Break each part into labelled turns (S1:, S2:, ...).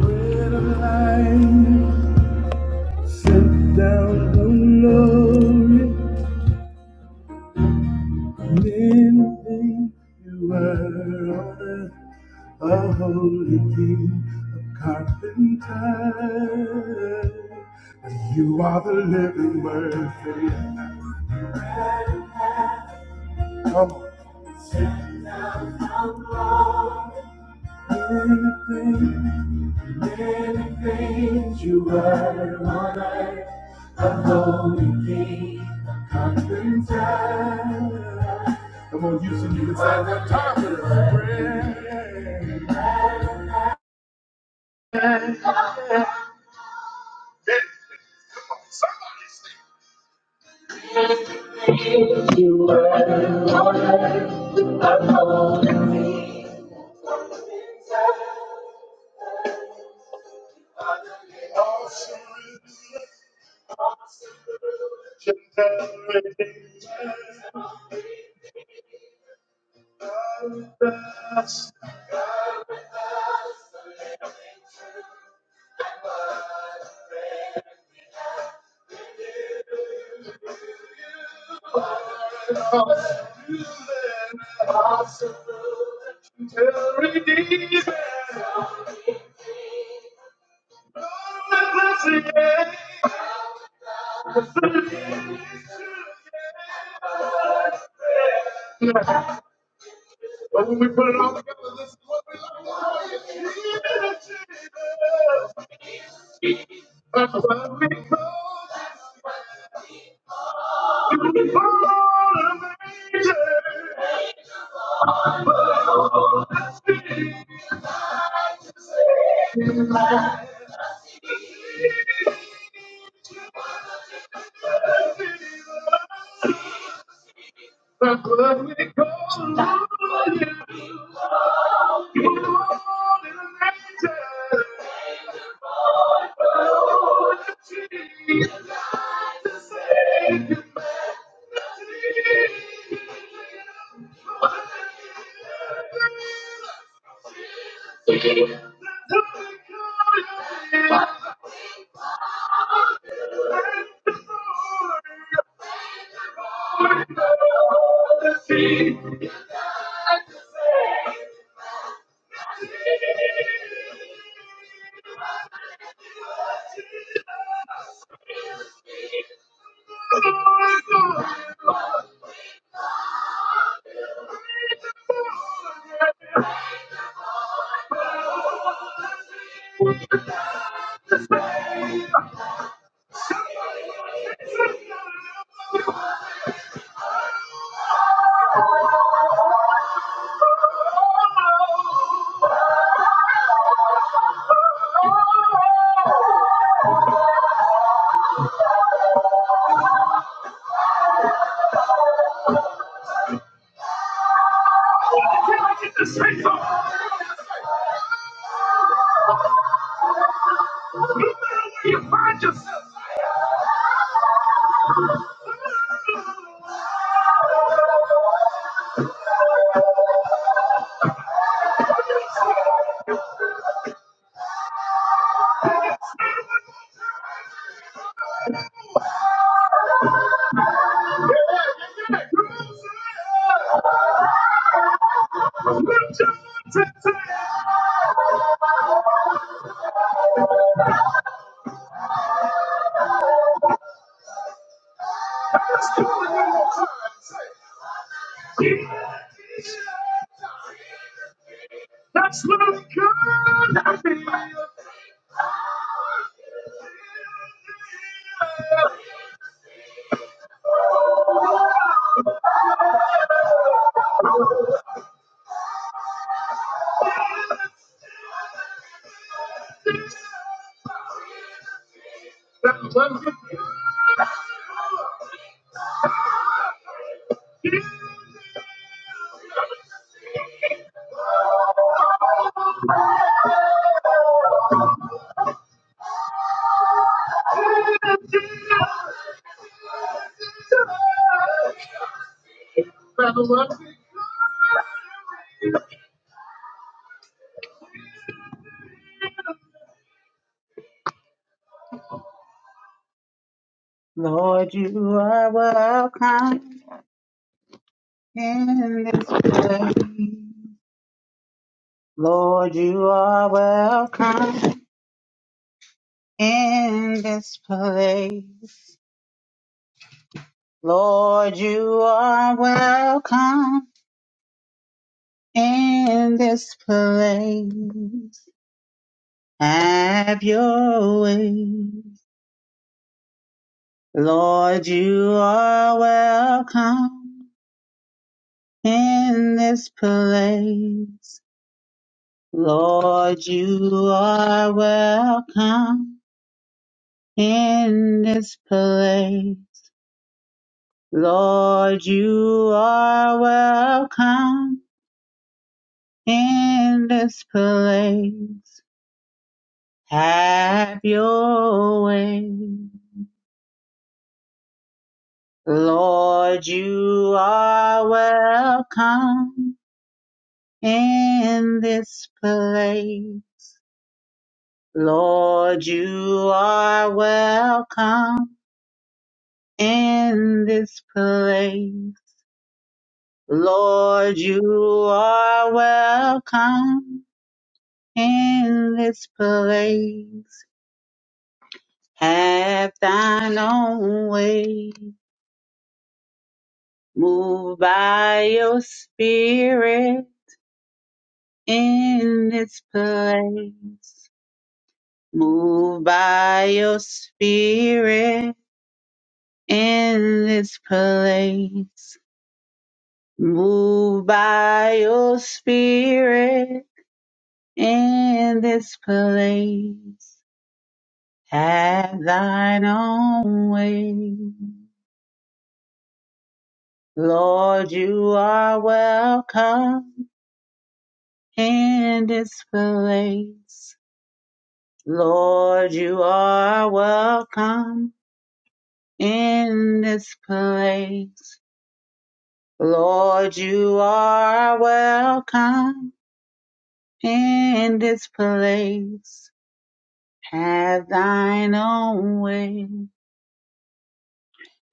S1: Bread of life sent down from glory, mending you were on a holy king, a carpenter. and You are the living word. Come on. sit down anything. Many things you were in my life, a holy king, a conquering child. Come on, Houston, you can sign that top of the prayer. Lord, you are welcome in this place. Lord, you are welcome in this place. Lord, you are welcome in this place. Have your way. Lord, you are welcome in this place. Lord, you are welcome in this place. Lord, you are welcome in this place. Have your way. Lord, you are welcome in this place. Lord, you are welcome in this place. Lord, you are welcome in this place. Have thine own way. Move by your spirit in this place. Move by your spirit in this place. Move by your spirit in this place. Have thine own way. Lord, you are welcome in this place. Lord, you are welcome in this place. Lord, you are welcome in this place. Have thine own way.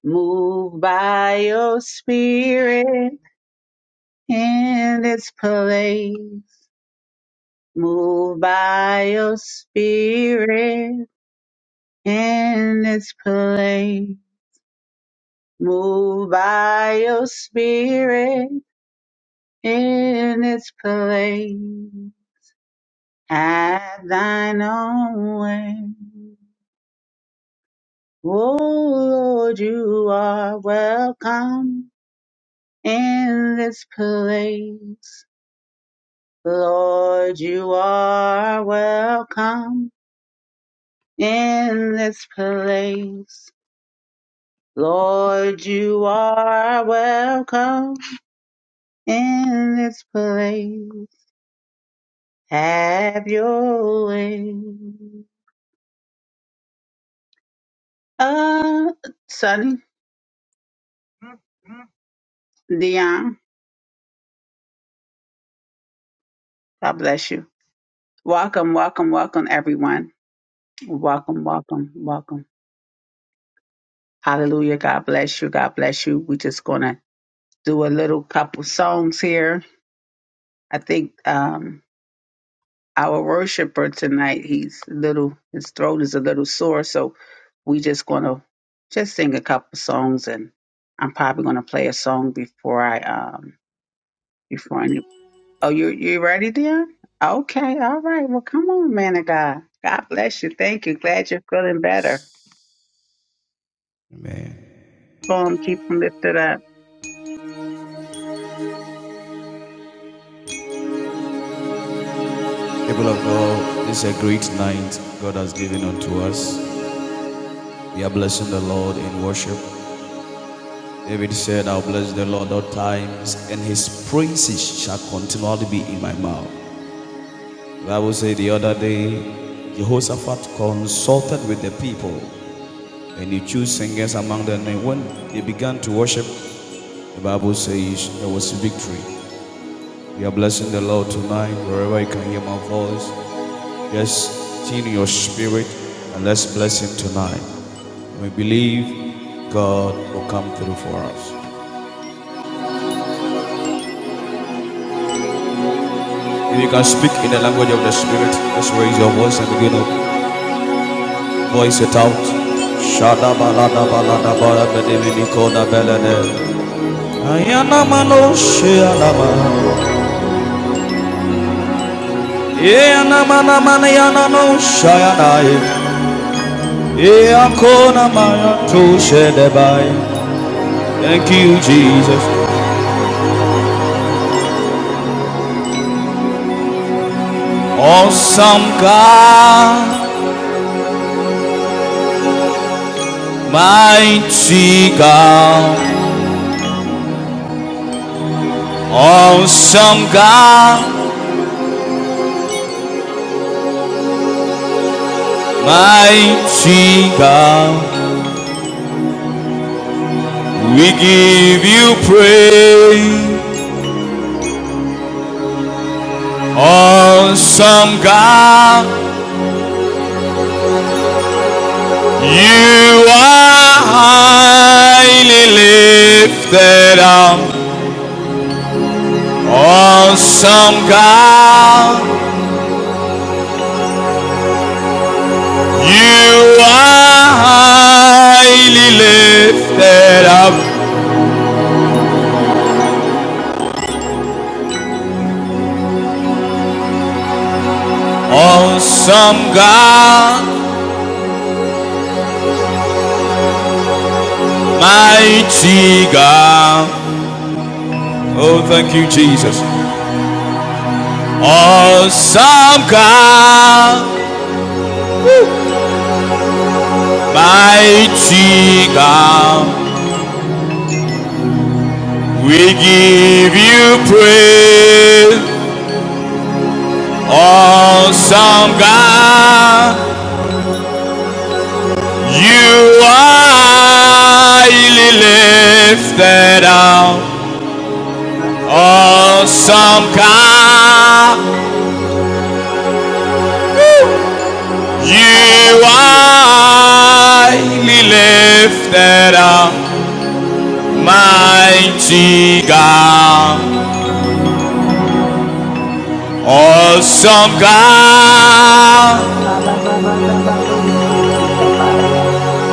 S1: Move by your spirit in this place. Move by your spirit in this place. Move by your spirit in this place. Have thine own way. Oh Lord, you are welcome in this place. Lord, you are welcome in this place. Lord, you are welcome in this place. Have your way. Uh, Sonny, Dion, God bless you. Welcome, welcome, welcome, everyone. Welcome, welcome, welcome. Hallelujah. God bless you. God bless you. We're just going to do a little couple songs here. I think um, our worshiper tonight, he's a little, his throat is a little sore. So we just going to just sing a couple songs and I'm probably going to play a song before I, um, before any. Oh, you, you ready, dear? Okay. All right. Well, come on, man of God. God bless you. Thank you. Glad you're feeling better.
S2: Amen.
S1: Go on, keep them lifted up.
S2: People of God, this is a great night God has given unto us. We are blessing the Lord in worship. David said, I'll bless the Lord at all times, and his praises shall continually be in my mouth. The Bible said the other day, Jehoshaphat consulted with the people, and he chose singers among them. And when they began to worship, the Bible says there was victory. We are blessing the Lord tonight, wherever you can hear my voice. Just tune your spirit and let's bless Him tonight. We believe God will come through for us. If you can speak in the language of the Spirit, just raise your voice and begin to voice it out. Shada balada balada bara nikoda belede. Ayana mano shayana ma. Ayana mana mana yana no shayana. Ayakona maya tu shedebai. Thank you, Jesus. Awesome God, mighty God. Awesome God, mighty God. We give you praise. Awesome God, you are highly lifted up. Awesome God, You are highly lifted up, awesome God, mighty God. Oh, thank you, Jesus. Awesome God, mighty God. We give you praise. Awesome God, you are highly lifted up. Awesome God, you are
S1: Akarabasiye,
S2: highly lifted up, mighty God. Awesome God,
S1: Kalababadabadosi, Isabaya.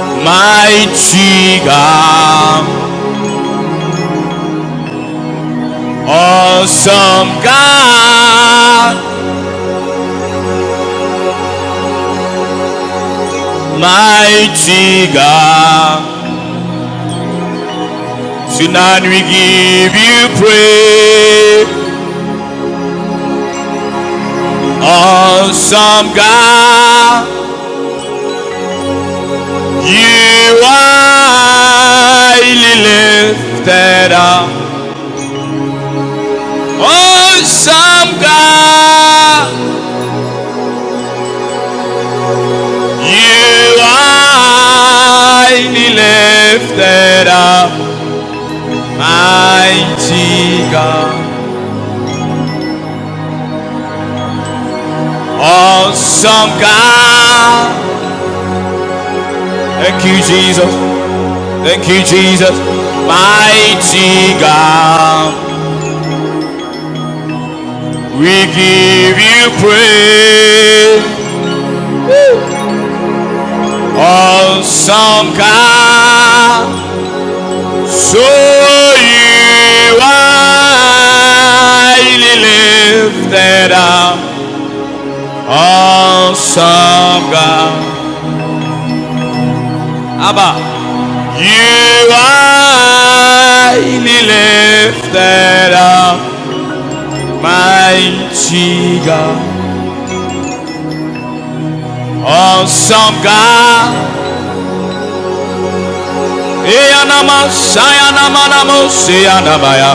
S2: mighty God. Awesome God, mighty God. Tonight we give you praise. Awesome God. You are highly lifted up, awesome God. You are highly lifted up, mighty God. Awesome God. Thank you, Jesus. Thank you, Jesus. Mighty God. We give you praise. Awesome God. So you highly lifted up, awesome God. Abba, you highly lifted up, mighty God, awesome God. Eyanama, sayanama, namo, seyanabaya,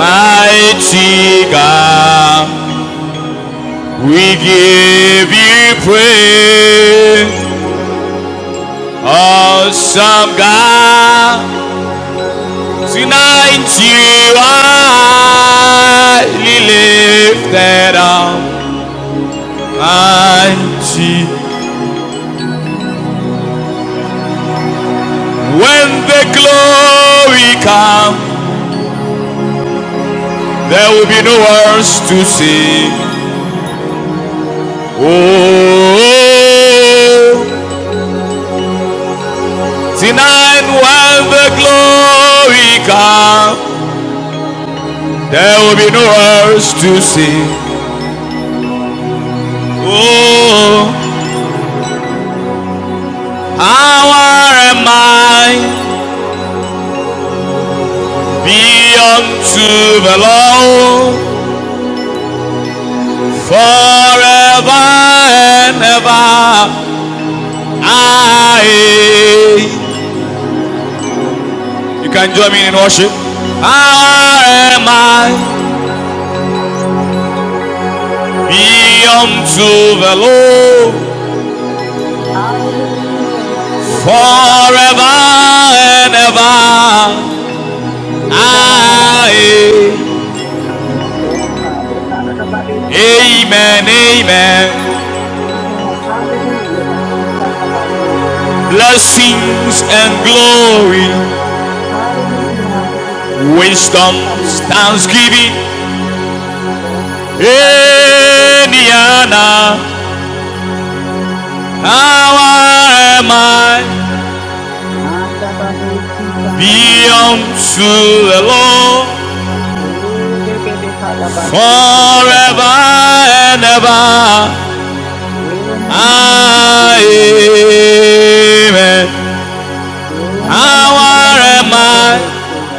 S2: mighty God. We give you praise. awesome God, tonight you are lifted up mighty. When the glory comes, there will be no words to sing. Oh, tonight when the glory comes, there will be no words to sing. Oh, how am I? be unto the Lord forever and ever. Aye. You can join me in worship. How am I? Be unto the Lord
S1: Hallelujah.
S2: forever
S1: Ekerababasiya,
S2: and ever.
S1: Edarababadosiya.
S2: Aye.
S1: Yes, God. Ekarababadosiya.
S2: Amen, amen.
S1: Amen. Hallelujah. Basikarabadiosi.
S2: Blessings and glory,
S1: Hallelujah. Hallelujah.
S2: wisdom,
S1: Basikarabadiosi.
S2: thanksgiving
S1: Yes, Ekarababadosiya.
S2: Eliana, how am I? Be
S1: Mandabadosikarabamamaya.
S2: unto the Lord
S1: Oh, de de de kalabasi ke de
S2: forever and ever.
S1: Ee na na na na na na na ye.
S2: Amen.
S1: Ee na
S2: How
S1: na na na na na
S2: am
S1: na bodo
S2: I?
S1: ye.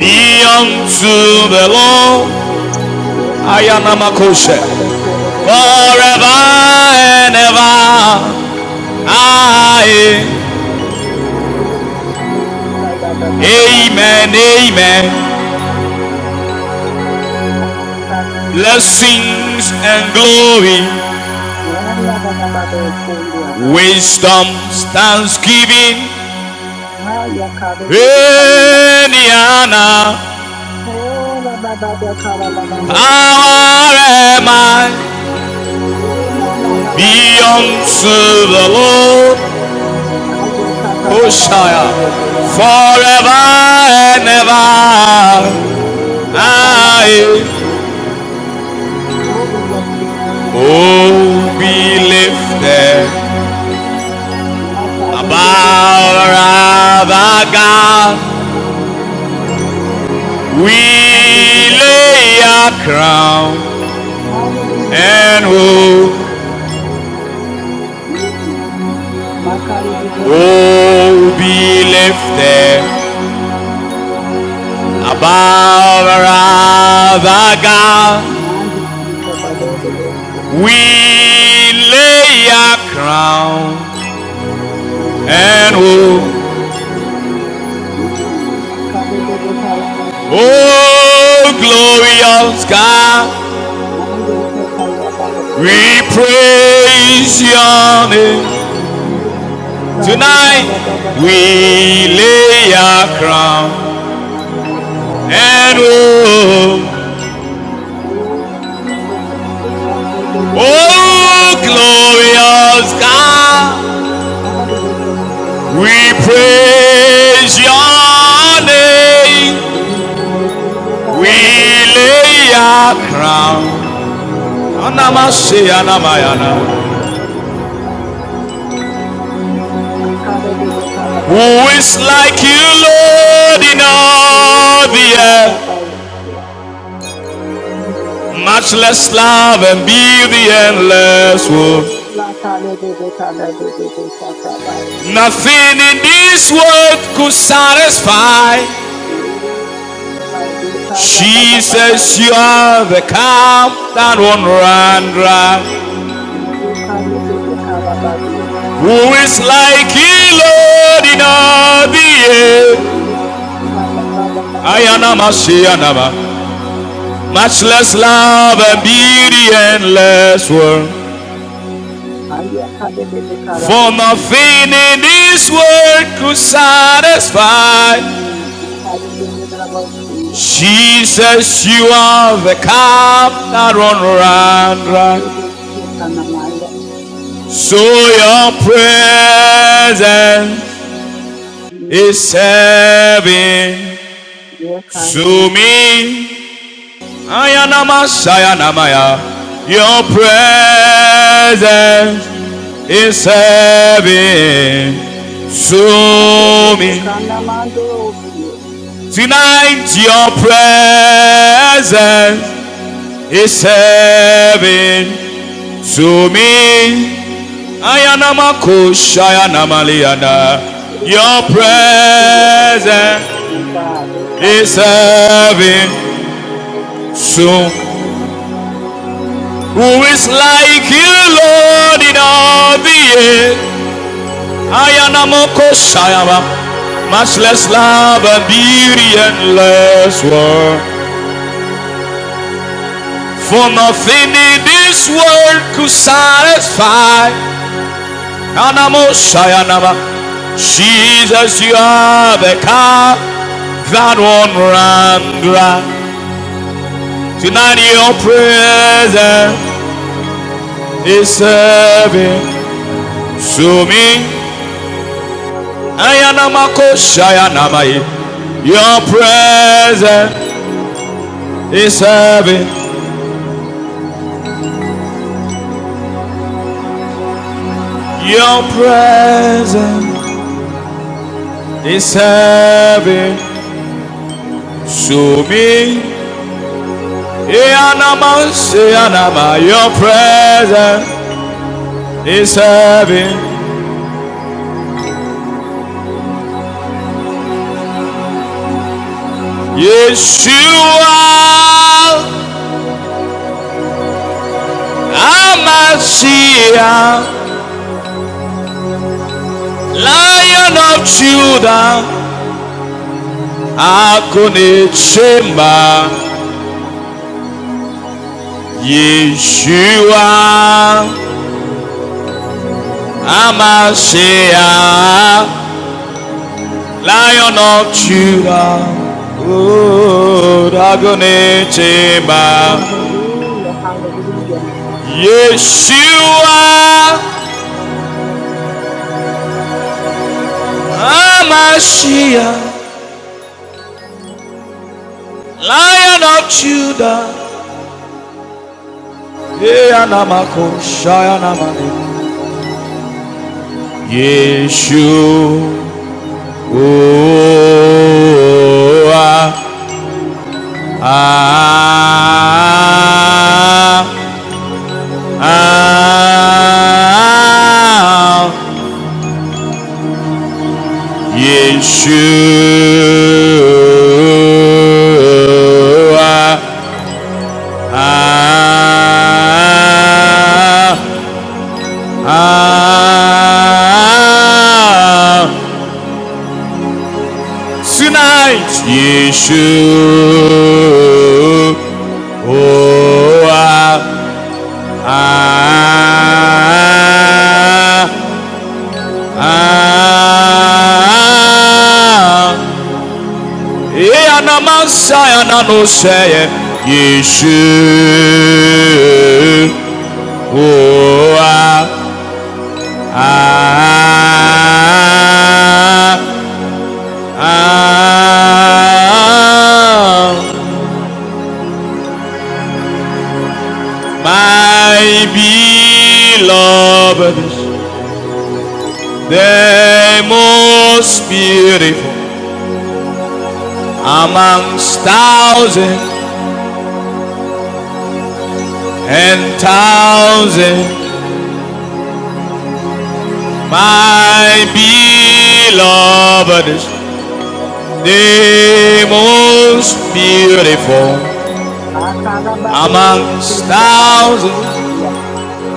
S1: Hmm.
S2: unto the Lord.
S1: Ee kare
S2: Ayana
S1: bodo kare
S2: Makoshe.
S1: bato kore bodo yada bata
S2: Forever
S1: na ye.
S2: and ever. Aye.
S1: Hmm. Jee sa sa yada yada paal ya.
S2: Amen. Amen.
S1: Ee kare bodo na bodo ye.
S2: blessings and glory,
S1: Na na bata bato koli yada na ye.
S2: wisdom, thanksgiving,
S1: Ha ya kare bodo sama na
S2: and
S1: ye.
S2: honor,
S1: Oo na bata ya kara bata ye.
S2: power and might
S1: Ee na na na na na
S2: be
S1: na bodo
S2: unto
S1: ye.
S2: the Lord,
S1: Na ye sa sa bata bato
S2: Hoshea,
S1: kore boda ye.
S2: forever and ever.
S1: Oh, yeah, Father, Baba, we
S2: I,
S1: say, oh, we bless your name, yeah, Father, Baba,
S2: oh,
S1: Baba, Baba,
S2: be
S1: Baba, we say,
S2: lifted
S1: yeah, Father, we do this,
S2: above our
S1: Father.
S2: other God. We
S1: Hmm. I say, we do both those
S2: lay
S1: things.
S2: our crown
S1: Hallelujah, Baba,
S2: and
S1: yeah, Father.
S2: who,
S1: Hmm. Makari, we
S2: who
S1: do both things.
S2: will be lifted
S1: Hmm.
S2: above other God.
S1: Man, we see, Baba, we do both
S2: We lay our
S1: Hmm.
S2: crown
S1: Makari, we do
S2: and
S1: both things.
S2: who,
S1: Hmm. Makari, we do, do, Father, Baba, we say,
S2: oh glorious God,
S1: Man, we say, Father, Baba, say,
S2: we
S1: yeah.
S2: praise your name.
S1: Kare kala baba
S2: Tonight
S1: bari
S2: we
S1: yesi.
S2: lay our crown
S1: Kara
S2: and
S1: kala basi.
S2: who,
S1: Oh, kare de de de de kala
S2: oh
S1: baya.
S2: glorious God.
S1: Kare de de de de yesi
S2: We
S1: kiyama.
S2: praise your name.
S1: Nima de de de
S2: We
S1: kala bari yesi
S2: lay
S1: kiyama.
S2: our crown.
S1: Nima kala bari yesi kiyama bari yesi. Kare de de kala
S2: Who
S1: bari yesi
S2: is like you,
S1: kiyama.
S2: Lord, in all the
S1: Oh, kara
S2: earth?
S1: bari yesi.
S2: Much less love and be the endless world.
S1: Oh, la kare de de kala de de de kala baya.
S2: Nothing in this world could satisfy.
S1: Thank you.
S2: Jesus, you are the calm that won't run dry. Who is like you, Lord, in all the earth? Ayanama, Shiyanama. Much less love and beauty and less worth. For nothing in this world could satisfy. Jesus, you are the cup that runs round dry. So your presence is heaven to me. Ayanamashayanamaya. Your presence is heaven to me. Tonight, your presence is heaven to me. Ayanamakoshayanamaliana. Your presence is heaven to me. Who is like you, Lord, in all the earth? Ayanamoko Shayaba. Much less love and beauty and less work. For nothing in this world could satisfy. Anamo Shayanaba. Jesus, you are the car that won't run dry. Tonight your presence is serving to me. Ayanamako Shayanamaye. Your presence is serving Your presence is heavy to me. Yanama, Yanama, your presence is heavy. Yeshua, Amashia, Lion of Judah, Akonichemba, Yeshua, Amashia. Lion of Judah, O Dagoneteba,
S1: Hallelujah, hallelujah.
S2: Yeshua, Amashiach, Lion of Judah, Yeanamakoshayanaman, Yeshua, ah, ah, ah. Yeshua. Ah, ah, tonight, Yeshua. Oh, ah, ah, ah, ah, ah, My beloved is the most beautiful amongst thousands and thousands My beloved is The most beautiful amongst
S1: Akarabadeosindabaya.
S2: thousands,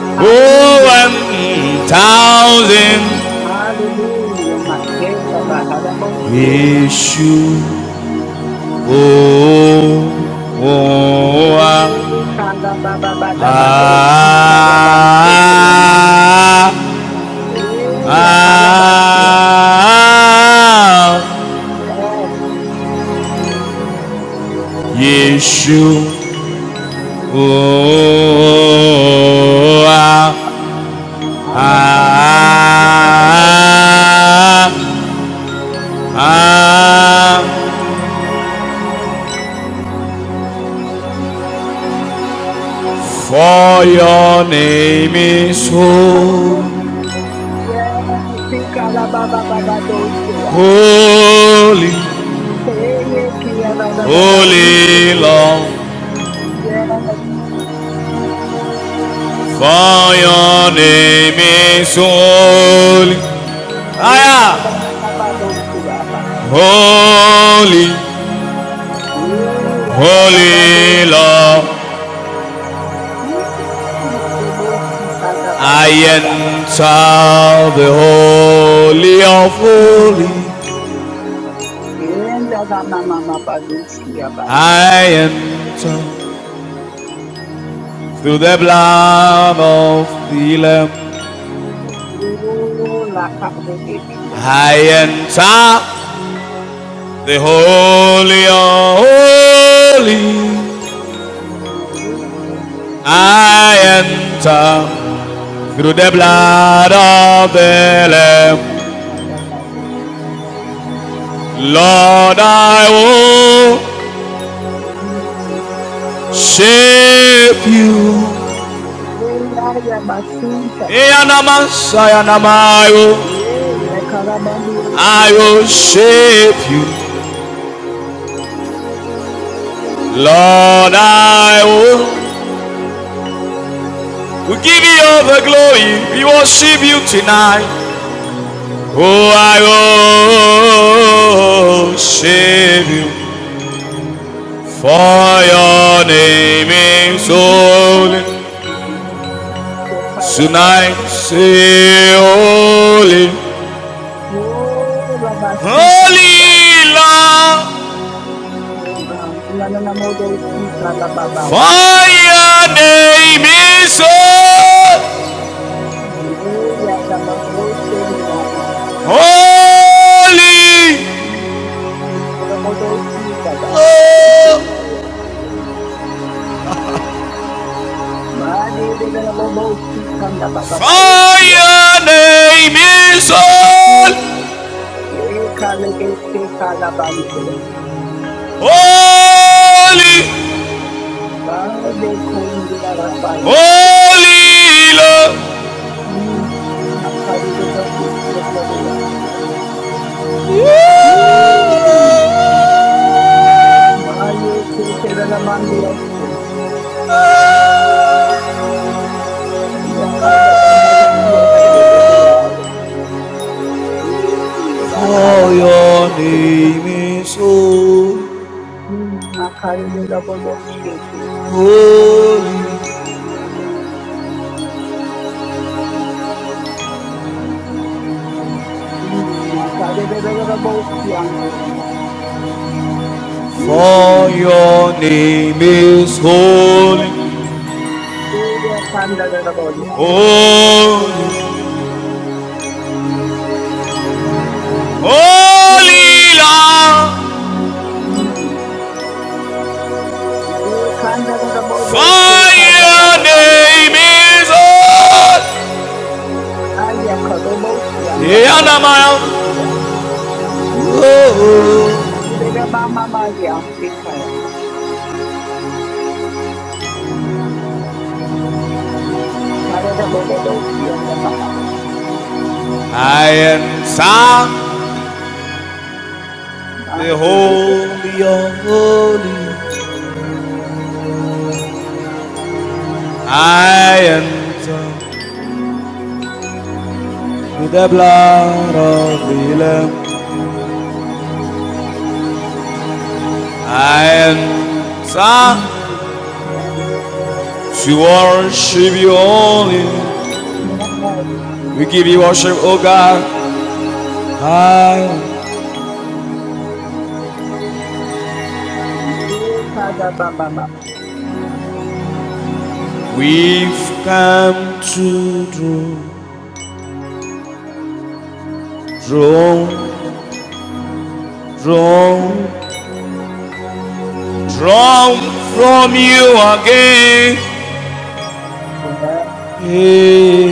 S2: oh,
S1: Hallelujah,
S2: and thousand
S1: hallelujah. Makesa baharabosie.
S2: issue. Oh, oh, ah,
S1: Eh, kalabababadabadosi kalabansekeama.
S2: ah,
S1: Eh, yakarabasia.
S2: ah,
S1: Yes,
S2: Yeshua. Oh, ah, ah,
S1: ayakalabababababaisoya.
S2: ah, And for your name is
S1: Hmm,
S2: holy,
S1: Hallelujah. Yes, Sikalababababado, Sia.
S2: holy,
S1: Hey, ikalababababadosea. baba
S2: holy
S1: yekiyababababaisusie.
S2: Lord.
S1: Yes.
S2: For your name is
S1: Amen. Amen.
S2: holy.
S1: Ekalababadoshiraba.
S2: Holy, holy Lord.
S1: Eyadababadoshikanaba.
S2: I
S1: Ekoloshikandababababa.
S2: enter the holy of
S1: Mm.
S2: holy.
S1: Endadamamamabadoshiabaiko.
S2: I enter through the blood of the Lamb.
S1: Olakalebekirandama.
S2: I enter The holy, holy,
S1: Olakalebekirandama.
S2: I enter through the
S1: Olakalebekirandama.
S2: blood of the Lamb. Lord, I
S1: Mm.
S2: worship you.
S1: Eyayabasintha.
S2: Eyanamansayanamayos,
S1: Yeah, yeah, Karabandi is
S2: I
S1: here now.
S2: worship you. Lord, I will. We give you all the glory. We worship you tonight. Oh, I worship you. For your name is
S1: Mhm.
S2: holy,
S1: Oh, yeah,
S2: tonight
S1: Karababaya.
S2: say holy,
S1: Oh, Labasita Labaya.
S2: holy Lord.
S1: Oh, God. Lananamodo Sita Lababaya.
S2: For your name is holy,
S1: Yeah, yeah, Lamado Sendramana.
S2: holy,
S1: Lamado Sita Baya.
S2: oh.
S1: Kododo Sita. Bade de Lamado Sita
S2: for
S1: Lababaya.
S2: your name is holy,
S1: Oh, yeah, Kalabese Kalabanse.
S2: holy,
S1: Bade kumbiya rabaya.
S2: holy Lord.
S1: Hmm. Makari dezoyi yedvadeya. Hmm. Maye kete rabandi yosun. Yakanda bando usiya rabaya. Hmm. Bakala
S2: For
S1: bade
S2: your
S1: yosun
S2: name
S1: kaya.
S2: is so
S1: Hmm. Makari de rabodo shete.
S2: holy.
S1: Hmm. Makari de rabodo siyanda yanda.
S2: For
S1: Hmm.
S2: your name is
S1: Hello.
S2: holy.
S1: Yakanda rabodo.
S2: Holy, holy
S1: Oh.
S2: Lamb.
S1: Hmm. Kanda da da bo do se
S2: For
S1: kanda ba
S2: your
S1: na ba ya
S2: name is holy.
S1: Aya ka do bo si anda ba si se
S2: Yanamaya.
S1: se ya. Mm.
S2: Oh,
S1: Kore da ba ma ma di a se ka. Mm. Kara da bo bo bo si anda ma ba ba si.
S2: I am Sam,
S1: Ma
S2: the
S1: ke de de ka
S2: holy
S1: ba.
S2: of holy. I enter with the blood of the Lamb. And sir,
S1: Mm. Yes,
S2: to worship you only.
S1: yes.
S2: We give you worship, O God. And
S1: Ye
S2: we've come to draw, draw,
S1: Mm.
S2: draw, draw from you again.
S1: Yes,
S2: Hey,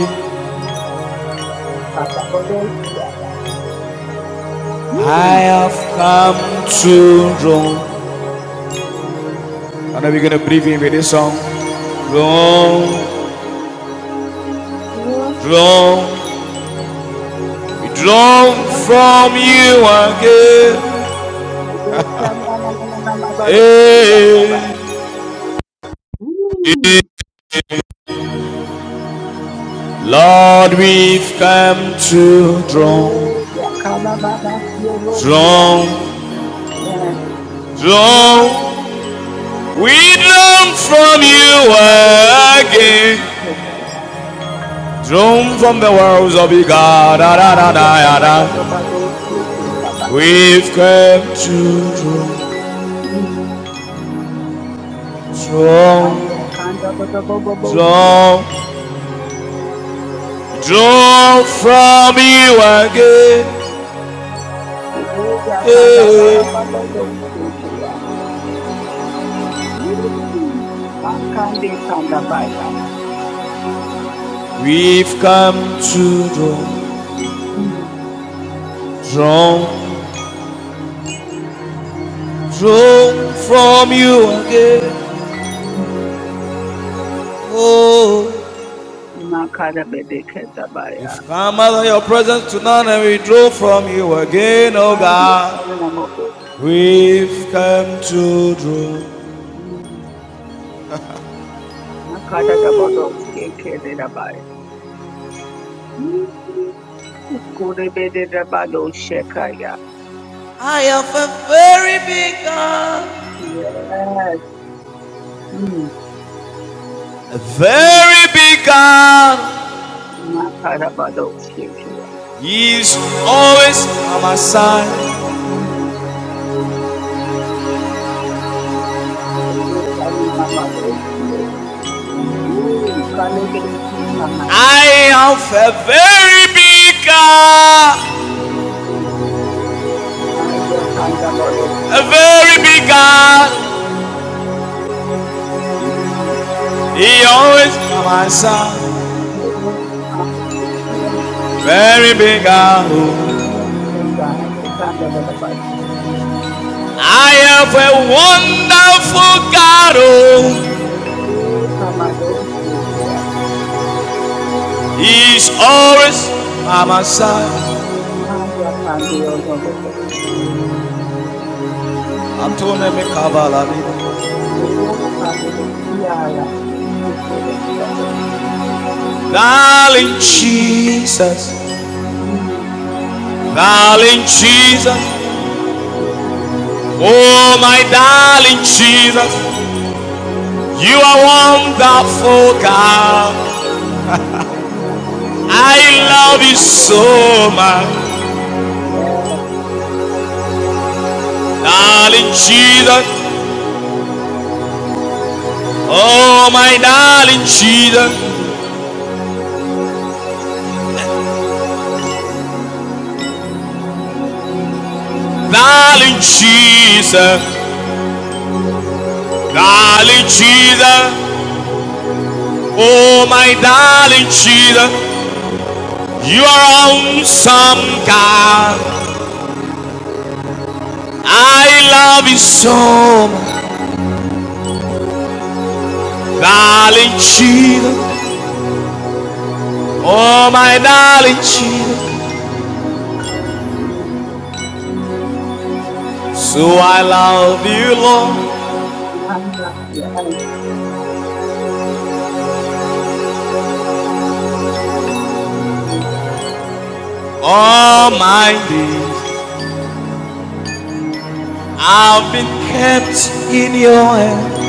S1: si Mm.
S2: I have come to draw. And now we're gonna breathe in with this song. Draw,
S1: Yes,
S2: draw, we draw from you again.
S1: yes.
S2: Hey.
S1: Mm.
S2: Lord, we've come to draw,
S1: Oh, yakalababasiorosia.
S2: draw,
S1: Yes,
S2: draw.
S1: strong.
S2: We draw from you again.
S1: Yekamadorobodosikotaya.
S2: Draw from the wells of your God. Da, da, da, da, da,
S1: Ayatapapapapadosikotaba.
S2: We've come to draw,
S1: Mm,
S2: draw,
S1: ayakandadadabobobosia.
S2: draw, draw from you again.
S1: Mm,
S2: Eh.
S1: eyakandadadabobobosikaya. Mm, makandekandabaya.
S2: We've come to draw,
S1: Mm,
S2: draw, draw from you again.
S1: mm,
S2: Oh.
S1: makadabebekendabaya.
S2: If come out of your presence to none and we draw from you again, oh
S1: Aye,
S2: God,
S1: Sarana Modoski.
S2: we've come to draw.
S1: Mm. Nakata da Bodoski Kede Rabaya. Mm. Kurebede Rabado Shekaya.
S2: I have a very big God.
S1: Yes. Mm.
S2: A
S1: Mm.
S2: very big God
S1: Makara Badoski Kaya.
S2: He is always on my side.
S1: Mm. Sarana Modoski. Mm. Kalegeski Kamani.
S2: I have a very big God,
S1: Mm. Maya Kanda Bodoski.
S2: a very big God,
S1: Mm.
S2: He always on my side.
S1: Hey, um, you are
S2: Very big God, oh.
S1: so big, God. Kanda Rabaya.
S2: I have a wonderful God, oh.
S1: Mm. Sama Doski
S2: He is always by my side.
S1: Haya kandi yozongogo.
S2: I told him in
S1: Uwo kandi de kiyala kipere ngogo.
S2: darling,
S1: Uwo
S2: Jesus, darling Jesus. Oh, my darling Jesus, you are wonderful God. I
S1: kandi
S2: love you
S1: kandi rogo
S2: so
S1: kiya.
S2: much,
S1: Yeah.
S2: darling Jesus. Oh, my darling Jesus,
S1: Mm,
S2: darling
S1: mm,
S2: Jesus, darling Jesus. Oh, my darling Jesus. You are awesome, God. I love you so much. Darling Jesus, oh my darling Jesus.
S1: mm.
S2: So I love you, Lord.
S1: Haya, yeah. Mm.
S2: All
S1: Nakare de
S2: my
S1: kiya.
S2: days I've been kept in your hand.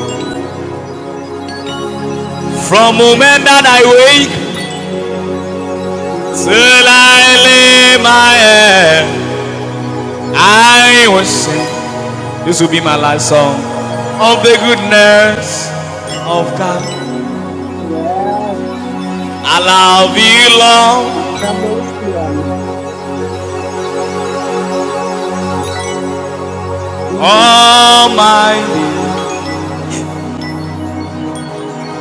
S2: From the moment that I wake till
S1: Mhm.
S2: I lay my head, I will sing. This will be my last song of the goodness of God.
S1: Yes.
S2: I love you, Lord
S1: Double slam. Mm.
S2: Almighty.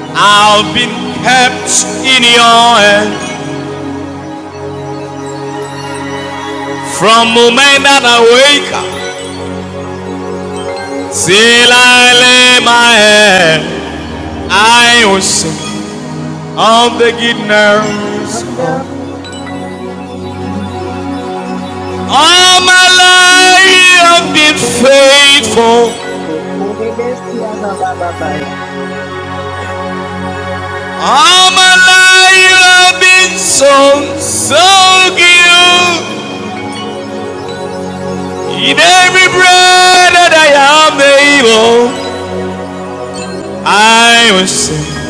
S2: I've been kept in your hand from the moment that I wake up till I lay my head. I will sing of the goodness
S1: Double down.
S2: of
S1: Mm.
S2: all my life. You have
S1: Yeah.
S2: been faithful.
S1: Okore de siya ba ba ba ba ya.
S2: All my life you have been so, so good. In every breath that I am able. I will sing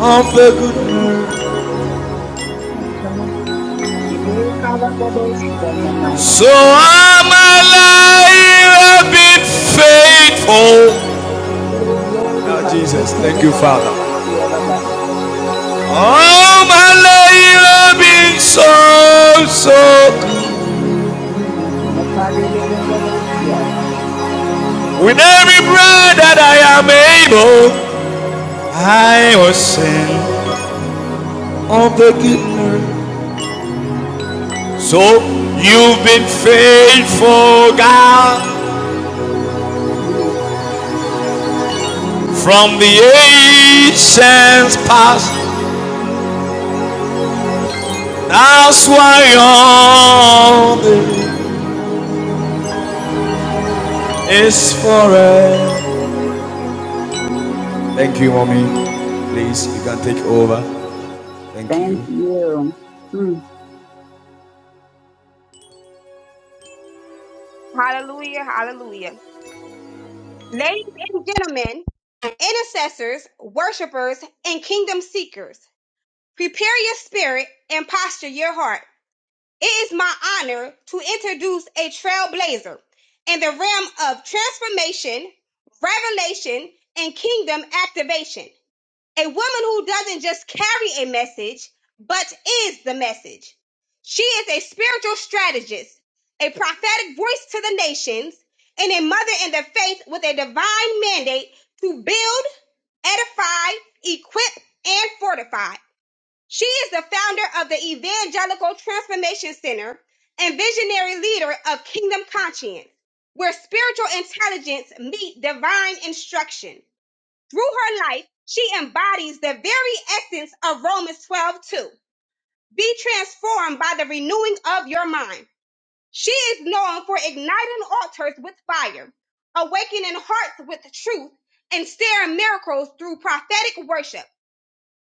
S2: of the
S1: Ee,
S2: good news.
S1: Kalabadoshia Namaya.
S2: So I'm alive, I've been faithful.
S1: Oh, glory,
S2: Now,
S1: my future
S2: Jesus, thank you, Father.
S1: Kalabadoshia Namaya.
S2: All my life I've been so, so good.
S1: Mm, Okadebedenoboshia.
S2: With every breath that I am able, I will sing of the good news. So you've been faithful, God,
S1: Mm,
S2: from the ancients past. That's why all is forever. Thank you, mommy. Please, you can take over. Thank
S1: Thank
S2: you.
S1: you. Mm.
S3: Hallelujah, hallelujah. Ladies and gentlemen, intercessors, worshipers, and kingdom seekers, prepare your spirit and posture your heart. It is my honor to introduce a trailblazer in the realm of transformation, revelation, and kingdom activation. A woman who doesn't just carry a message, but is the message. She is a spiritual strategist, a prophetic voice to the nations, and a mother in the faith with a divine mandate to build, edify, equip, and fortify. She is the founder of the Evangelical Transformation Center and visionary leader of Kingdom Conscience, where spiritual intelligence meet divine instruction. Through her life, she embodies the very essence of Romans 12 2. Be transformed by the renewing of your mind. She is known for igniting altars with fire, awakening hearts with truth, and staring miracles through prophetic worship.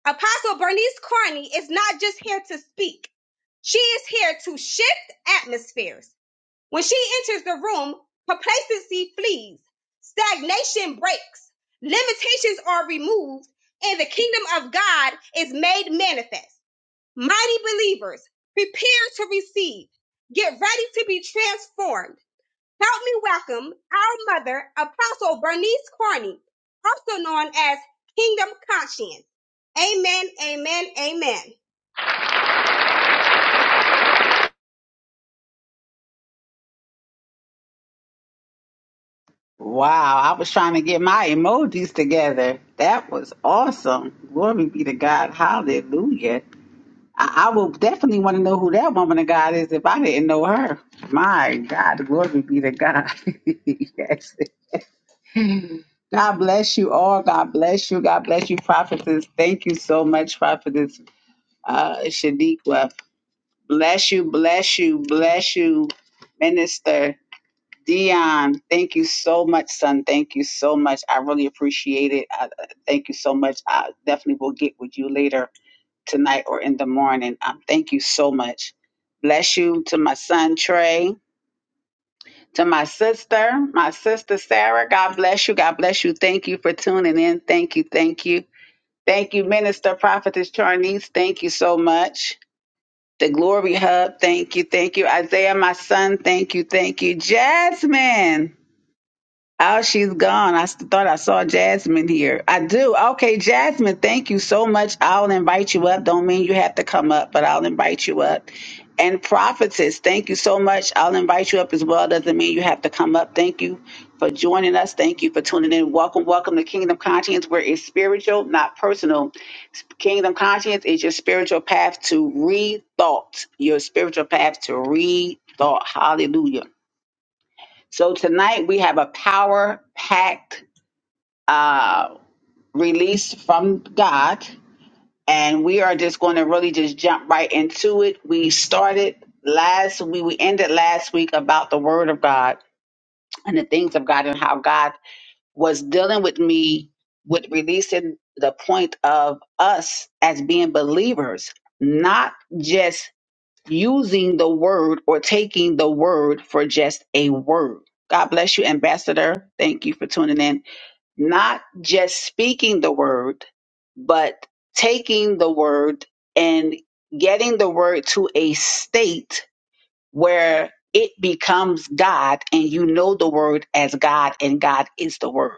S3: Apostle Bernice Carney is not just here to speak, she is here to shift atmospheres. When she enters the room, complacency flees, stagnation breaks, limitations are removed, and the kingdom of God is made manifest. Mighty believers, prepare to receive. Get ready to be transformed. Help me welcome our mother, Apostle Bernice Carney, also known as Kingdom Conscience. Amen, amen, amen.
S1: Wow, I was trying to get my emojis together. That was awesome. Glory be to God. Hallelujah. I, I will definitely want to know who that woman of God is if I didn't know her. My God, glory be to God. yes. God bless you all. God bless you. God bless you, prophetess. Thank you so much, prophetess uh, Shaniqua. Bless you, bless you, bless you, minister Dion. Thank you so much, son. Thank you so much. I really appreciate it. I, I- thank you so much. I definitely will get with you later tonight or in the morning. Um, thank you so much. Bless you to my son Trey, to my sister, my sister Sarah. God bless you. God bless you. Thank you for tuning in. Thank you. Thank you. Thank you, Minister Prophetess Charnice. Thank you so much. The Glory Hub. Thank you. Thank you. Isaiah, my son. Thank you. Thank you. Jasmine. Oh, she's gone. I s- thought I saw Jasmine here. I do. Okay, Jasmine, thank you so much. I'll invite you up. Don't mean you have to come up, but I'll invite you up. And prophetess, thank you so much. I'll invite you up as well. Doesn't mean you have to come up. Thank you for joining us. Thank you for tuning in. Welcome, welcome to Kingdom Conscience, where it's spiritual, not personal. Kingdom Conscience is your spiritual path to rethought. Your spiritual path to rethought. Hallelujah. So tonight we have a power packed uh, release from God, and we are just going to really just jump right into it. We started last we we ended last week about the Word of God and the things of God and how God was dealing with me with releasing the point of us as being believers, not just using the word or taking the word for just a word. God bless you, Ambassador. Thank you for tuning in. Not just speaking the word, but taking the word and getting the word to a state where it becomes God and you know the word as God and God is the word.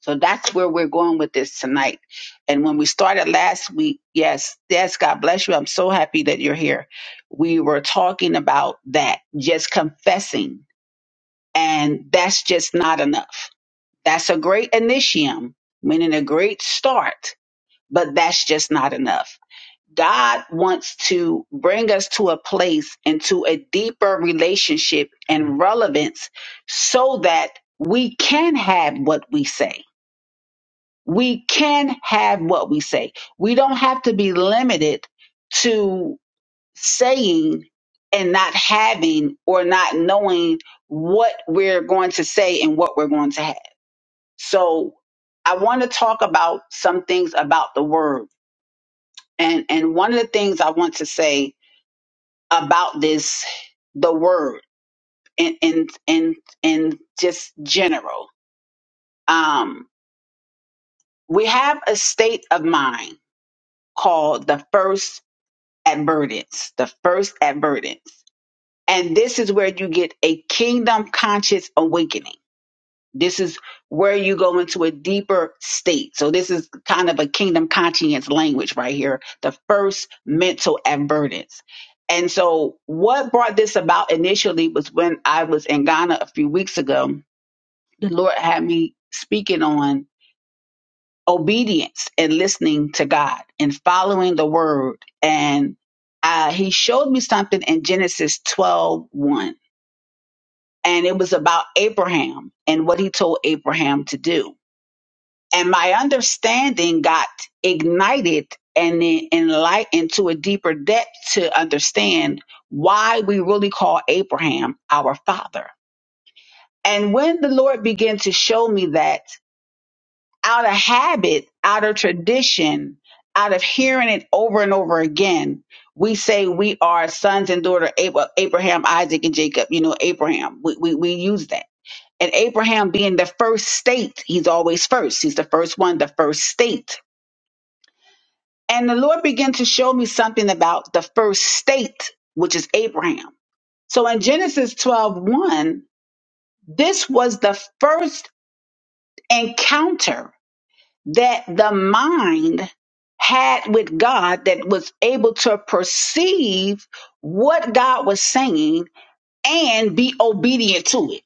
S1: So that's where we're going with this tonight. And when we started last week, yes, yes, God bless you. I'm so happy that you're here. We were talking about that, just confessing. And that's just not enough. That's a great initium, meaning a great start, but that's just not enough. God wants to bring us to a place into a deeper relationship and relevance so that we can have what we say we can have what we say. We don't have to be limited to saying and not having or not knowing what we're going to say and what we're going to have. So I want to talk about some things about the word. And and one of the things I want to say about this the word in in in, in just general. Um we have a state of mind called the first advertence, the first advertence. And this is where you get a kingdom conscious awakening. This is where you go into a deeper state. So this is kind of a kingdom conscience language right here, the first mental advertence. And so what brought this about initially was when I was in Ghana a few weeks ago, the Lord had me speaking on obedience and listening to God and following the word. And uh, he showed me something in Genesis twelve one, and it was about Abraham and what he told Abraham to do. And my understanding got ignited and en- enlightened to a deeper depth to understand why we really call Abraham our father. And when the Lord began to show me that, out of habit, out of tradition, out of hearing it over and over again, we say we are sons and daughter Ab- Abraham, Isaac, and Jacob. You know, Abraham. We, we we use that. And Abraham being the first state, he's always first. He's the first one, the first state. And the Lord began to show me something about the first state, which is Abraham. So in Genesis twelve one, this was the first encounter that the mind had with God that was able to perceive what God was saying and be obedient to it.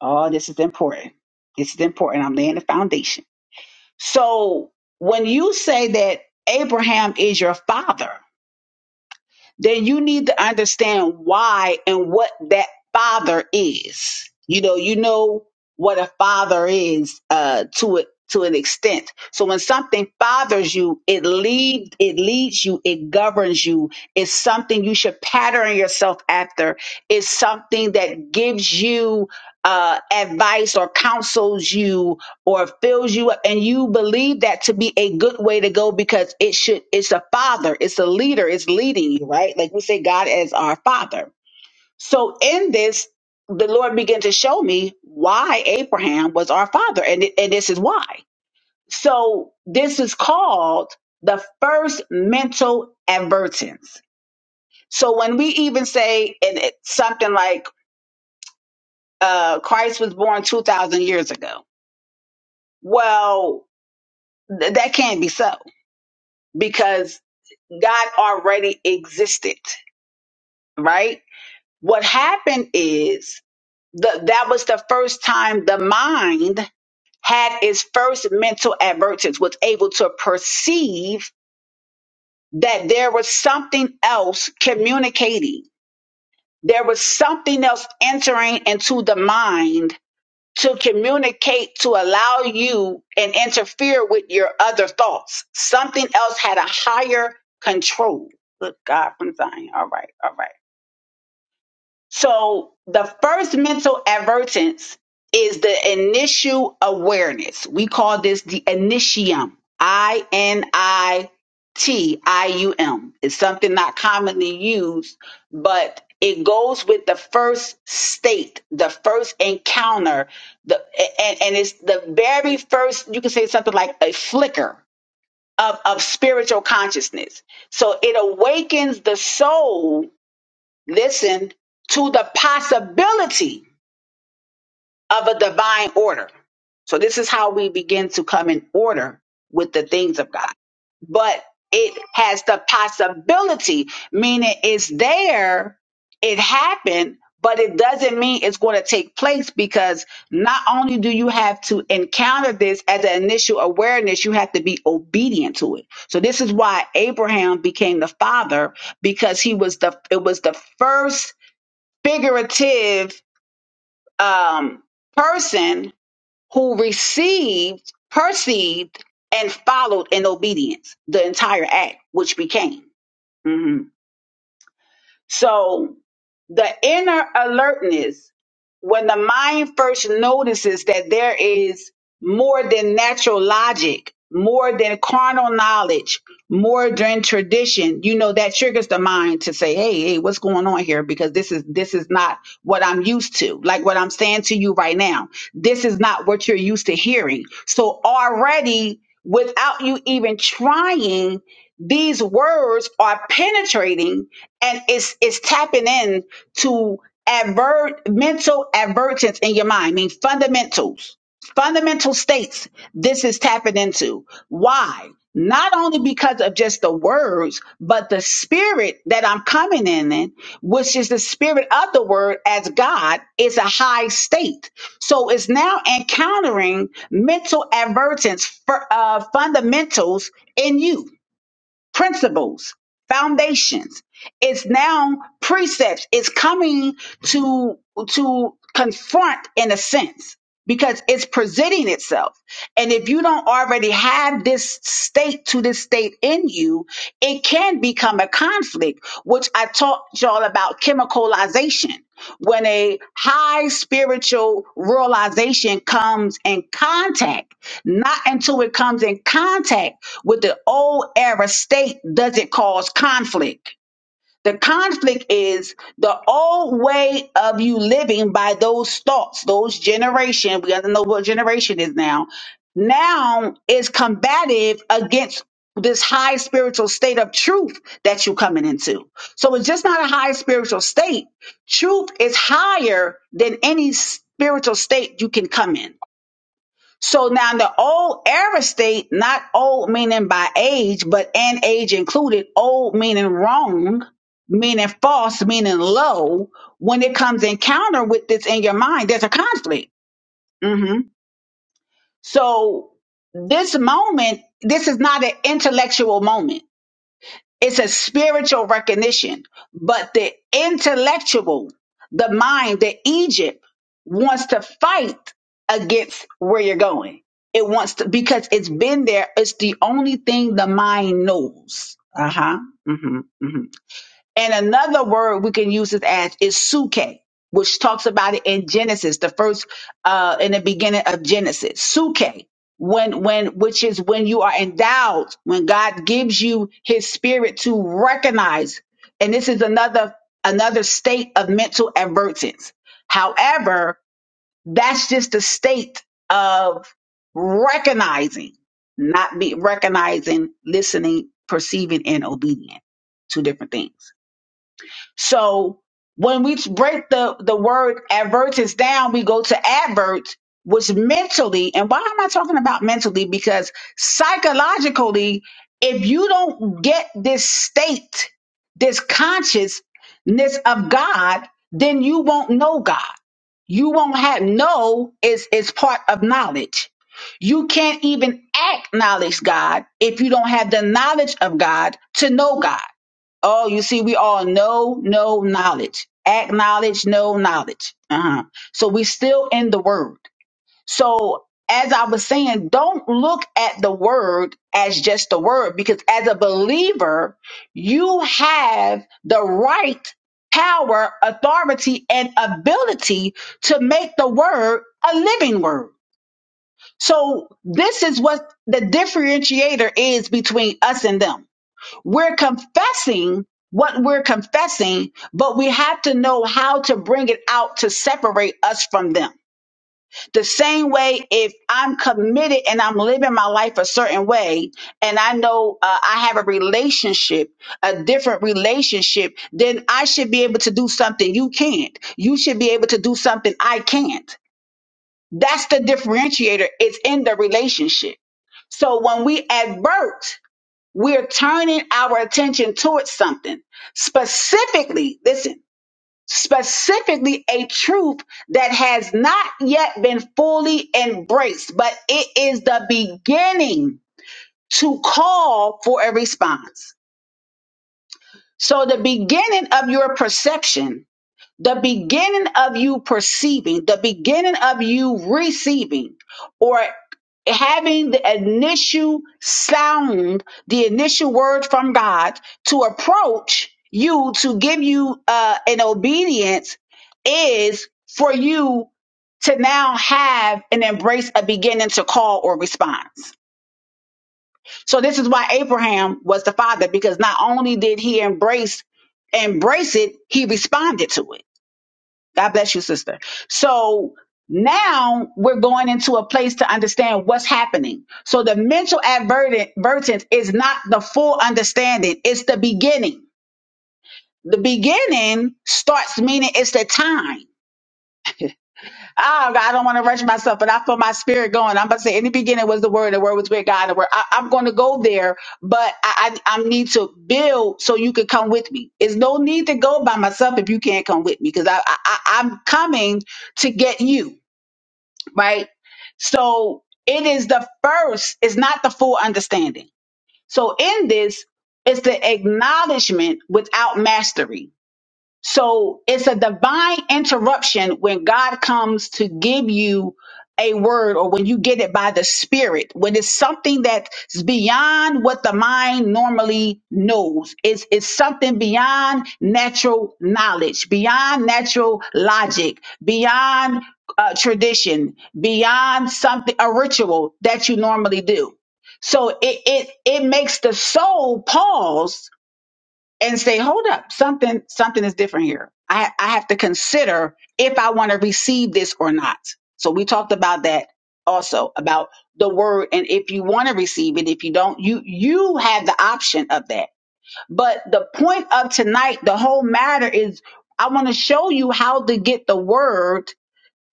S1: Oh, this is important. This is important. I'm laying the foundation. So when you say that Abraham is your father, then you need to understand why and what that father is. You know, you know what a father is uh, to it to an extent. So when something fathers you, it lead it leads you, it governs you. It's something you should pattern yourself after. It's something that gives you uh, advice or counsels you or fills you up and you believe that to be a good way to go because it should it's a father it's a leader it's leading you right like we say god as our father so in this the lord began to show me why abraham was our father and, it- and this is why so this is called the first mental advertence so when we even say and it, something like uh christ was born 2000 years ago well th- that can't be so because God already existed, right? What happened is the, that was the first time the mind had its first mental advertence, was able to perceive that there was something else communicating. There was something else entering into the mind to communicate to allow you and interfere with your other thoughts. Something else had a higher control. Good God from Zion. All right, all right. So the first mental advertence is the initial awareness. We call this the initium. I N I T I U M. It's something not commonly used, but it goes with the first state, the first encounter, the and, and it's the very first, you can say something like a flicker of, of spiritual consciousness. So it awakens the soul Listen to the possibility of a divine order. So this is how we begin to come in order with the things of God. But it has the possibility, meaning it's there, it happened, but it doesn't mean it's going to take place because not only do you have to encounter this as an initial awareness, you have to be obedient to it. So this is why Abraham became the father because he was the it was the first figurative um, person who received, perceived, and followed in obedience the entire act, which became. Mhm. So the inner alertness, when the mind first notices that there is more than natural logic, more than carnal knowledge, more than tradition, you know, that triggers the mind to say, Hey, hey, what's going on here? Because this is, this is not what I'm used to. Like what I'm saying to you right now, this is not what you're used to hearing. So already without you even trying, these words are penetrating and it's it's tapping in to advert mental advertence in your mind. I mean fundamentals, fundamental states. This is tapping into why. Not only because of just the words, but the spirit that I'm coming in, in, which is the spirit of the word as God, is a high state. So it's now encountering mental advertence for uh, fundamentals in you principles, foundations. It's now precepts. It's coming to to confront in a sense because it's presenting itself. And if you don't already have this state to this state in you, it can become a conflict, which I taught y'all about chemicalization. When a high spiritual realization comes in contact, not until it comes in contact with the old era state doesn't cause conflict. The conflict is the old way of you living by those thoughts, those generation. We gotta know what generation is now. Now is combative against this high spiritual state of truth that you are coming into. So it's just not a high spiritual state. Truth is higher than any spiritual state you can come in. So now the old era state, not old meaning by age, but and age included, old meaning wrong, meaning false, meaning low. When it comes encounter with this in your mind, there's a conflict. hmm So this moment, this is not an intellectual moment. It's a spiritual recognition, but the intellectual, the mind, the Egypt wants to fight against where you're going. It wants to because it's been there. It's the only thing the mind knows. Uh huh. hmm hmm and another word we can use it as is suke, which talks about it in Genesis, the first uh in the beginning of Genesis. Suke, when when which is when you are endowed, when God gives you his spirit to recognize. And this is another another state of mental advertence. However, that's just the state of recognizing, not be recognizing, listening, perceiving, and obedient. Two different things. So when we break the, the word advertence down, we go to advert, which mentally, and why am I talking about mentally? Because psychologically, if you don't get this state, this consciousness of God, then you won't know God. You won't have know is is part of knowledge. You can't even acknowledge God if you don't have the knowledge of God to know God. Oh, you see, we all know, no knowledge. Acknowledge, no knowledge. Uh-huh. So we still in the word. So as I was saying, don't look at the word as just the word, because as a believer, you have the right power, authority, and ability to make the word a living word. So this is what the differentiator is between us and them we're confessing what we're confessing, but we have to know how to bring it out to separate us from them. The same way, if I'm committed and I'm living my life a certain way, and I know uh, I have a relationship, a different relationship, then I should be able to do something you can't. You should be able to do something I can't. That's the differentiator. It's in the relationship. So when we advert, we're turning our attention towards something. Specifically, listen, specifically a truth that has not yet been fully embraced, but it is the beginning to call for a response. So the beginning of your perception the beginning of you perceiving, the beginning of you receiving, or having the initial sound, the initial word from God to approach you to give you uh, an obedience is for you to now have and embrace a beginning to call or response. So this is why Abraham was the father because not only did he embrace embrace it, he responded to it. God bless you, sister. So now we're going into a place to understand what's happening. So the mental advertence is not the full understanding, it's the beginning. The beginning starts meaning it's the time. Oh, God, I don't want to rush myself, but I feel my spirit going. I'm about to say, in the beginning was the word, the word was with God. The word. I, I'm going to go there, but I, I, I need to build so you can come with me. It's no need to go by myself if you can't come with me because I, I, I- I'm coming to get you. right? So it is the first, it's not the full understanding. So in this, it's the acknowledgement without mastery. So it's a divine interruption when God comes to give you a word or when you get it by the spirit, when it's something that's beyond what the mind normally knows. It's, it's something beyond natural knowledge, beyond natural logic, beyond uh, tradition, beyond something, a ritual that you normally do. So it, it, it makes the soul pause and say, hold up, something, something is different here. I, I have to consider if I want to receive this or not. So we talked about that also about the word and if you want to receive it, if you don't, you, you have the option of that. But the point of tonight, the whole matter is I want to show you how to get the word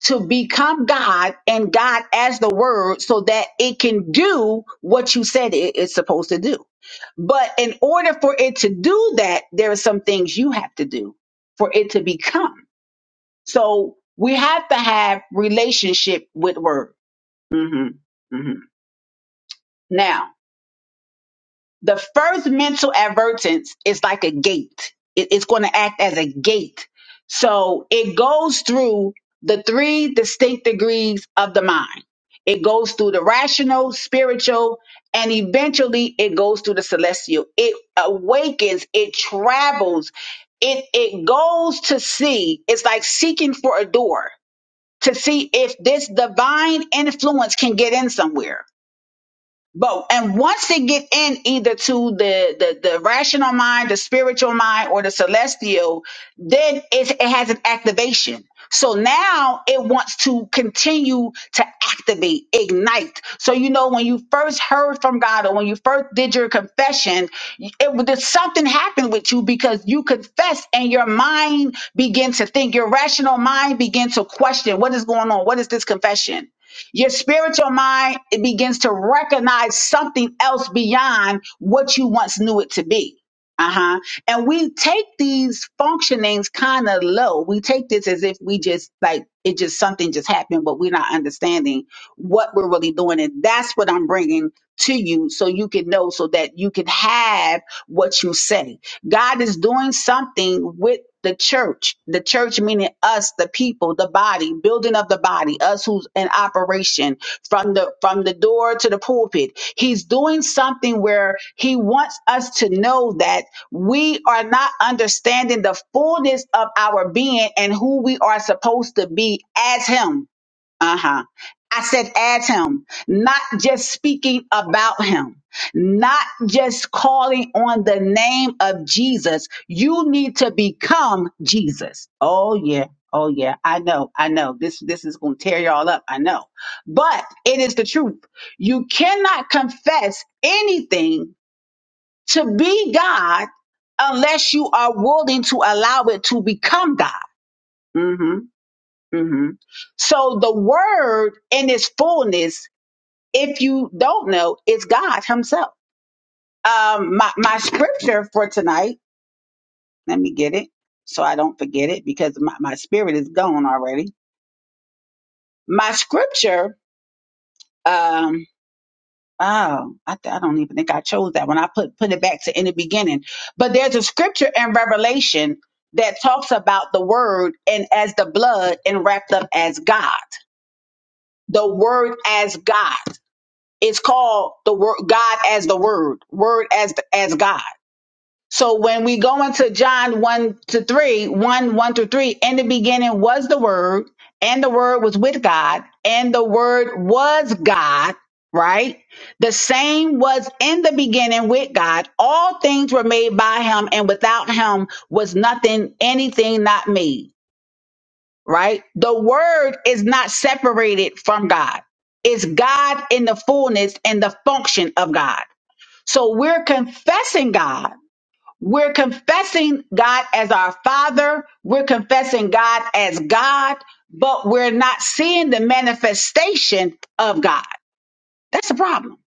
S1: to become God and God as the word so that it can do what you said it is supposed to do. But in order for it to do that, there are some things you have to do for it to become. So we have to have relationship with word. hmm hmm Now, The first mental advertence is like a gate. It- it's going to act as a gate. So it goes through the three distinct degrees of the mind. It goes through the rational, spiritual, and eventually it goes through the celestial. It awakens, it travels, it, it goes to see. It's like seeking for a door to see if this divine influence can get in somewhere but and once they get in either to the, the the rational mind, the spiritual mind, or the celestial, then it, it has an activation. So now it wants to continue to activate, ignite. So you know when you first heard from God or when you first did your confession, it was- there's something happened with you because you confessed and your mind began to think. Your rational mind began to question what is going on. What is this confession? Your spiritual mind it begins to recognize something else beyond what you once knew it to be. Uh-huh. And we take these functionings kind of low. We take this as if we just like it just something just happened, but we're not understanding what we're really doing. And that's what I'm bringing to you so you can know so that you can have what you say God is doing something with the church, the church meaning us, the people, the body, building of the body, us who's in operation from the from the door to the pulpit. He's doing something where he wants us to know that we are not understanding the fullness of our being and who we are supposed to be as him uh-huh. I said, as him, not just speaking about him, not just calling on the name of Jesus. You need to become Jesus. Oh yeah. Oh yeah. I know. I know. This this is gonna tear y'all up. I know. But it is the truth. You cannot confess anything to be God unless you are willing to allow it to become God. Mm-hmm hmm So the word in its fullness, if you don't know, is God Himself. Um, my, my scripture for tonight, let me get it so I don't forget it because my, my spirit is gone already. My scripture, um, oh, I, th- I don't even think I chose that when I put, put it back to in the beginning. But there's a scripture in Revelation that talks about the word and as the blood and wrapped up as God. The word as God. It's called the word God as the word, word as as God. So when we go into John 1 to three, one one 1, through 3, in the beginning was the word, and the word was with God, and the word was God, right? The same was in the beginning with God. All things were made by him, and without him was nothing, anything not made right? The word is not separated from God. It's God in the fullness and the function of God. So we're confessing God. We're confessing God as our Father. We're confessing God as God, but we're not seeing the manifestation of God. That's a problem.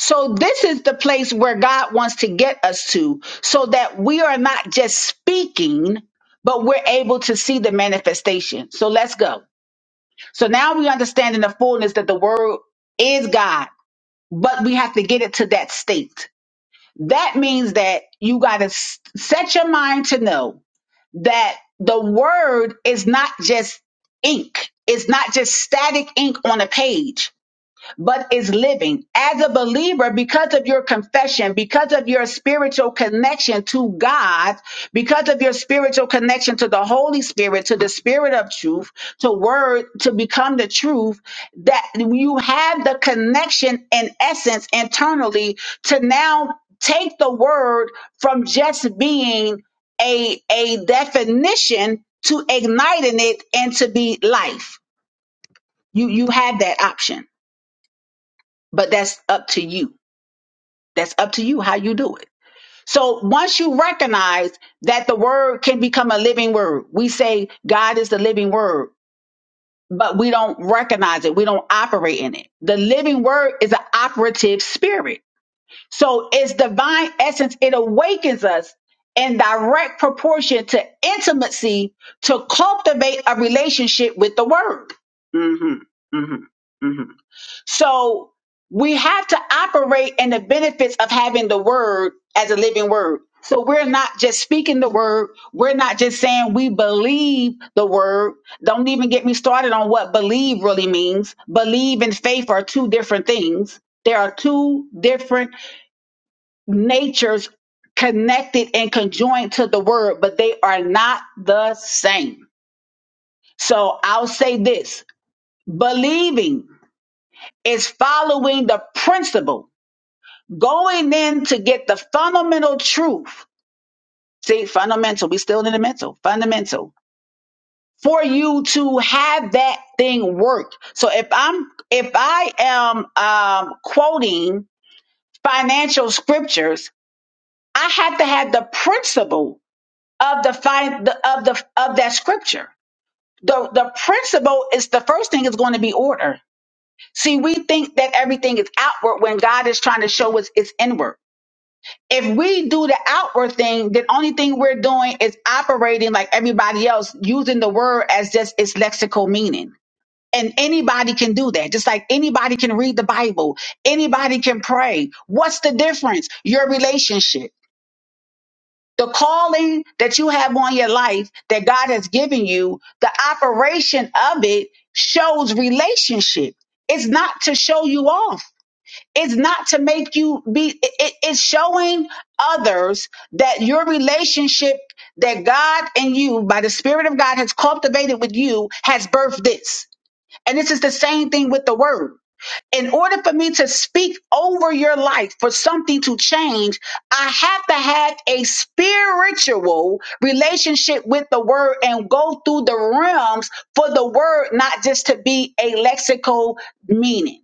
S1: So this is the place where God wants to get us to so that we are not just speaking, but we're able to see the manifestation. So let's go. So now we understand in the fullness that the word is God, but we have to get it to that state. That means that you got to set your mind to know that the word is not just ink. It's not just static ink on a page but is living as a believer because of your confession, because of your spiritual connection to God, because of your spiritual connection to the Holy Spirit, to the Spirit of truth, to word, to become the truth, that you have the connection in essence internally to now take the word from just being a, a definition to igniting it and to be life. You, you have that option, but that's up to you. That's up to you how you do it. So once you recognize that the word can become a living word, we say God is the living word, but we don't recognize it. We don't operate in it. The living word is an operative spirit. So its divine essence, it awakens us in direct proportion to intimacy to cultivate a relationship with the word. hmm hmm hmm so we have to operate in the benefits of having the word as a living word. So we're not just speaking the word. We're not just saying we believe the word. Don't even get me started on what believe really means. Believe and faith are two different things. There are two different natures connected and conjoined to the word, but they are not the same. So I'll say this believing is following the principle Going in to get the fundamental truth. See, fundamental. We still in the mental. Fundamental. For you to have that thing work. So if I'm if I am um quoting financial scriptures, I have to have the principle of the fi- the of the of that scripture. The the principle is the first thing is going to be order. See, we think that everything is outward when God is trying to show us it's inward. if we do the outward thing, the only thing we're doing is operating like everybody else, using the word as just its lexical meaning. And anybody can do that, just like anybody can read the Bible, anybody can pray. What's the difference? Your relationship. The calling that you have on your life that God has given you, the operation of it shows relationship. It's not to show you off. It's not to make you be, it, it- it's showing others that your relationship that God and you, by the Spirit of God, has cultivated with you, has birthed this. And this is the same thing with the word. In order for me to speak over your life for something to change, I have to have a spiritual relationship with the word and go through the realms for the word, not just to be a lexical meaning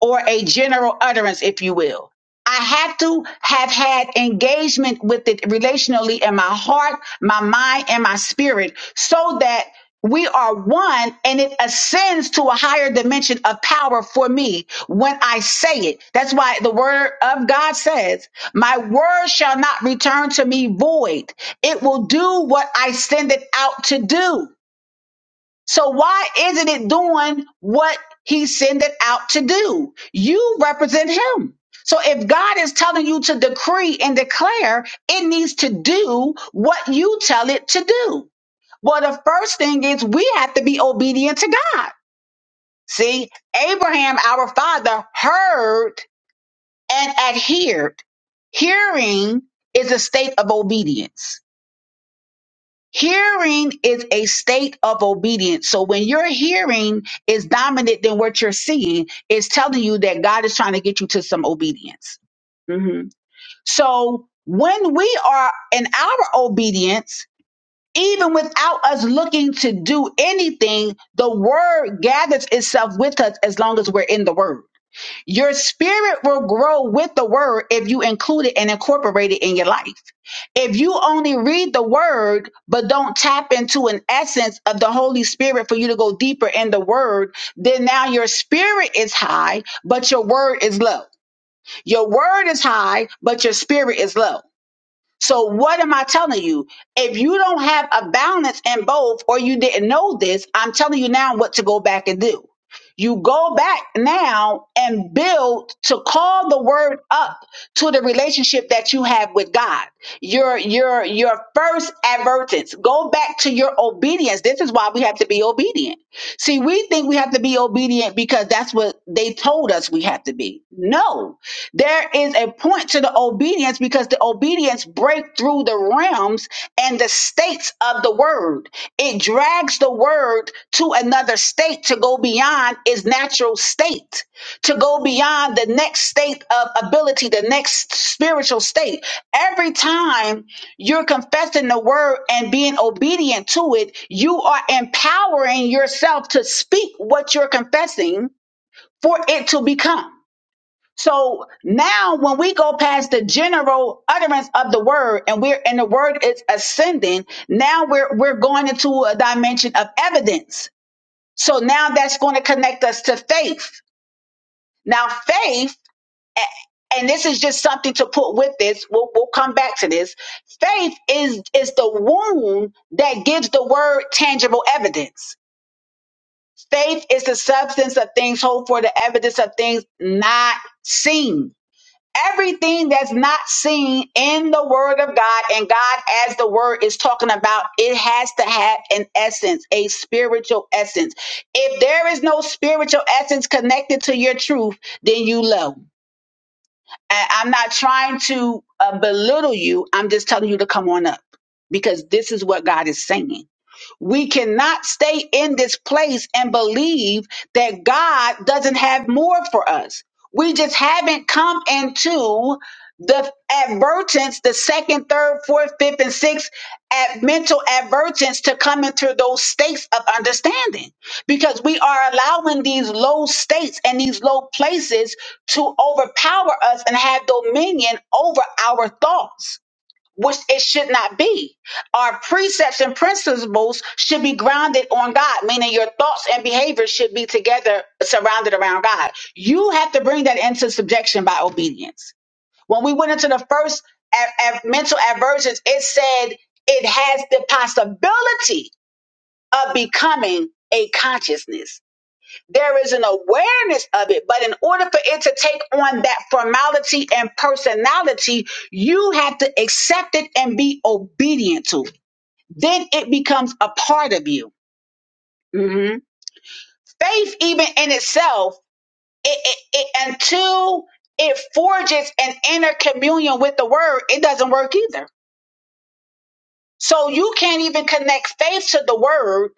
S1: or a general utterance, if you will. I have to have had engagement with it relationally in my heart, my mind, and my spirit so that we are one and it ascends to a higher dimension of power for me when I say it. That's why the word of God says, My word shall not return to me void. It will do what I send it out to do. So why isn't it doing what he sent it out to do? You represent him. So if God is telling you to decree and declare, it needs to do what you tell it to do. Well, the first thing is we have to be obedient to God. See, Abraham, our father, heard and adhered. Hearing is a state of obedience. Hearing is a state of obedience. So when your hearing is dominant than what you're seeing, it's telling you that God is trying to get you to some obedience. hmm So when we are in our obedience, even without us looking to do anything, the word gathers itself with us as long as we're in the word. Your spirit will grow with the word if you include it and incorporate it in your life. If you only read the word, but don't tap into an essence of the Holy Spirit for you to go deeper in the word, then now your spirit is high, but your word is low. Your word is high, but your spirit is low. So what am I telling you? If you don't have a balance in both, or you didn't know this, I'm telling you now what to go back and do. You go back now and build to call the word up to the relationship that you have with God. Your your your first advertence. Go back to your obedience. This is why we have to be obedient. See, we think we have to be obedient because that's what they told us we have to be. No, there is a point to the obedience because the obedience break through the realms and the states of the word it drags the word to another state to go beyond its natural state to go beyond the next state of ability the next spiritual state every time you're confessing the word and being obedient to it you are empowering yourself to speak what you're confessing for it to become so now when we go past the general utterance of the word and we're and the word is ascending, now we're we're going into a dimension of evidence. So now that's going to connect us to faith. Now faith, and this is just something to put with this, we'll, we'll come back to this. Faith is is the womb that gives the word tangible evidence. Faith is the substance of things hoped for, the evidence of things not seen. everything that's not seen in the word of God and God as the word is talking about it has to have an essence a spiritual essence if there is no spiritual essence connected to your truth then you low and I'm not trying to uh, belittle you I'm just telling you to come on up because this is what God is saying we cannot stay in this place and believe that God doesn't have more for us. We just haven't come into the advertence, the second, third, fourth, fifth, and sixth at mental advertence to come into those states of understanding because we are allowing these low states and these low places to overpower us and have dominion over our thoughts which it should not be. Our precepts and principles should be grounded on God, meaning your thoughts and behaviors should be together, surrounded around God. You have to bring that into subjection by obedience. When we went into the first a- a- mental aversions, it said it has the possibility of becoming a consciousness there is an awareness of it, but in order for it to take on that formality and personality, you have to accept it and be obedient to it. Then it becomes a part of you. hmm Faith, even in itself, it, it, it, until it forges an inner communion with the word, it doesn't work either. So you can't even connect faith to the word.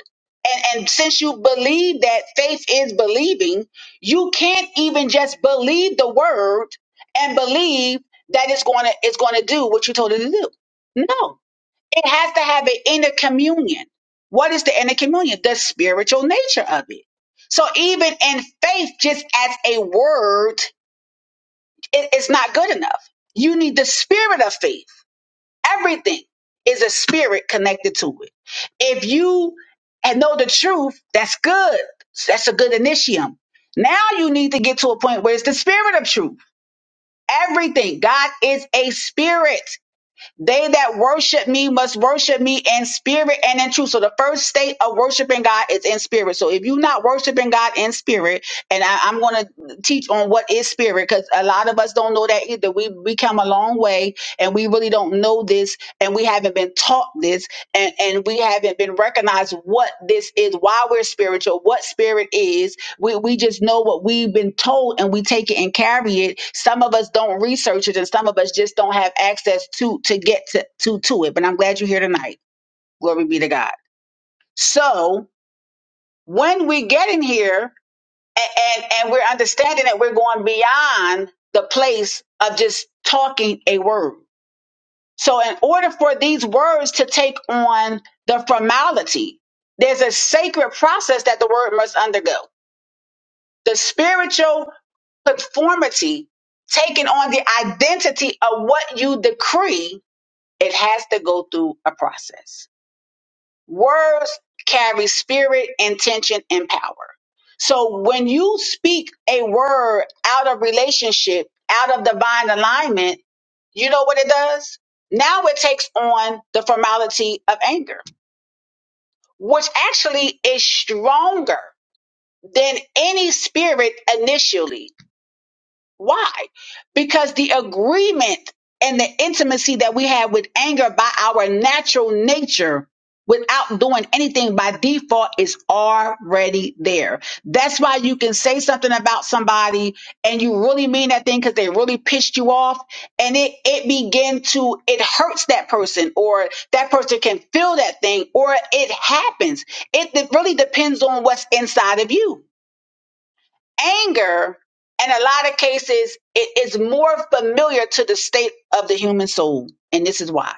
S1: And, and since you believe that faith is believing, you can't even just believe the word and believe that it's going to it's going to do what you told it to do. No, it has to have an inner communion. What is the inner communion? The spiritual nature of it. So even in faith, just as a word, it- it's not good enough. You need the spirit of faith Everything is a spirit connected to it. If you and know the truth, that's good. That's a good initium. Now you need to get to a point where it's the spirit of truth. Everything. God is a spirit. They that worship me must worship me in spirit and in truth. So the first state of worshiping God is in spirit. So if you're not worshiping God in spirit, and I, I'm going to teach on what is spirit because a lot of us don't know that either. We we come a long way and we really don't know this, and we haven't been taught this, and and we haven't been recognized what this is, why we're spiritual, what spirit is, we, we just know what we've been told and we take it and carry it. Some of us don't research it and some of us just don't have access to to get to, to, to it. But I'm glad you're here tonight. Glory be to God. So when we get in here and, and, and we're understanding that we're going beyond the place of just talking a word. So in order for these words to take on the formality, there's a sacred process that the word must undergo. The spiritual conformity, taking on the identity of what you decree, it has to go through a process. Words carry spirit, intention, and power. So when you speak a word out of relationship, out of divine alignment, you know what it does? Now it takes on the formality of anger, which actually is stronger than any spirit initially Why? Because the agreement and the intimacy that we have with anger by our natural nature without doing anything by default is already there. That's why you can say something about somebody and you really mean that thing because they really pissed you off and it, it begin to, it hurts that person or that person can feel that thing or it happens. It, it really depends on what's inside of you anger in a lot of cases it is more familiar to the state of the human soul and this is why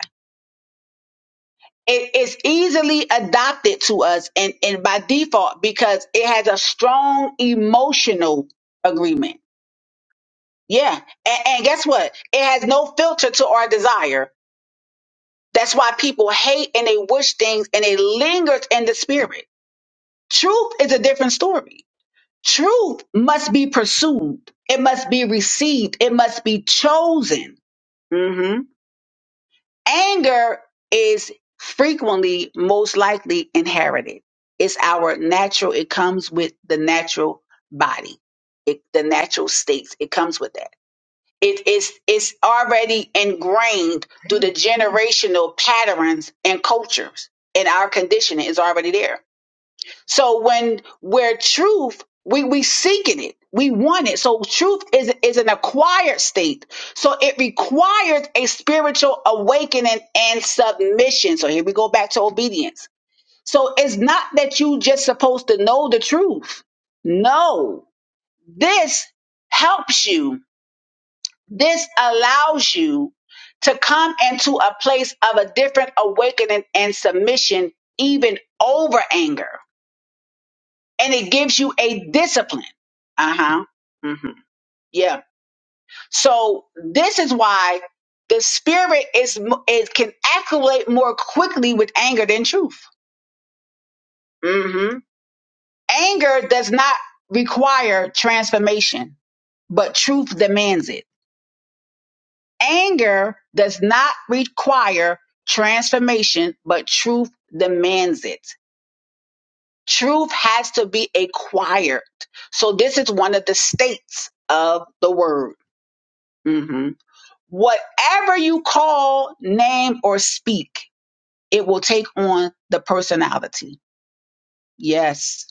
S1: it is easily adopted to us and, and by default because it has a strong emotional agreement yeah and, and guess what it has no filter to our desire that's why people hate and they wish things and they linger in the spirit truth is a different story Truth must be pursued. It must be received. It must be chosen. hmm Anger is frequently, most likely inherited. It's our natural. It comes with the natural body, it, the natural states. It comes with that. It is it's already ingrained through the generational patterns and cultures, and our conditioning is already there so when we're truth, we we seeking it. We want it. So truth is is an acquired state. So it requires a spiritual awakening and submission. So here we go back to obedience. So it's not that you just supposed to know the truth. No. This helps you. This allows you to come into a place of a different awakening and submission even over anger and it gives you a discipline. Uh huh. hmm Yeah. So this is why the spirit is m- it can acculate more quickly with anger than truth. hmm Anger does not require transformation, but truth demands it. Anger does not require transformation, but truth demands it. Truth has to be acquired. So this is one of the states of the word. Mm-hmm. Whatever you call, name, or speak, it will take on the personality. Yes,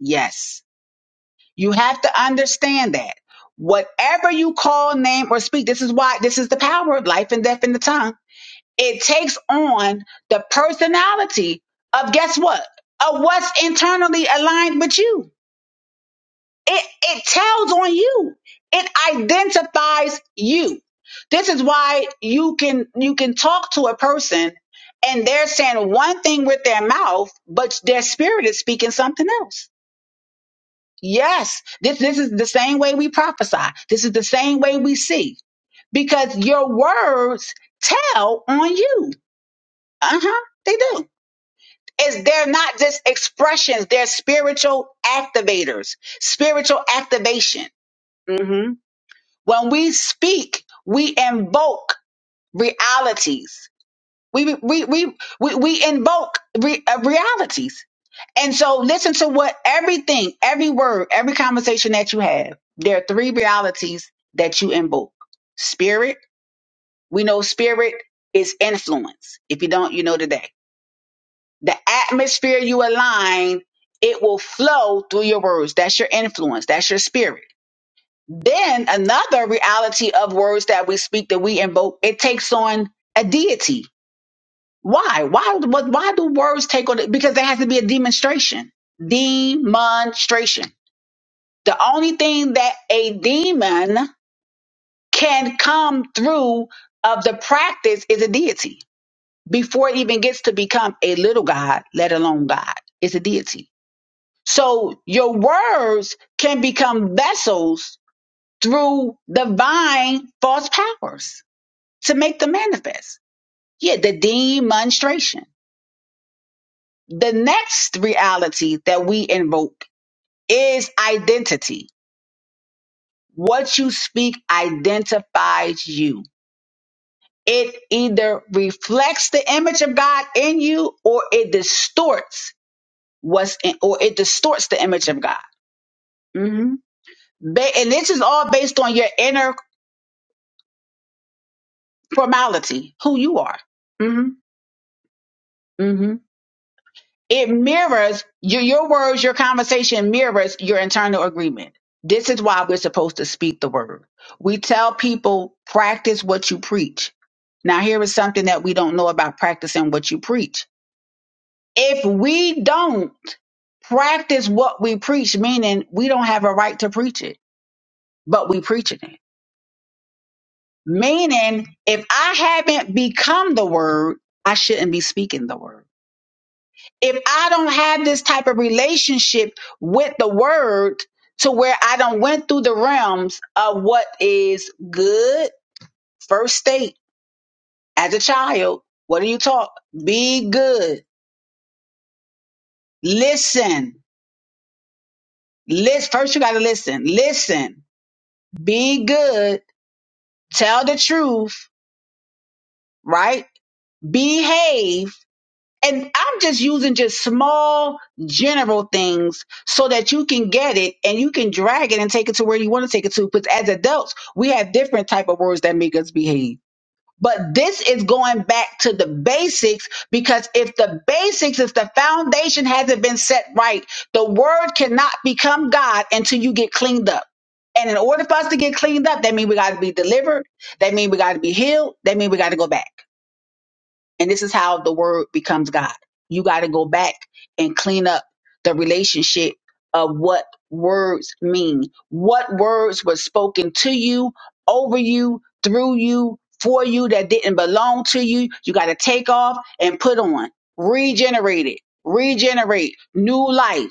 S1: yes. You have to understand that. Whatever you call, name, or speak, this is why this is the power of life and death in the tongue. It takes on the personality of guess what? Of what's internally aligned with you. It it tells on you. It identifies you. This is why you can you can talk to a person and they're saying one thing with their mouth, but their spirit is speaking something else. Yes, this this is the same way we prophesy. This is the same way we see because your words tell on you. Uh-huh. They do. Is they're not just expressions, they're spiritual activators, spiritual activation. Mm-hmm. When we speak, we invoke realities. We, we, we, we, we invoke re- uh, realities. And so listen to what everything, every word, every conversation that you have, there are three realities that you invoke. Spirit, we know spirit is influence. If you don't, you know today. The atmosphere you align, it will flow through your words. That's your influence. That's your spirit. Then another reality of words that we speak that we invoke, it takes on a deity. Why? Why? What? Why do words take on? it? Because there has to be a demonstration. Demonstration. The only thing that a demon can come through of the practice is a deity before it even gets to become a little god, let alone God. It's a deity. So your words can become vessels through divine false powers to make them manifest. Yeah, the demonstration. The next reality that we invoke is identity. What you speak identifies you. It either reflects the image of God in you or it distorts what's in, or it distorts the image of God. hmm Ba- and this is all based on your inner formality, who you are. hmm it mirrors your, your words, your conversation mirrors your internal agreement. This is why we're supposed to speak the word. We tell people, practice what you preach. Now, here is something that we don't know about practicing what you preach. If we don't practice what we preach, meaning we don't have a right to preach it, but we preaching it. Meaning, if I haven't become the word, I shouldn't be speaking the word. if I don't have this type of relationship with the word to where I don't went through the realms of what is good, first state as a child, what do you talk? Be good. Listen. Listen. First, you got to listen. Listen. Be good. Tell the truth, right? Behave and I'm just using just small general things so that you can get it and you can drag it and take it to where you want to take it to. Because as adults, we have different type of words that make us behave. But this is going back to the basics because if the basics, if the foundation hasn't been set right, the word cannot become God until you get cleaned up. And in order for us to get cleaned up, that means we got to be delivered. That means we got to be healed. That means we got to go back. And this is how the word becomes God. You got to go back and clean up the relationship of what words mean. What words were spoken to you, over you, through you, for you that didn't belong to you. You got to take off and put on. Regenerate it. Regenerate. New life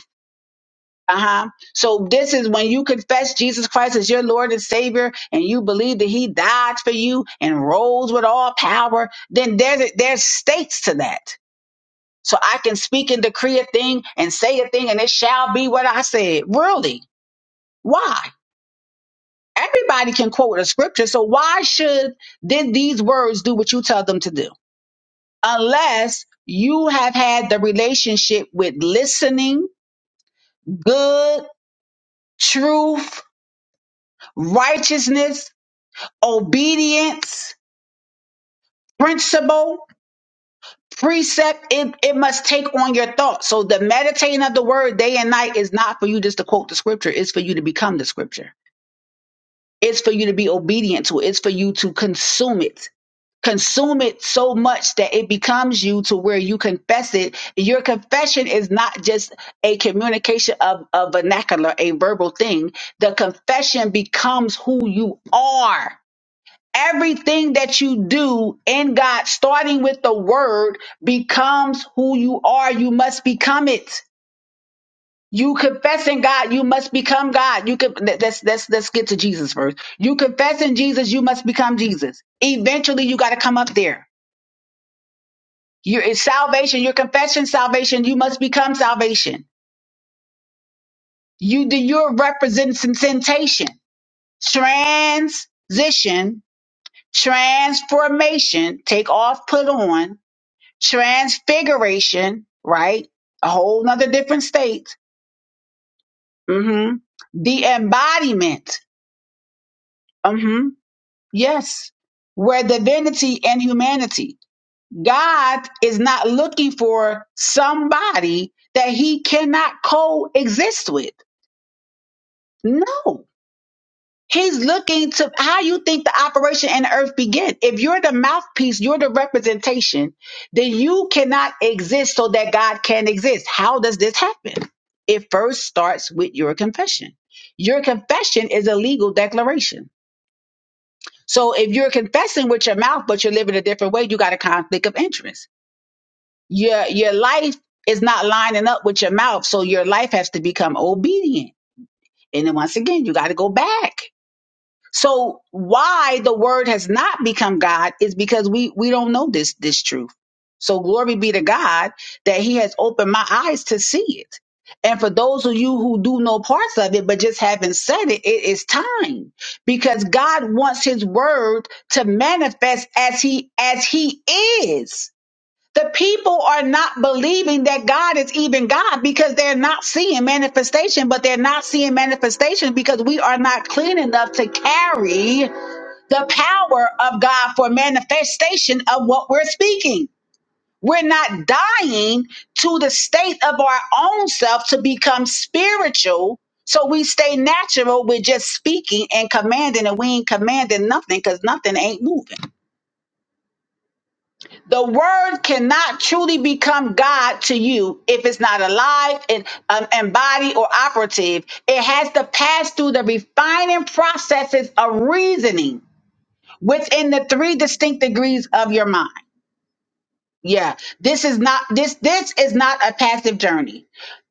S1: uh-huh. So this is when you confess Jesus Christ as your Lord and Savior and you believe that he died for you and rose with all power, then there's there's stakes to that. So I can speak and decree a thing and say a thing and it shall be what I said. Really? Why? Everybody can quote a scripture, so why should did these words do what you tell them to do? Unless you have had the relationship with listening, good, truth, righteousness, obedience, principle, precept, it, it must take on your thoughts. So the meditating of the word day and night is not for you just to quote the scripture, it's for you to become the scripture. It's for you to be obedient to it. It's for you to consume it. Consume it so much that it becomes you to where you confess it. Your confession is not just a communication of a vernacular, a verbal thing. The confession becomes who you are Everything that you do in God, starting with the word, becomes who you are. You must become it. You confessing God, you must become God. You can let's let's let's get to Jesus first. You confessing Jesus, you must become Jesus. Eventually, you got to come up there. You're it's salvation. You're confessing salvation. You must become salvation. You do you're representation. Transition, transformation. Take off, put on transfiguration, right? A whole nother different state. hmm The embodiment. hmm Yes. Where divinity and humanity. God is not looking for somebody that he cannot coexist with. No. He's looking to how you think the operation in earth begin. If you're the mouthpiece, you're the representation, then you cannot exist so that God can exist. How does this happen? It first starts with your confession. Your confession is a legal declaration. So if you're confessing with your mouth, but you're living a different way, you got a conflict of interest. Your your life is not lining up with your mouth, so your life has to become obedient. And then once again, you got to go back So why the word has not become God is because we we don't know this this truth. So glory be to God that he has opened my eyes to see it. And for those of you who do know parts of it but just haven't said it, it is time because God wants his word to manifest as he as he is the people are not believing that God is even God because they're not seeing manifestation, but they're not seeing manifestation because we are not clean enough to carry the power of God for manifestation of what we're speaking. We're not dying to the state of our own self to become spiritual. So we stay natural with just speaking and commanding, and we ain't commanding nothing because nothing ain't moving. The word cannot truly become God to you if it's not alive and um, and or operative. It has to pass through the refining processes of reasoning within the three distinct degrees of your mind. Yeah, this is not this this is not a passive journey.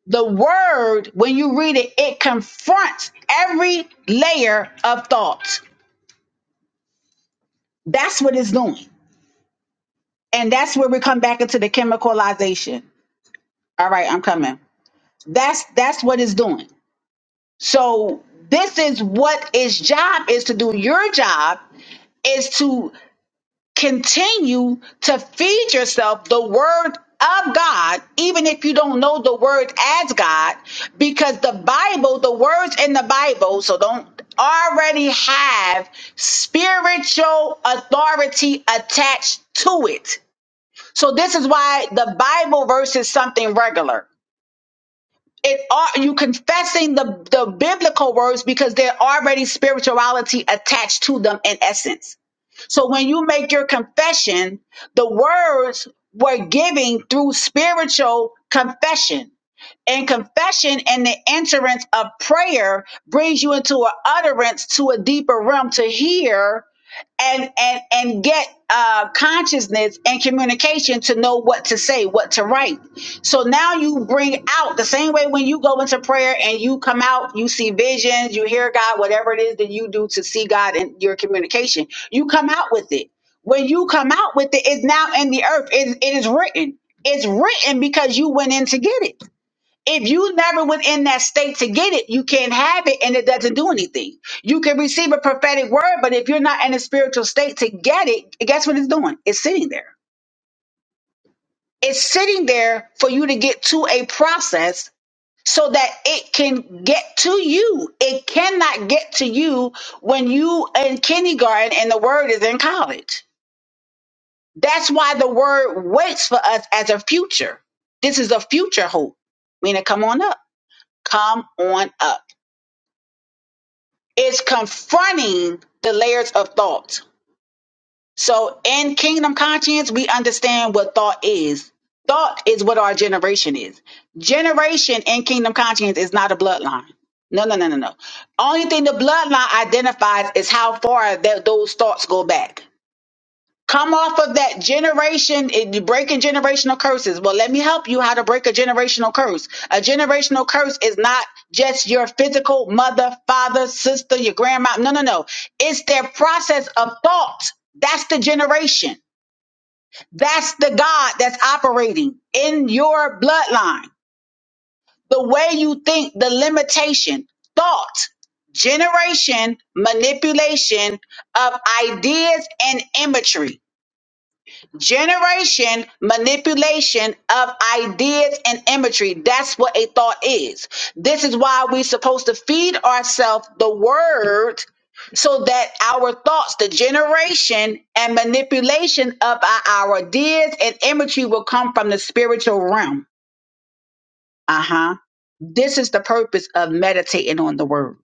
S1: The word, when you read it, it confronts every layer of thought. That's what it's doing. And that's where we come back into the chemicalization. All right, I'm coming. That's that's what it's doing. So this is what its job is to do. Your job is to continue to feed yourself the word of God, even if you don't know the word as God, because the Bible, the words in the Bible, so don't already have spiritual authority attached to it. So this is why the Bible verse is something regular it are you confessing the the biblical words because they're already spirituality attached to them in essence so when you make your confession the words were giving through spiritual confession and confession and the entrance of prayer brings you into an utterance to a deeper realm to hear and and and get uh, consciousness and communication to know what to say, what to write. So now you bring out the same way when you go into prayer and you come out, you see visions, you hear God, whatever it is that you do to see God in your communication, you come out with it. When you come out with it, it's now in the earth. It, it is written. It's written because you went in to get it. If you never was in that state to get it, you can't have it and it doesn't do anything. You can receive a prophetic word, but if you're not in a spiritual state to get it, guess what it's doing? It's sitting there. It's sitting there for you to get to a process so that it can get to you. It cannot get to you when you in kindergarten and the word is in college. That's why the word waits for us as a future. This is a future hope. Meaning, come on up. Come on up. It's confronting the layers of thought. So in kingdom conscience, we understand what thought is. Thought is what our generation is. Generation in kingdom conscience is not a bloodline. No, no, no, no, no. Only thing the bloodline identifies is how far that those thoughts go back. Come off of that generation, it, breaking generational curses. Well, let me help you how to break a generational curse. A generational curse is not just your physical mother, father, sister, your grandma. No, no, no. It's their process of thought. That's the generation. That's the God that's operating in your bloodline. The way you think, the limitation, thought, generation, manipulation of ideas and imagery generation manipulation of ideas and imagery that's what a thought is this is why we're supposed to feed ourselves the word so that our thoughts the generation and manipulation of our, our ideas and imagery will come from the spiritual realm uh-huh this is the purpose of meditating on the word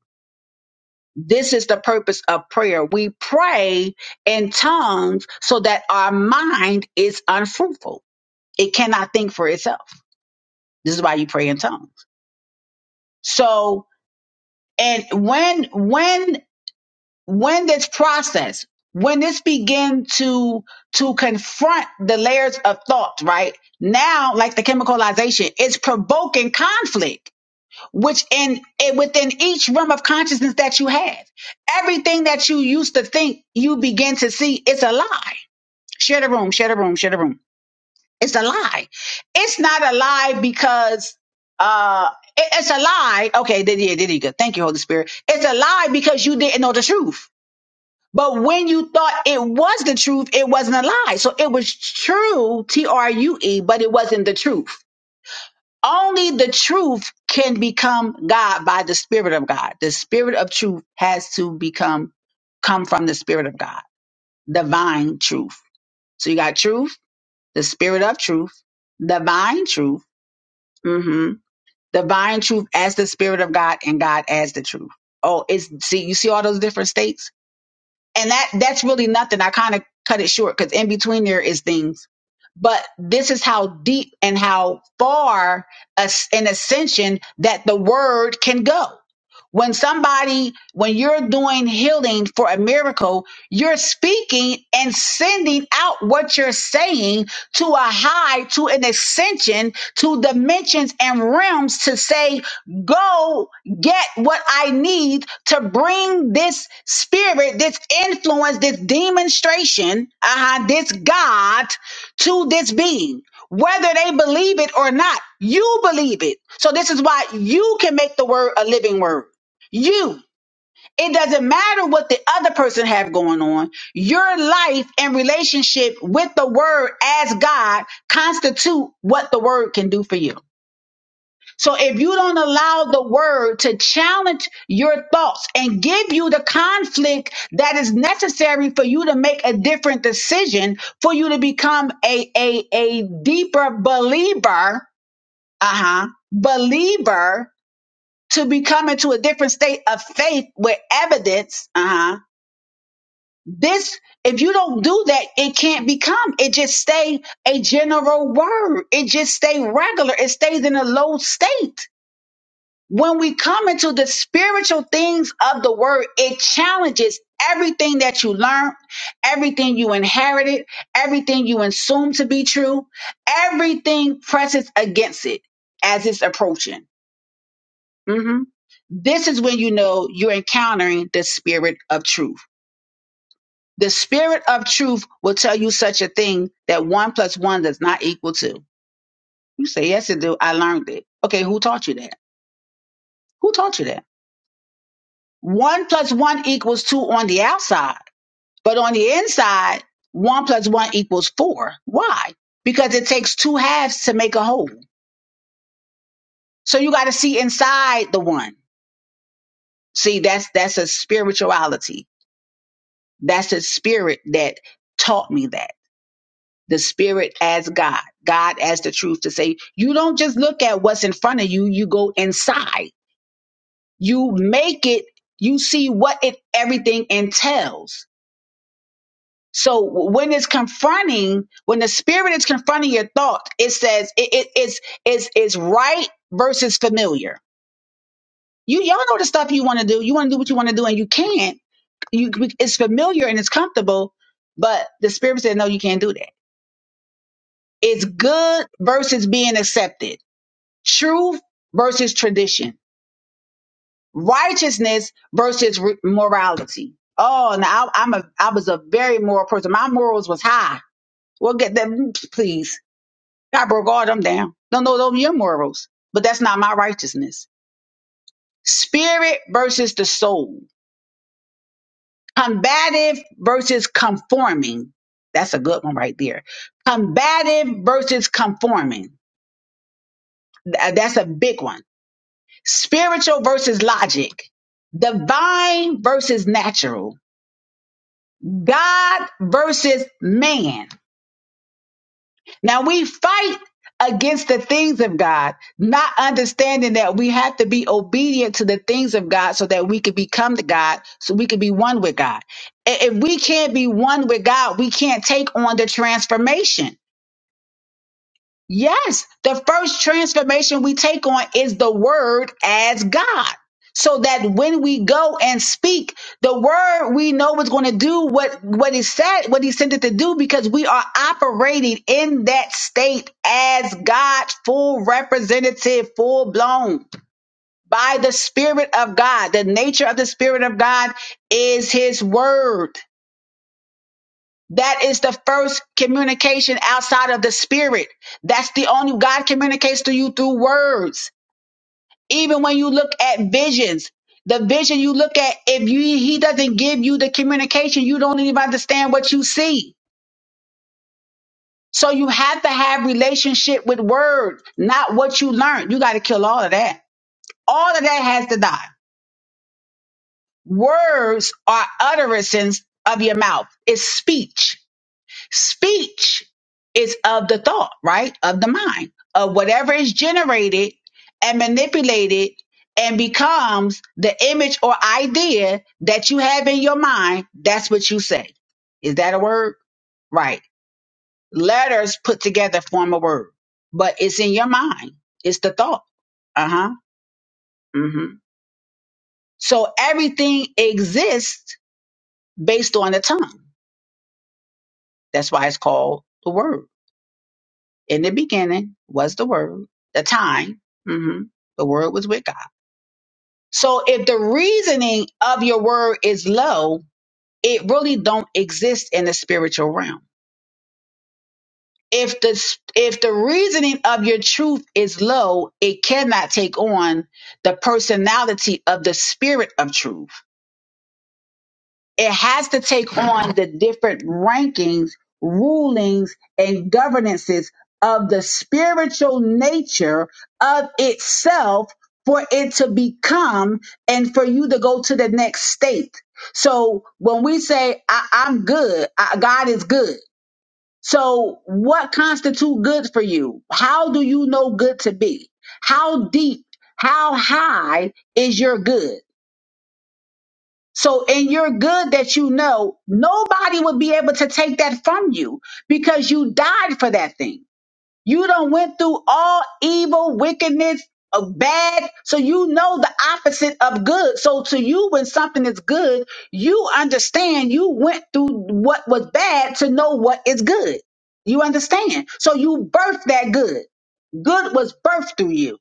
S1: this is the purpose of prayer we pray in tongues so that our mind is unfruitful it cannot think for itself. This is why you pray in tongues. So, and when, when, when this process, when this begin to, to confront the layers of thought, right? Now, like the chemicalization, it's provoking conflict, which in, it, within each realm of consciousness that you have, everything that you used to think you begin to see, it's a lie. Share the room, share the room, share the room. It's a lie. It's not a lie because uh it- it's a lie. Okay, did yeah, did you go? Thank you, Holy Spirit. It's a lie because you didn't know the truth. But when you thought it was the truth, it wasn't a lie. So it was true, T R U E, but it wasn't the truth. Only the truth can become God by the Spirit of God. The Spirit of truth has to become come from the Spirit of God, divine truth. So you got truth, the Spirit of truth, divine truth mm hmm Divine truth as the spirit of God and God as the truth. Oh, it's see, you see all those different states? And that that's really nothing. I kind of cut it short because in between there is things but this is how deep and how far as- an ascension that the word can go. When somebody, when you're doing healing for a miracle, you're speaking and sending out what you're saying to a high, to an ascension, to dimensions and realms to say, go get what I need to bring this spirit, this influence, this demonstration, uh-huh, this God to this being. Whether they believe it or not, you believe it. So this is why you can make the word a living word. You. It doesn't matter what the other person have going on. Your life and relationship with the word as God constitute what the word can do for you. So if you don't allow the word to challenge your thoughts and give you the conflict that is necessary for you to make a different decision, for you to become a a, a deeper believer, uh-huh, believer to become into a different state of faith with evidence, uh-huh. This if you don't do that, it can't become. It just stay a general word. It just stay regular. It stays in a low state when we come into the spiritual things of the word, it challenges everything that you learned, everything you inherited, everything you assume to be true. Everything presses against it as it's approaching. hmm This is when you know you're encountering the spirit of truth. The spirit of truth will tell you such a thing that one plus one does not equal two. You say, yes, it do. I learned it. Okay, who taught you that? Who taught you that? one plus one equals two on the outside, but on the inside, one plus one equals four. Why? Because it takes two halves to make a whole. So you got to see inside the one. See, that's that's a spirituality. That's a spirit that taught me that. The spirit as God, God as the truth to say, you don't just look at what's in front of you, you go inside. You make it, you see what it everything entails So when it's confronting, when the spirit is confronting your thought, it says it, it it's it's it's right versus familiar. You y'all know the stuff you want to do. You want to do what you want to do, and you can't. You it's familiar and it's comfortable, but the spirit said no, you can't do that. It's good versus being accepted. Truth versus tradition. Righteousness versus re- morality. Oh, now I, I'm a I was a very moral person. My morals was high. Well, get them, please. God broke all them down. Don't know those are your morals, but that's not my righteousness. Spirit versus the soul. Combative versus conforming. That's a good one right there. Combative versus conforming. Th- That's a big one. Spiritual versus logic. Divine versus natural. God versus man. Now we fight against the things of God, not understanding that we have to be obedient to the things of God so that we can become the God, so we can be one with God. I- If we can't be one with God, we can't take on the transformation. Yes, the first transformation we take on is the word as God. So that when we go and speak, the word we know it's going to do what what he said, what he sent it to do, because we are operating in that state as God's full representative, full blown by the Spirit of God. The nature of the Spirit of God is His word. That is the first communication outside of the spirit. That's the only God communicates to you through words. Even when you look at visions, the vision you look at, if you, he doesn't give you the communication, you don't even understand what you see. So you have to have relationship with words, not what you learn. You got to kill all of that. All of that has to die. Words are utterances of your mouth. It's speech Speech is of the thought, right? Of the mind, of whatever is generated and manipulated and becomes the image or idea that you have in your mind. That's what you say. Is that a word? Right. Letters put together form a word, but it's in your mind. It's the thought. Uh huh. hmm So everything exists based on the tongue. That's why it's called the word. in the beginning was the word, the time. hmm The word was with God. So if the reasoning of your word is low, it really don't exist in the spiritual realm. If the s- if the reasoning of your truth is low, it cannot take on the personality of the spirit of truth it has to take on the different rankings, rulings, and governances of the spiritual nature of itself for it to become and for you to go to the next state. So when we say, I, I'm good, I, God is good. So what constitute good for you? How do you know good to be? How deep, how high is your good? So, and you're good that you know nobody would be able to take that from you because you died for that thing. You done went through all evil, wickedness, of bad. So you know the opposite of good. So to you, when something is good, you understand you went through what was bad to know what is good. You understand? So you birthed that good good was birthed through you.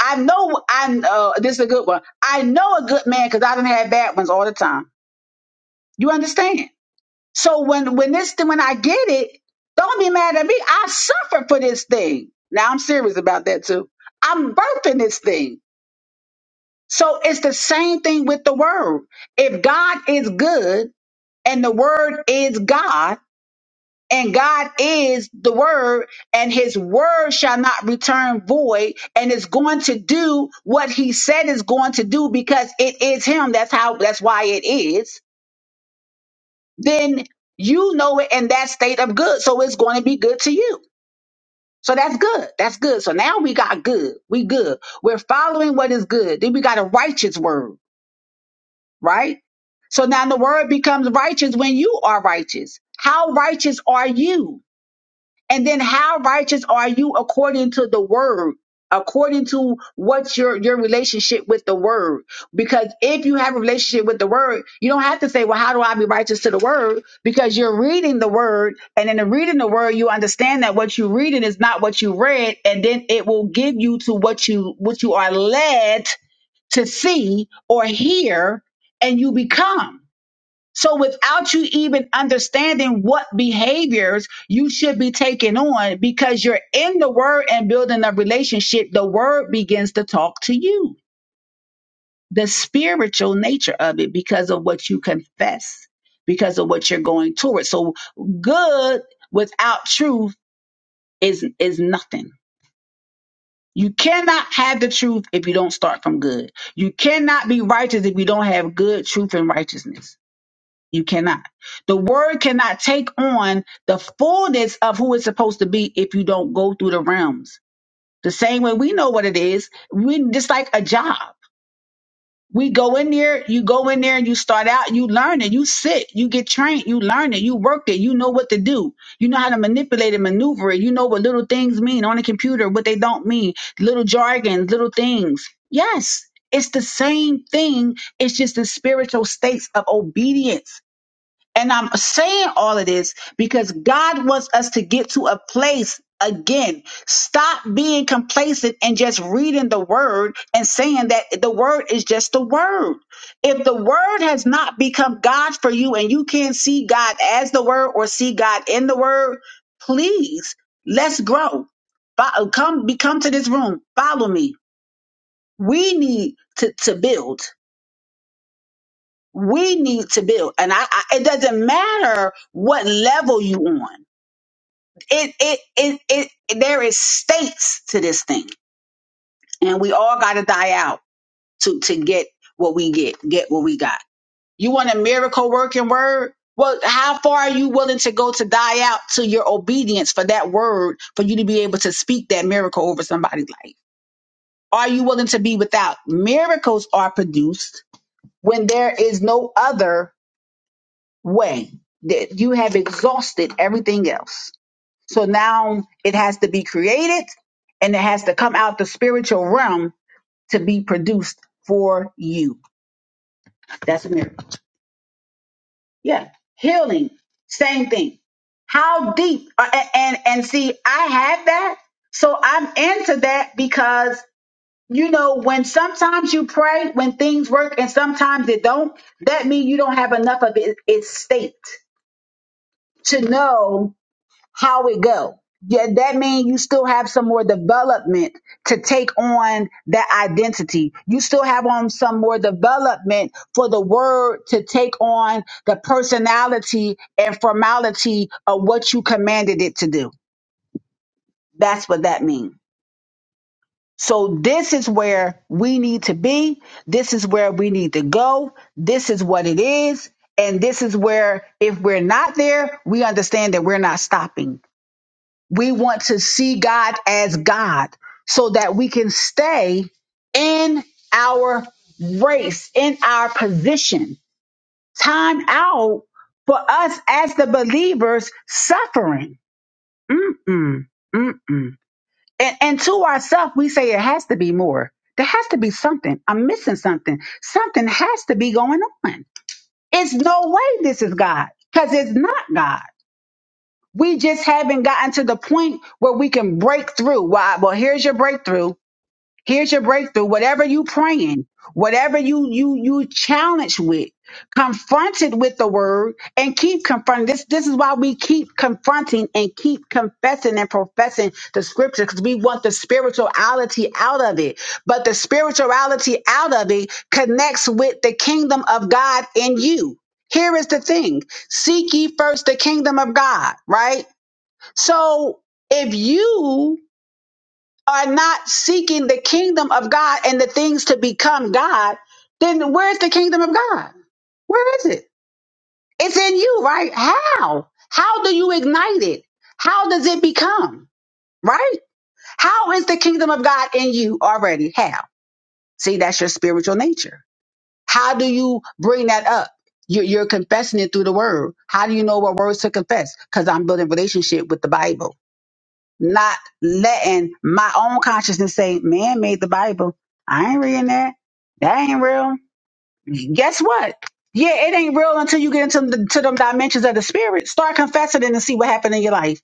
S1: I know I uh, this is a good one. I know a good man because I done had bad ones all the time. You understand? So when when this when I get it, don't be mad at me. I suffered for this thing. Now I'm serious about that too. I'm birthing this thing. So it's the same thing with the word. If God is good and the word is God and God is the word and his word shall not return void and is going to do what he said is going to do because it is him. That's how that's why it is then you know it in that state of good. So it's going to be good to you. So that's good. That's good. So now we got good. We good. We're following what is good. Then we got a righteous word, right? So now the word becomes righteous when you are righteous. How righteous are you? And then how righteous are you according to the word? According to what's your, your relationship with the word. Because if you have a relationship with the word, you don't have to say, well, how do I be righteous to the word? Because you're reading the word. And in the reading the word, you understand that what you're reading is not what you read. And then it will give you to what you, what you are led to see or hear and you become. So without you even understanding what behaviors you should be taking on because you're in the word and building a relationship, the word begins to talk to you. The spiritual nature of it because of what you confess, because of what you're going towards. So good without truth is is nothing. You cannot have the truth if you don't start from good. You cannot be righteous if you don't have good truth and righteousness. You cannot. The word cannot take on the fullness of who it's supposed to be if you don't go through the realms. The same way we know what it is, we just like a job. We go in there, you go in there and you start out, you learn it, you sit, you get trained, you learn it, you work it, you know what to do. You know how to manipulate and maneuver it. You know what little things mean on a computer, what they don't mean, little jargon, little things. Yes, it's the same thing. It's just the spiritual states of obedience and I'm saying all of this because God wants us to get to a place again. Stop being complacent and just reading the word and saying that the word is just the word. If the word has not become God for you and you can't see God as the word or see God in the word, please let's grow. Fo- Come, be, come to this room. Follow me. We need to, to build we need to build and I, I it doesn't matter what level you on it it it, it there is states to this thing and we all got to die out to to get what we get get what we got you want a miracle working word well how far are you willing to go to die out to your obedience for that word for you to be able to speak that miracle over somebody's life are you willing to be without miracles are produced when there is no other way that you have exhausted everything else. So now it has to be created and it has to come out the spiritual realm to be produced for you. That's a miracle. Yeah. Healing, same thing. How deep uh, a- and and see I have that. So I'm into that because you know when sometimes you pray when things work and sometimes they don't, that means you don't have enough of it, its state to know how it go. Yeah, that means you still have some more development to take on that identity. You still have on some more development for the word to take on the personality and formality of what you commanded it to do. That's what that means. So this is where we need to be. This is where we need to go. This is what it is. And this is where if we're not there, we understand that we're not stopping We want to see God as God so that we can stay in our race, in our position. Time out for us as the believers suffering. Mm-mm, mm-mm. And, and to ourselves, we say it has to be more. There has to be something. I'm missing something. Something has to be going on. It's no way this is God because it's not God. We just haven't gotten to the point where we can break through. Why? Well, here's your breakthrough. Here's your breakthrough. Whatever you praying, whatever you you you challenged with, confronted with the word, and keep confronting. This this is why we keep confronting and keep confessing and professing the scripture because we want the spirituality out of it. But the spirituality out of it connects with the kingdom of God in you. Here is the thing: seek ye first the kingdom of God, right? So if you are not seeking the kingdom of God and the things to become God, then where's the kingdom of God? Where is it? It's in you, right? How? How do you ignite it? How does it become? Right? How is the kingdom of God in you already? How? See, that's your spiritual nature. How do you bring that up? You're, you're confessing it through the word. How do you know what words to confess? Because I'm building relationship with the Bible. not letting my own consciousness say, man made the Bible. I ain't reading that. That ain't real. Guess what? Yeah, it ain't real until you get into the, to them dimensions of the spirit. Start confessing it and see what happened in your life.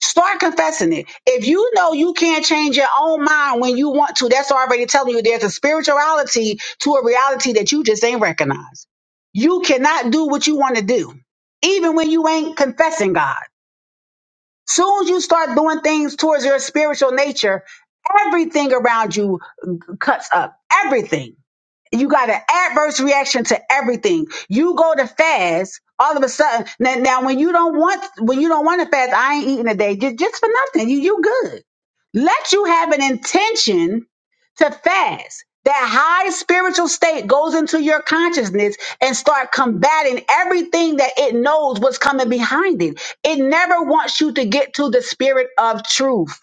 S1: Start confessing it. If you know you can't change your own mind when you want to, that's already telling you there's a spirituality to a reality that you just ain't recognize. You cannot do what you want to do, even when you ain't confessing God. Soon as you start doing things towards your spiritual nature, everything around you cuts up. Everything you got an adverse reaction to everything. You go to fast, all of a sudden now, now when you don't want when you don't want to fast, I ain't eating today ju- just for nothing. You you good. Let you have an intention to fast. That high spiritual state goes into your consciousness and start combating everything that it knows what's coming behind it. It never wants you to get to the spirit of truth.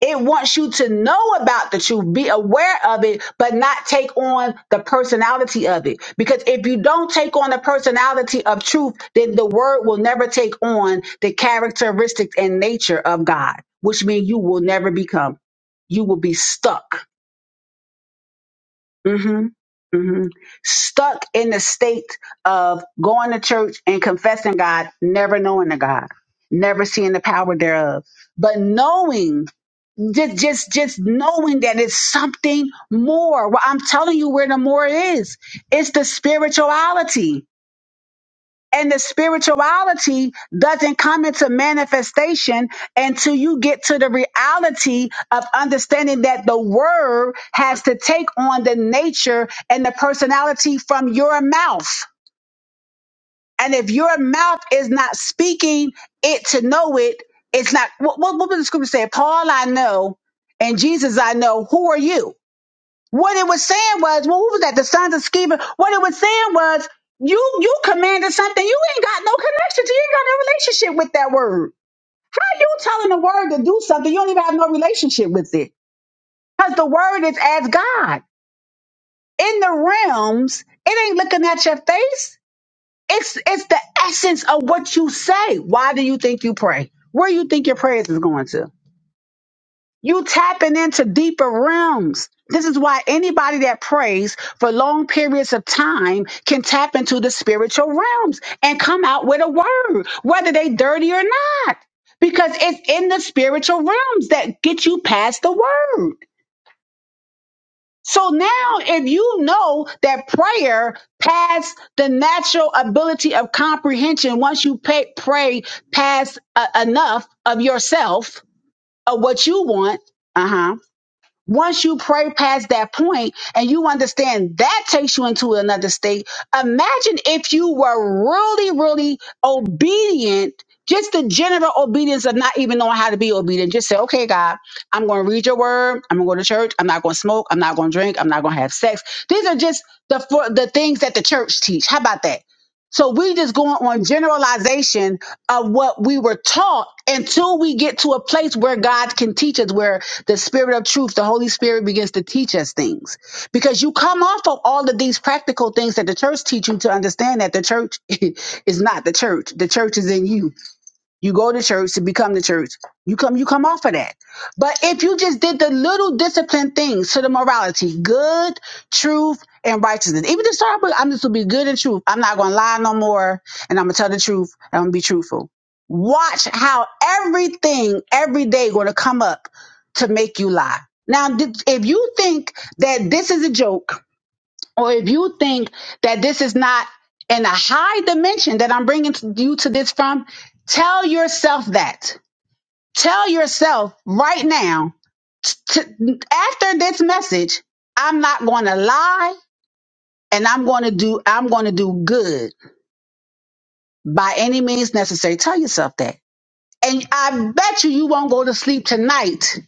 S1: It wants you to know about the truth, be aware of it, but not take on the personality of it. Because if you don't take on the personality of truth, then the word will never take on the characteristics and nature of God, which means you will never become. You will be stuck hmm hmm Stuck in the state of going to church and confessing God, never knowing the God, never seeing the power thereof, but knowing. Just, just, just knowing that it's something more. Well, I'm telling you where the more is. It's the spirituality. And the spirituality doesn't come into manifestation until you get to the reality of understanding that the word has to take on the nature and the personality from your mouth. And if your mouth is not speaking it to know it, it's not. What, what, what did the scripture say? Paul, I know, and Jesus, I know. Who are you? What it was saying was, well, who was that? The sons of Sceva. What it was saying was, you you commanded something. You ain't got no connection to. You ain't got no relationship with that word. How you telling the word to do something? You don't even have no relationship with it. Because the word is as God. In the realms, it ain't looking at your face. It's it's the essence of what you say. Why do you think you pray? Where do you think your prayers is going to? You tapping into deeper realms. This is why anybody that prays for long periods of time can tap into the spiritual realms and come out with a word, whether they dirty or not, because it's in the spiritual realms that get you past the word. So now if you know that prayer past the natural ability of comprehension, once you pay, pray past uh, enough of yourself, of what you want, uh-huh once you pray past that point and you understand that takes you into another state, imagine if you were really, really obedient, just the general obedience of not even knowing how to be obedient. Just say, okay, God, I'm going to read your word. I'm going to go to church. I'm not going to smoke. I'm not going to drink. I'm not going to have sex. These are just the, for, the things that the church teach. How about that? So we just going on generalization of what we were taught until we get to a place where God can teach us, where the spirit of truth, the Holy Spirit begins to teach us things. Because you come off of all of these practical things that the church teach you to understand that the church is not the church. The church is in you. You go to church to become the church. You come, you come off of that. But if you just did the little disciplined things to the morality, good, truth, and righteousness. Even the story book, I'm just gonna be good and truth. I'm not gonna lie no more, and I'm gonna tell the truth, and I'm gonna be truthful. Watch how everything every day gonna come up to make you lie. Now, did- if you think that this is a joke, or if you think that this is not in a high dimension that I'm bringing to- you to this from, tell yourself that. Tell yourself right now, t- t- after this message, I'm not going to lie and I'm going to do, I'm going to do good by any means necessary. Tell yourself that. And I bet you you won't go to sleep tonight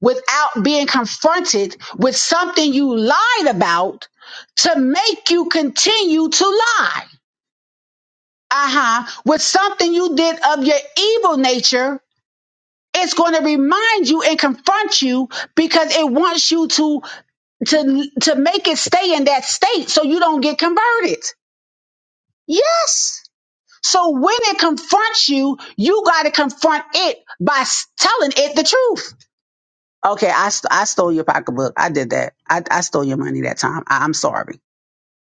S1: without being confronted with something you lied about to make you continue to lie. uh-huh, with something you did of your evil nature, it's going to remind you and confront you because it wants you to to to make it stay in that state so you don't get converted. Yes. So when it confronts you, you got to confront it by s- telling it the truth. Okay, I st- I stole your pocketbook. I did that. I I stole your money that time. I, I'm sorry.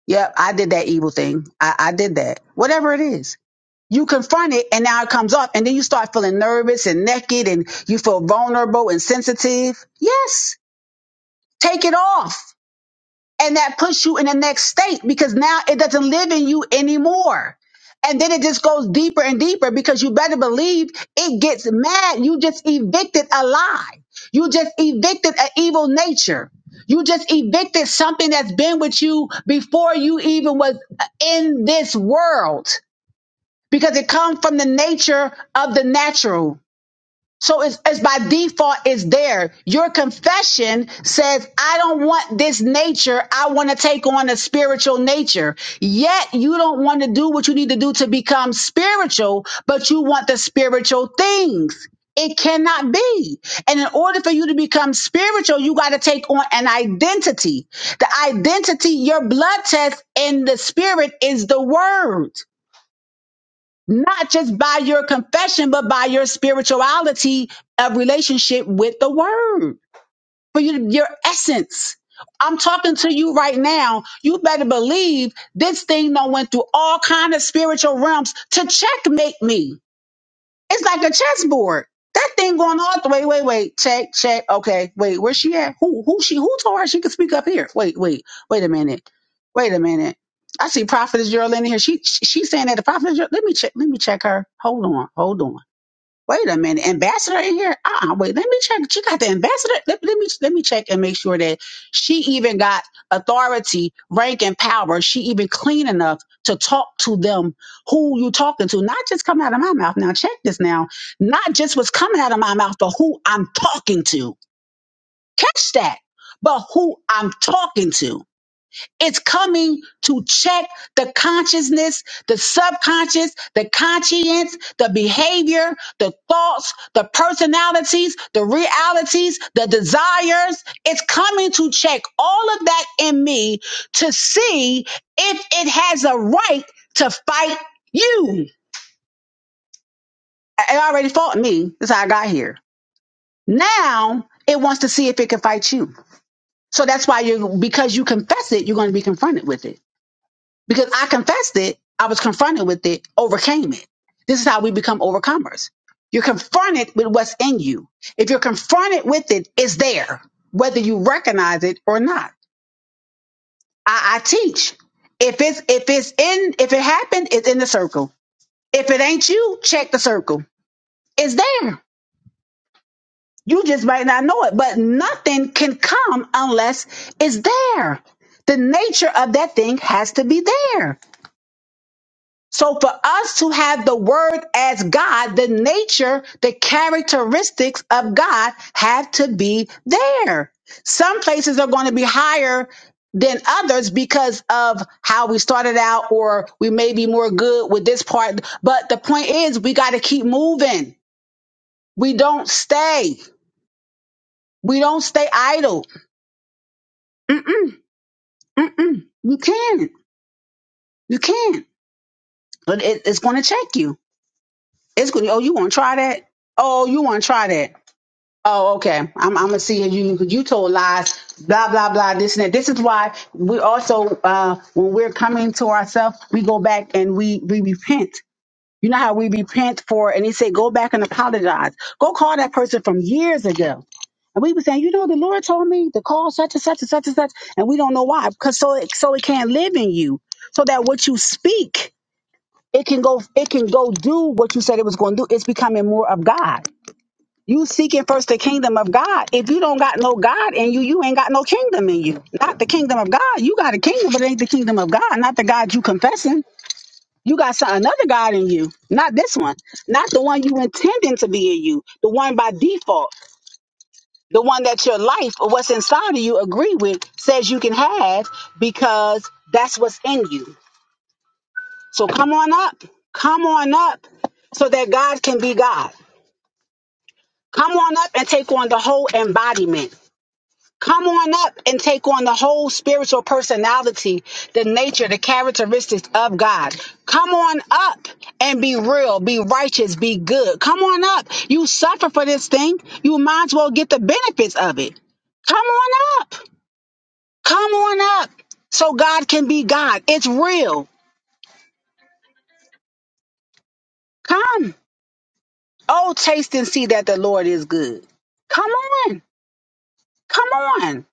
S1: Yep, I did that evil thing. I, I did that. Whatever it is. you confront it and now it comes up and then you start feeling nervous and naked and you feel vulnerable and sensitive. Yes, take it off. And that puts you in the next state because now it doesn't live in you anymore. And then it just goes deeper and deeper because you better believe it gets mad. You just evicted a lie. You just evicted an evil nature. You just evicted something that's been with you before you even was in this world because it comes from the nature of the natural. So it's, it's by default, it's there. Your confession says, I don't want this nature. I want to take on a spiritual nature. Yet you don't want to do what you need to do to become spiritual, but you want the spiritual things. It cannot be. And in order for you to become spiritual, you got to take on an identity. The identity, your blood test in the spirit is the word not just by your confession, but by your spirituality of relationship with the word, for your, your essence. I'm talking to you right now. You better believe this thing done went through all kind of spiritual realms to checkmate me. It's like a chessboard. That thing going all the way. Wait, wait, check, check. Okay, wait, where's she at? Who, who she? Who told her she could speak up here? Wait, wait, wait a minute. Wait a minute. I see Prophetess Geraldine in here. She, she she's saying that the Prophetess. Gerald- Let me check. Let me check her. Hold on. Hold on. Wait a minute, ambassador in here? Uh uh wait, let me check. She got the ambassador. Let, let me let me check and make sure that she even got authority, rank, and power. She even clean enough to talk to them who you talking to, not just coming out of my mouth. Now check this now. Not just what's coming out of my mouth, but who I'm talking to. Catch that. But who I'm talking to. It's coming to check the consciousness, the subconscious, the conscience, the behavior, the thoughts, the personalities, the realities, the desires. It's coming to check all of that in me to see if it has a right to fight you. It already fought me. That's how I got here. Now it wants to see if it can fight you. So that's why you, because you confess it, you're going to be confronted with it. because I confessed it, I was confronted with it, overcame it. This is how we become overcomers. You're confronted with what's in you. If you're confronted with it, it's there, whether you recognize it or not. I, I teach. If it's if it's in if it happened, it's in the circle. If it ain't you, check the circle. It's there. You just might not know it, but nothing can come unless it's there. The nature of that thing has to be there. So for us to have the word as God, the nature, the characteristics of God have to be there. Some places are going to be higher than others because of how we started out or we may be more good with this part. But the point is we got to keep moving. We don't stay. We don't stay idle. Mm-mm, mm-mm. You can You can But it, it's going to check you. It's going to, oh, you want to try that? Oh, you want to try that? Oh, okay. I'm I'm gonna see if you you told lies, blah blah blah, this and that. This is why we also uh when we're coming to ourselves, we go back and we we repent. You know how we repent for and he said, Go back and apologize. Go call that person from years ago. And we were saying, you know, the Lord told me to call such and such and such and such, and we don't know why. Because so it so it can't live in you. So that what you speak, it can go it can go do what you said it was gonna do. It's becoming more of God. You seeking first the kingdom of God. If you don't got no God in you, you ain't got no kingdom in you. Not the kingdom of God. You got a kingdom, but it ain't the kingdom of God. Not the God you confessing. You got some, another God in you. Not this one. Not the one you intending to be in you. The one by default. The one that your life or what's inside of you agree with says you can have because that's what's in you. So come on up. Come on up so that God can be God. Come on up and take on the whole embodiment. Come on up and take on the whole spiritual personality, the nature, the characteristics of God. Come on up and be real, be righteous, be good. Come on up. You suffer for this thing. You might as well get the benefits of it. Come on up. Come on up so God can be God. It's real. Come. Oh, taste and see that the Lord is good. Come on. Come on.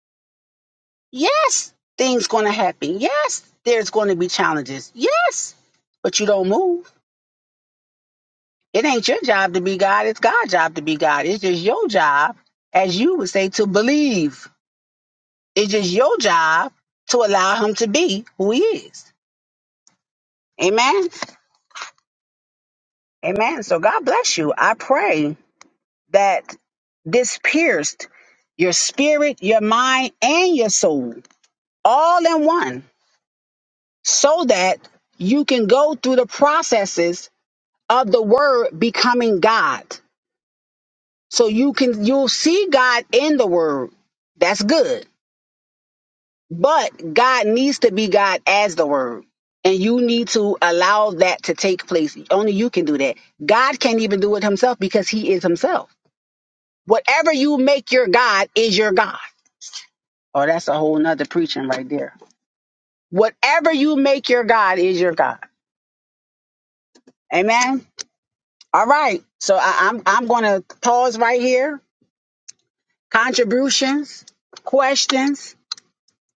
S1: Yes, things going to happen. Yes, there's going to be challenges. Yes, but you don't move. It ain't your job to be God. It's God's job to be God. It's just your job, as you would say, to believe. It's just your job to allow Him to be who He is. Amen. Amen. So God bless you. I pray that this pierced your spirit, your mind, and your soul all in one so that you can go through the processes of the word becoming God. So you can you'll see God in the word. That's good. But God needs to be God as the word. And you need to allow that to take place. Only you can do that. God can't even do it himself because he is himself. Whatever you make your God is your God. Oh, that's a whole nother preaching right there. Whatever you make your God is your God. Amen. All right. So I, I'm I'm gonna pause right here contributions, questions,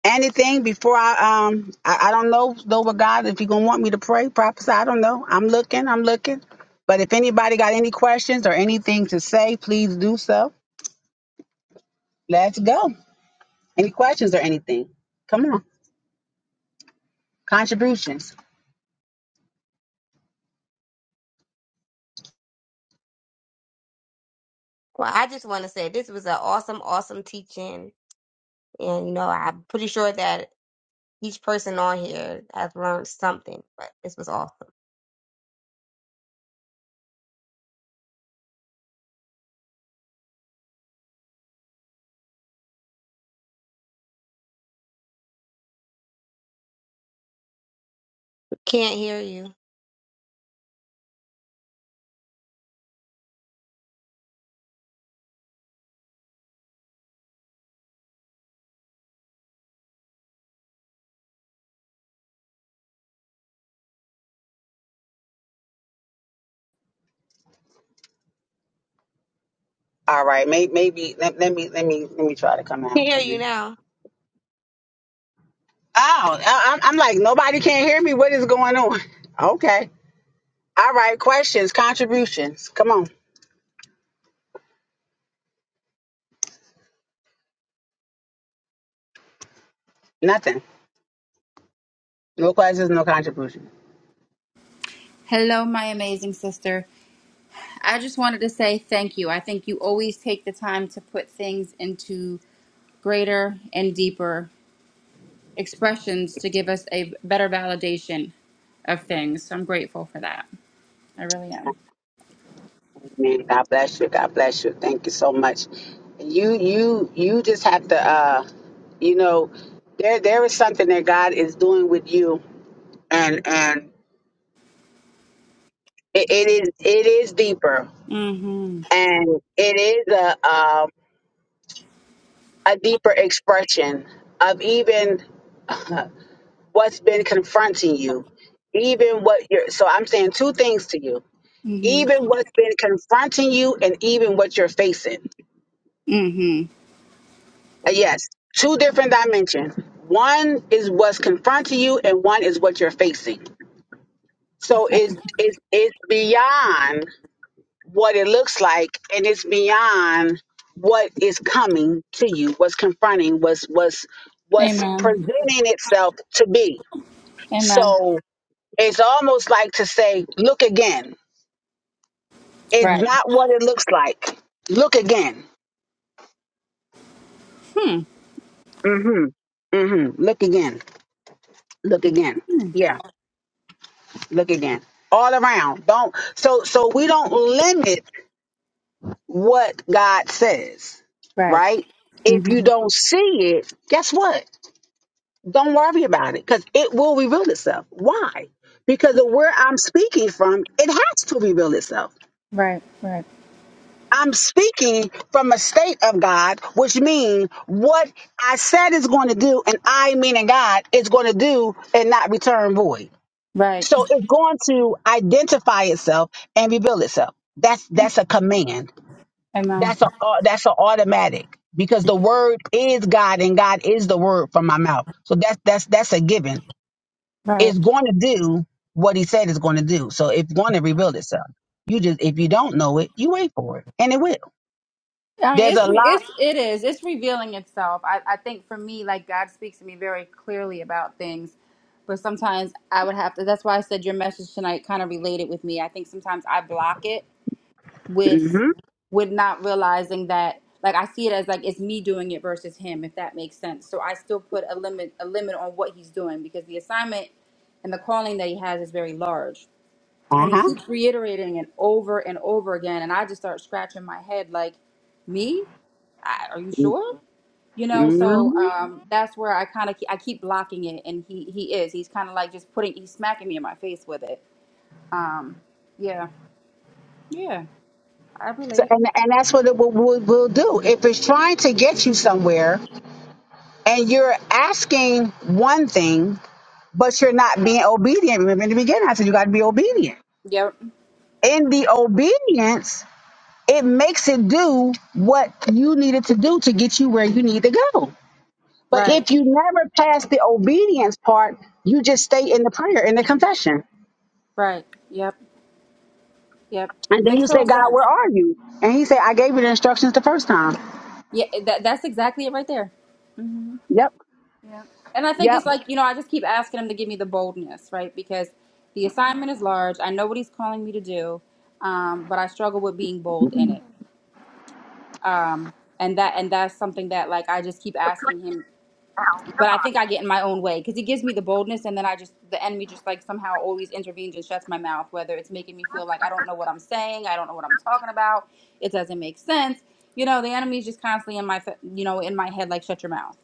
S1: anything before I um I, I don't know though but God if you gonna want me to pray, prophesy, I don't know. I'm looking, I'm looking. But if anybody got any questions or anything to say, please do so. Let's go. Any questions or anything? Come on. Contributions.
S3: Wow. I
S1: All right, may, maybe let, let me let me let me try to come
S3: can
S1: out.
S3: hear
S1: Come
S3: you
S1: in.
S3: now.
S1: Oh, I, I'm I'm like nobody can hear me. What is going on? Okay. All right. Questions, contributions. Come on. Nothing. No questions, no contribution.
S4: Hello, my amazing sister. I just wanted to say thank you. I think you always take the time to put things into greater and deeper expressions to give us a better validation of things. So I'm grateful for that. I really am.
S1: Amen. God bless you. God bless you. Thank you so much. You you you just have to uh you know there there is something that God is doing with you and and it, it is it is deeper
S4: Mhm.
S1: and it is a um a deeper expression of even what's been confronting you. Even what you're so I'm saying two things to you.
S4: Mhm.
S1: Even what's been confronting you and even what you're facing
S4: Mhm.
S1: Uh, Yes, two different dimensions. One is what's confronting you, and one is what you're facing. So it's it's it's beyond what it looks like, and it's beyond what is coming to you, what's confronting, what's what's what's
S4: Amen.
S1: presenting itself to be.
S4: Amen.
S1: So it's almost like to say, look again. It's
S4: Right.
S1: not what it looks like. Look again. Mm-hmm. Mm-hmm. Look again. Look again. Yeah. Look again. All around. Don't so so we don't limit what God says,
S4: Right.
S1: right? If you
S4: Mhm.
S1: don't see it, guess what? Don't worry about it because it will reveal itself. Why? Because of where I'm speaking from, it has to reveal itself.
S4: Right. Right.
S1: I'm speaking from a state of God, which means what I said is going to do, and I, meaning God, is going to do and not return void.
S4: Right.
S1: So it's going to identify itself and reveal itself. That's that's a command.
S4: Amen.
S1: That's a au- that's an automatic because the word is God and God is the word from my mouth. So that's that's that's a given.
S4: Right.
S1: It's going to do what He said it's going to do. So it's going to reveal itself. You just if you don't know it, you wait for it, and it will.
S4: I mean,
S1: There's
S4: it's
S1: a
S4: re-
S1: lot.
S4: it's it is it's revealing itself. I I think for me, like God speaks to me very clearly about things, but sometimes I would have to. That's why I said your message tonight kind of related with me. I think sometimes I block it with
S1: hmm
S4: with not realizing that like I see it as like it's me doing it versus him, if that makes sense. So I still put a limit a limit on what he's doing because the assignment and the calling that he has is very large, and he
S1: Uh-huh.
S4: keeps reiterating it over and over again, and I just start scratching my head like me I, are you sure? You know, so
S1: hmm
S4: um, that's where I kind of I keep blocking it, and he he is he's kind of like just putting he's smacking me in my face with it. Um, yeah, yeah, I
S1: So,
S4: relate.
S1: and and that's what it will, will, will do. If it's trying to get you somewhere, and you're asking one thing, but you're not being obedient. Remember in the beginning, I said you got to be obedient.
S4: Yep,
S1: In the obedience, it makes it do what you needed to do to get you where you need to go. But
S4: right,
S1: if you never pass the obedience part, you just stay in the prayer, in the confession.
S4: right, yep, yep.
S1: And then
S4: Makes
S1: you say,
S4: total
S1: God,
S4: sense.
S1: where are you? And he said, I gave you the instructions the first time.
S4: Yeah, that that's exactly it right there. hmm
S1: Yep,
S4: Yeah, and I think
S1: yep.
S4: it's like you know I just keep asking him to give me the boldness, right? Because the assignment is large. I know what he's calling me to do, um, but I struggle with being bold in it. um and that and that's something that like i just keep asking him but i think i get in my own way because he gives me the boldness and then i just the enemy just like somehow always intervenes and shuts my mouth whether it's making me feel like i don't know what i'm saying i don't know what i'm talking about it doesn't make sense you know the enemy's just constantly in my fa- you know in my head like shut your mouth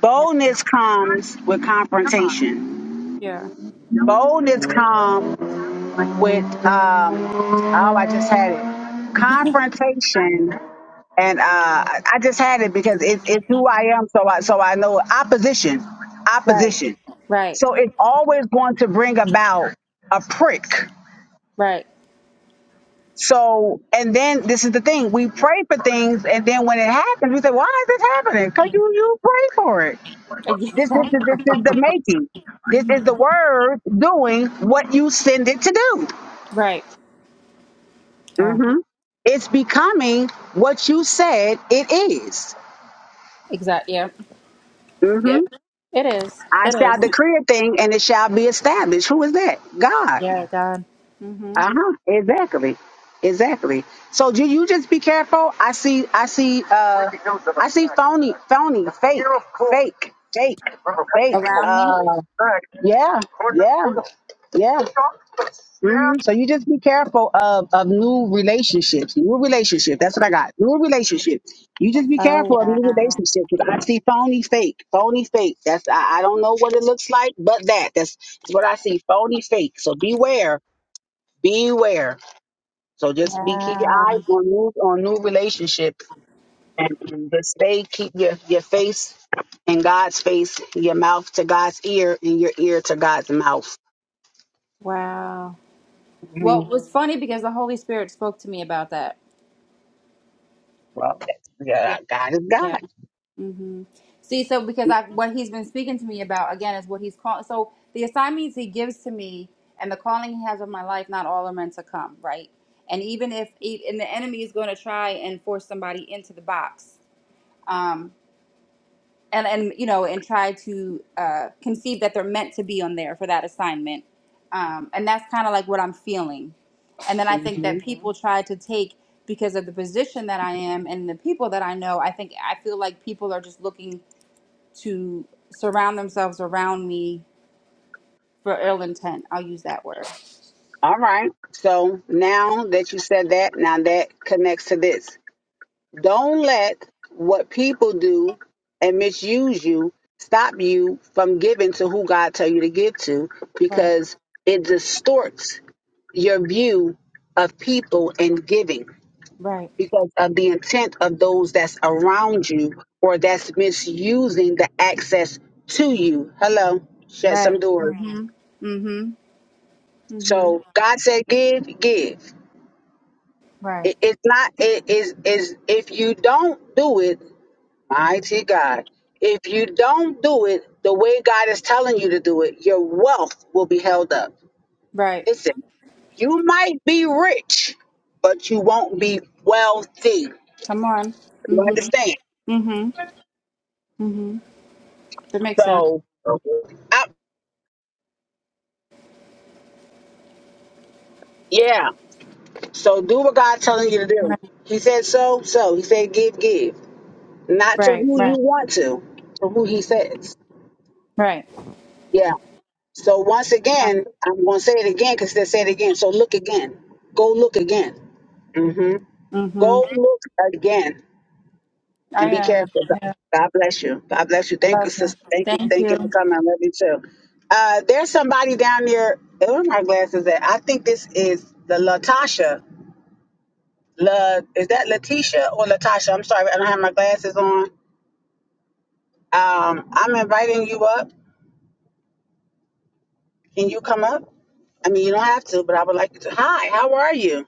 S1: Boldness comes with confrontation.
S4: yeah yeah
S1: Boldness comes like, with um oh I just had it confrontation and uh I just had it because it, it's who I am so I so I know opposition
S4: right
S1: opposition
S4: right
S1: so it's always going to bring about a prick
S4: right
S1: so and then this is the thing we pray for things and then when it happens we say why is this happening because you you pray for it
S4: I get
S1: this this
S4: that.
S1: is this is the making this is the word doing what you send it to do
S4: right yeah
S1: hmm It's becoming what you said it
S4: exactly yeah Yeah.
S1: Mm-hmm.
S4: it is
S1: I
S4: it
S1: shall
S4: is
S1: decree a thing and it shall be established. Who is that? God.
S4: yeah god hmm
S1: Uh huh. Exactly. Exactly. So you you just be careful. I see I see uh I see phony phony fake fake fake fake.
S4: around me
S1: Uh yeah yeah yeah. Mhm. So you just be careful of of new relationships, new relationship. That's what I got. New relationship. You just be
S4: Oh
S1: careful of new relationships. 'cause I see phony, fake, phony, fake. That's I, I don't know what it looks like, but that that's, that's what I see. Phony, fake. So beware, beware. So just be keep your
S4: Wow.
S1: eyes on new on new relationship and, and just stay keep your your face in God's face, your mouth to God's ear, and your ear to God's mouth.
S4: Wow. Well,
S1: Mhm.
S4: it was funny because the Holy Spirit spoke to me about that.
S1: Well, that's,
S4: Yeah.
S1: yeah, God is God.
S4: Yeah. hmm See, so because I what he's been speaking to me about again is what he's calling. So the assignments he gives to me and the calling he has on my life, not all are meant to come, right? And even if e- and the enemy is going to try and force somebody into the box, um, and and you know and try to uh, conceive that they're meant to be on there for that assignment um, and that's kind of like what i'm feeling and then i think that
S1: Mhm.
S4: hmm people try to take because of the position that i am and the people that i know i think i feel like people are just looking to surround themselves around me for ill intent i'll use that word
S1: All right. So now that you said that, now that connects to this. Don't let what people do and misuse you stop you from giving to who God tell you to give to
S4: Right,
S1: because it distorts your view of people and giving
S4: right.
S1: because of the intent of those that's around you or that's misusing the access to you. Hello. Shut
S4: right
S1: some doors.
S4: hmm hmm hmm
S1: So God said, "Give, give."
S4: right
S1: It, it's not. It is is if you don't do it, mighty God. If you don't do it the way God is telling you to do it, your wealth will be held up.
S4: right
S1: Listen, you might be rich, but you won't be wealthy.
S4: come on
S1: You
S4: hmm
S1: understand?
S4: hmm hmm that makes sense
S1: So, I, yeah. So do what God's telling you to do. He said so, so. He said give, give. Not to
S4: right
S1: who
S4: right
S1: you want to, to who He says.
S4: Right.
S1: Yeah. So once again, I'm going to say it again because they say it again. So look again. Go look again. hmm
S4: Mm-hmm.
S1: Go look again
S4: I
S1: and be
S4: am.
S1: careful. God
S4: Yeah.
S1: God bless you. God bless you.
S4: I
S1: Thank
S4: love
S1: you,
S4: you.
S1: sister. Thank you.
S4: Thank
S1: Thank
S4: you.
S1: you for coming. I love you too. Uh, there's somebody down there. Where are my glasses at? I think this is the Latasha. La, is that Letitia or Latasha? I'm sorry. I don't have my glasses on. Um, I'm inviting you up. Can you come up? I mean, you don't have to, but I would like you to. Hi, how are you?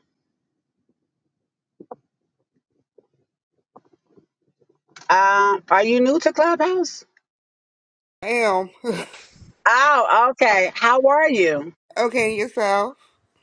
S1: Um, are you new to Clubhouse?
S5: Damn.
S1: Oh, okay. How are you?
S5: okay, yourself.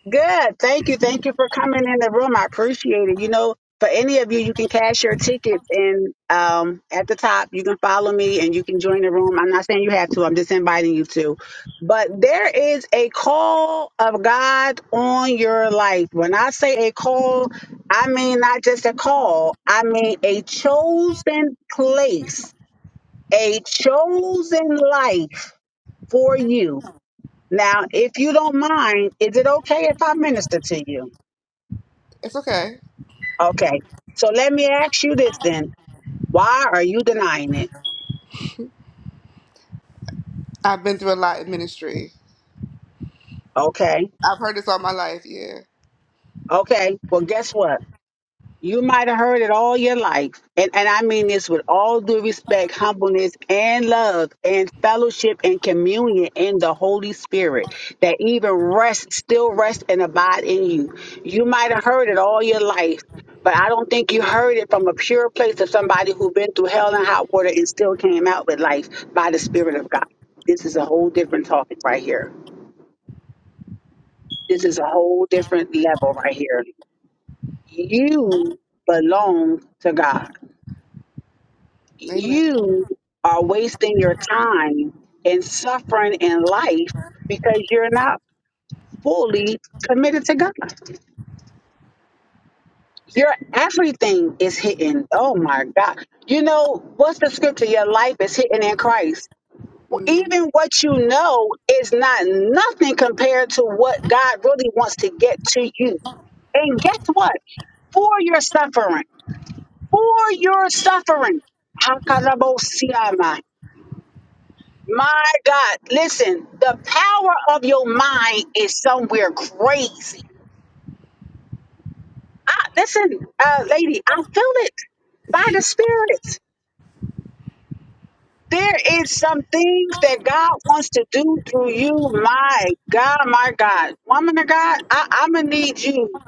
S1: Good. Thank you. Thank you for coming in the room. I appreciate it. You know, for any of you, you can cash your tickets and um at the top you can follow me and you can join the room. I'm not saying you have to, I'm just inviting you to. But there is a call of God on your life. When I say a call, I mean not just a call, I mean a chosen place, a chosen life for you. Now, if you don't mind, is it okay if I minister to you?
S5: It's okay.
S1: Okay. So let me ask you this then. Why are you denying it?
S5: I've been through a lot in ministry.
S1: Okay.
S5: I've heard this all my life. Yeah.
S1: Okay. Well, guess what? You might have heard it all your life. And, and I mean this with all due respect, humbleness, and love, and fellowship and communion in the Holy Spirit that even rest, still rest and abide in you. You might have heard it all your life, but I don't think you heard it from a pure place of somebody who's been through hell and hot water and still came out with life by the Spirit of God. This is a whole different topic right here. This
S5: hmm
S1: is a whole different level right here. You belong to God.
S5: Amen.
S1: you are wasting your time and suffering in life because you're not fully committed to God. Your everything is hidden. Oh my God. You know, what's the scripture? Your life is hidden in Christ.
S5: hmm
S1: Even what you know is not nothing compared to what God really wants to get to you. And guess what? For your suffering, for your suffering, My God, listen, the power of your mind is somewhere crazy. I, listen, uh, lady, I feel it by the Spirit. There is some things that God wants to do through you. My God, my God. Woman of God, I, I'm going to need you.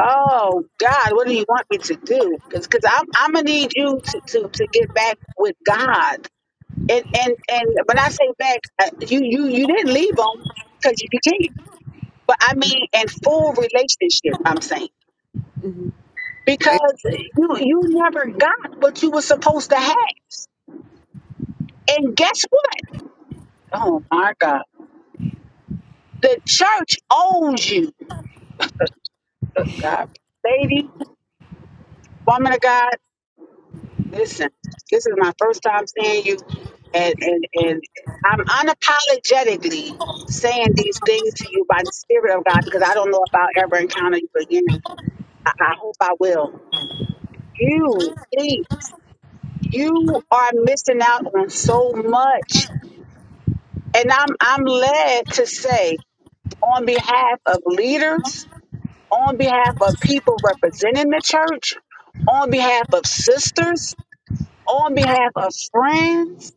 S1: Oh, God, what do you want me to do? Because I'm, I'm going to need you to, to, to get back with God. And, and and when I say back, uh, you you you didn't leave him because you can't. But I mean, in full relationship, I'm saying
S5: hmm
S1: because you you never got what you were supposed to have. And guess what? Oh my God, the church owns you. Look, God, lady, woman of God, listen. This is my first time seeing you, and and and I'm unapologetically saying these things to you by the Spirit of God because I don't know if I'll ever encounter you again. I, I hope I will. You, please. You are missing out on so much. And I'm I'm led to say on behalf of leaders, on behalf of people representing the church, on behalf of sisters, on behalf of friends,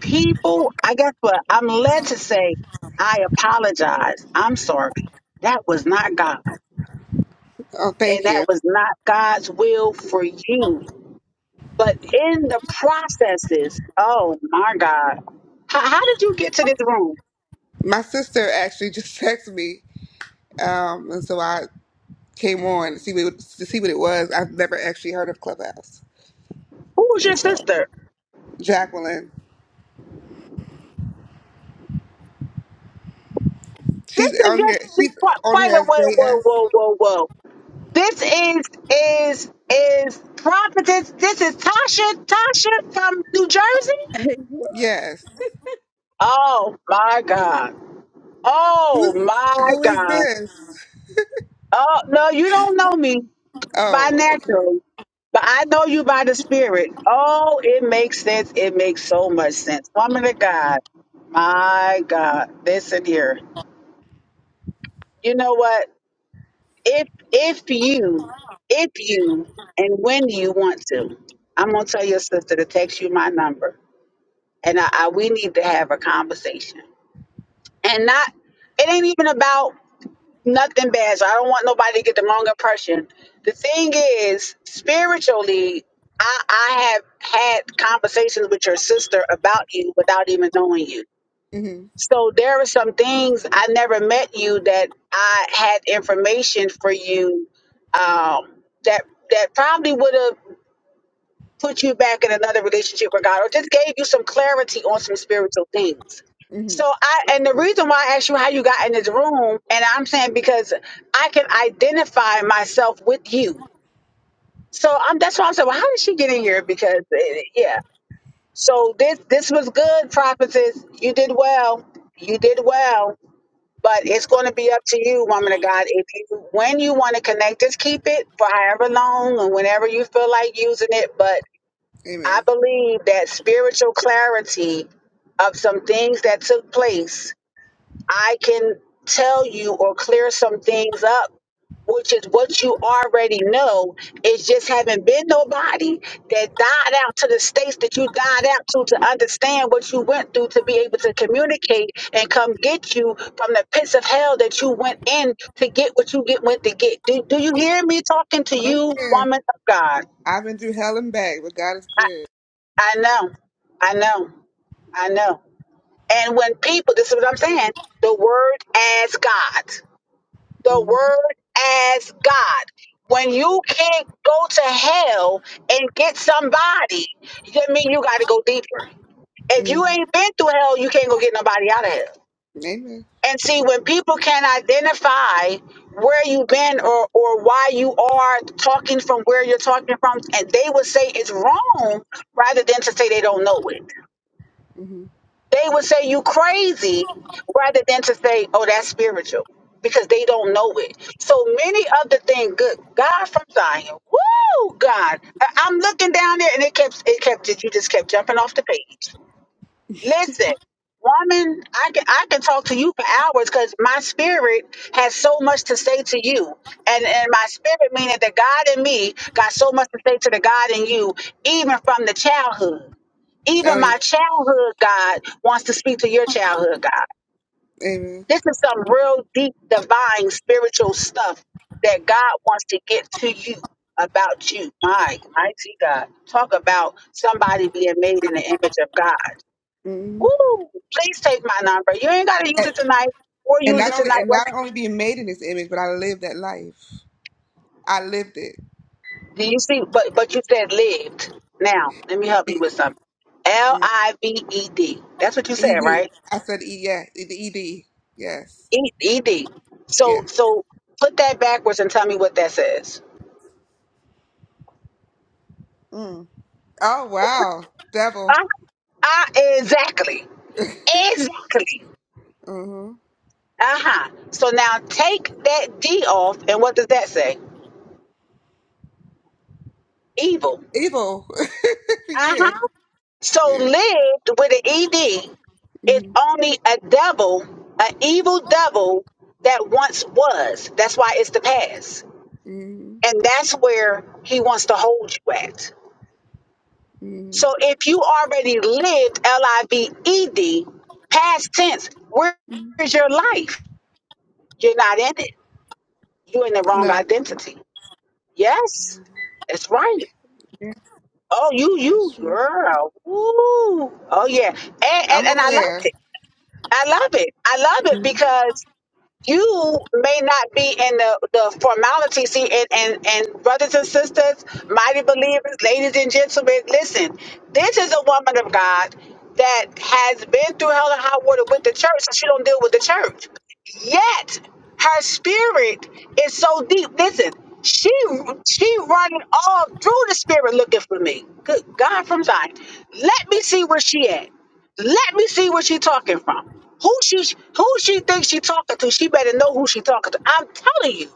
S1: people, I guess what I'm led to say, I apologize. I'm sorry. That was not God.
S5: Oh,
S1: And
S5: thank
S1: that
S5: you.
S1: was not God's will for you But in the processes, oh my God. How, how did you get to this room?
S5: My sister actually just texted me, um, and so I came on to see what to see what it was. I've never actually heard of Clubhouse,
S1: Who was your
S5: and so
S1: sister?
S5: Jacqueline,
S1: This
S5: she's
S1: is your
S5: on here.
S1: this-
S5: She's
S1: Wait,
S5: on
S1: wait
S5: here
S1: a
S5: as
S1: whoa, whoa,
S5: JS.
S1: whoa, whoa, whoa. This is is is prophetess. This is Tasha Tasha from New Jersey.
S5: Yes.
S1: Oh my God. Oh
S5: Who's
S1: my
S5: who is
S1: God.
S5: this?
S1: Oh no, you don't know me. by
S5: Oh, okay.
S1: natural, but I know you by the spirit. Oh, it makes sense. It makes so much sense. Woman of God, my God, listen here. You know what? If if you, if you, and when you want to, I'm gonna tell your sister to text you my number, and I, I we need to have a conversation, and not. It ain't even about nothing bad. So I don't want nobody to get the wrong impression. The thing is, spiritually, I, I have had conversations with your sister about you without even knowing you.
S5: hmm
S1: So there are some things I never met you that I had information for you um, that that probably would have put you back in another relationship with God or just gave you some clarity on some spiritual things.
S5: hmm
S1: So I and the reason why I asked you how you got in this room, and I'm saying because I can identify myself with you. So I'm that's why I'm saying, well, how did she get in here? Because eh, yeah. So this this was good, prophetess. You did well. You did well. But it's going to be up to you, woman of God. If you when you want to connect, just keep it for however long and whenever you feel like using it. But I
S5: Amen.
S1: believe that spiritual clarity of some things that took place, I can tell you or clear some things up, which is what you already know. It just haven't been nobody that died out to the states that you died out to to understand what you went through to be able to communicate and come get you from the pits of hell that you went in to get what you get went to get. Do, do you hear me talking to
S5: Oh,
S1: you,
S5: yeah.
S1: woman of God?
S5: I've been through hell and back, but God is
S1: I,
S5: good.
S1: I know. I know. I know. And when people, this is what I'm saying, the word as God, the
S5: hmm
S1: word as God. When you can't go to hell and get somebody, that mean you got to go deeper. If
S5: hmm
S1: you ain't been through hell, you can't go get nobody out of hell.
S5: Amen.
S1: And see, when people can identify where you've been or, or why you are talking from where you're talking from, and they would say it's wrong rather than to say they don't know it.
S5: hmm
S1: They would say you crazy rather than to say, oh, that's spiritual because they don't know it. So many of the things, good God from Zion, woo, God. I- I'm looking down there and it kept, it kept, you just kept jumping off the page. Listen, woman, I can, I can talk to you for hours because my spirit has so much to say to you. And, and my spirit meaning the God in me got so much to say to the God in you, even from the childhood.
S5: Oh,
S1: Even
S5: yeah.
S1: my childhood God wants to speak to your childhood God.
S5: amen.
S1: This is some real deep, divine, spiritual stuff that God wants to get to you about you. My mighty God. Talk about somebody being made in the image of God.
S5: hmm
S1: Woo! Please take my number. You ain't gotta use
S5: And,
S1: it tonight or
S5: and
S1: use
S5: not
S1: it
S5: only
S1: tonight.
S5: and
S1: When
S5: not only being made in His image, but I lived that life. I lived it.
S1: Do you see? But but you said lived. Now, let me help you
S5: Be-
S1: with something. L
S5: mm.
S1: I V E D. That's what you said,
S5: Ed.
S1: right?
S5: I said E. Yeah. The Ed. Yes.
S1: E- ED. So
S5: Yes.
S1: so put that backwards and tell me what that says.
S5: Mm. Oh
S1: Uh,
S5: wow. Devil.
S1: uh, exactly. Exactly.
S5: hmm
S1: Uh huh. So now take that D off, and what does that say? Evil.
S5: Evil.
S1: Uh
S5: yeah.
S1: huh. So
S5: Yeah.
S1: lived with an ED is
S5: hmm
S1: only a double, an evil double that once was. That's why it's the past.
S5: hmm
S1: And that's where he wants to hold you at.
S5: hmm
S1: So if you already lived L I V E D, past tense, where is your life? You're not in it. You're in the wrong
S5: No.
S1: identity. Yes, that's right.
S5: Yeah.
S1: Oh, you,
S5: That's
S1: you,
S5: true.
S1: girl. Ooh. Oh, yeah. And, and,
S5: I'm
S1: and I love
S5: aware.
S1: it. I love it. I love it
S5: Mhm.
S1: because you may not be in the, the formality. See, and, and, and brothers and sisters, mighty believers, ladies and gentlemen, listen, this is a woman of God that has been through hell and high water with the church, so she don't deal with the church. Yet her spirit is so deep. Listen, she she running all through the spirit looking for me. Good God from Zion. Let me see where she at. Let me see where she talking from. Who she who she thinks she talking to? She better know who she talking to. I'm telling you.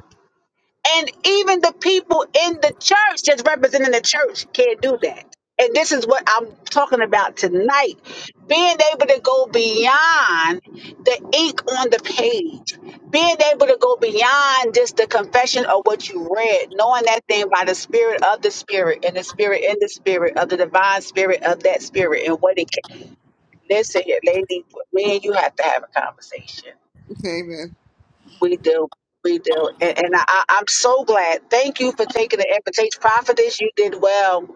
S1: And even the people in the church that's representing the church can't do that. And this is what I'm talking about tonight. Being able to go beyond the ink on the page. Being able to go beyond just the confession of what you read, knowing that thing by the spirit of the spirit and the spirit in the spirit of the divine spirit of that spirit and what it Listen here, lady, me and you have to have a conversation.
S5: Amen.
S1: We do. We do. And, and I, I- I'm so glad. Thank you for taking the invitation. Prophetess, you did well.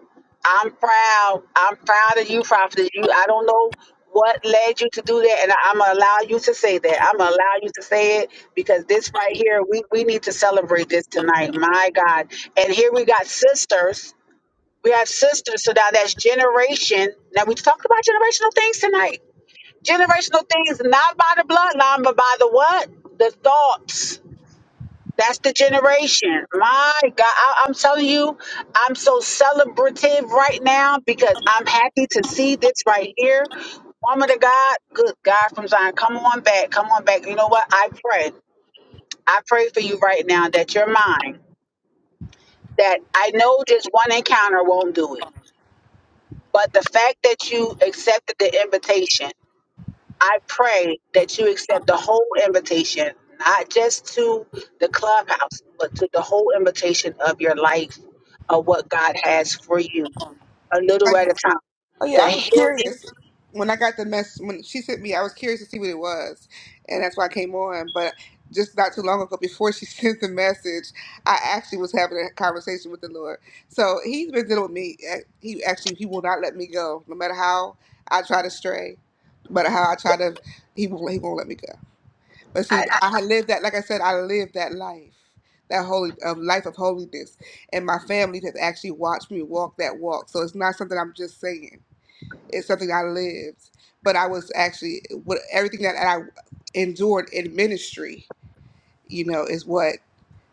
S1: I'm proud. I'm proud of you, Prophetess. You, I don't know what led you to do that, and I'm going to allow you to say that. I'm going to allow you to say it because this right here, we, we need to celebrate this tonight. My God. And here we got sisters. We have sisters. So now that's generation. Now we talked about generational things tonight Generational things, not by the bloodline, but by the what? The thoughts. That's the generation. My God, I, I'm telling you, I'm so celebrative right now because I'm happy to see this right here. Woman of God, good God from Zion, come on back, come on back. You know what? I pray. I pray for you right now that you're mine. That I know just one encounter won't do it. But the fact that you accepted the invitation I pray that you accept the whole invitation, not just to the clubhouse, but to the whole invitation of your life, of what God has for you, a little
S5: Like,
S1: at a time.
S5: Oh yeah,
S1: The
S5: I was
S1: healing,
S5: curious when I got the mess when she sent me. I was curious to see what it was, and that's why I came on. But just not too long ago, before she sent the message, I actually was having a conversation with the Lord. So He's been dealing with me. Uh, He actually He will not let me go, no matter how I try to stray, no matter how I try to. He won't. He won't let me go. But see, I had lived that. Like I said, I lived that life, that holy um, life of holiness, and my family has actually watched me walk that walk. So it's not something I'm just saying it's something I lived, but I was actually what everything that I endured in ministry, you know, is what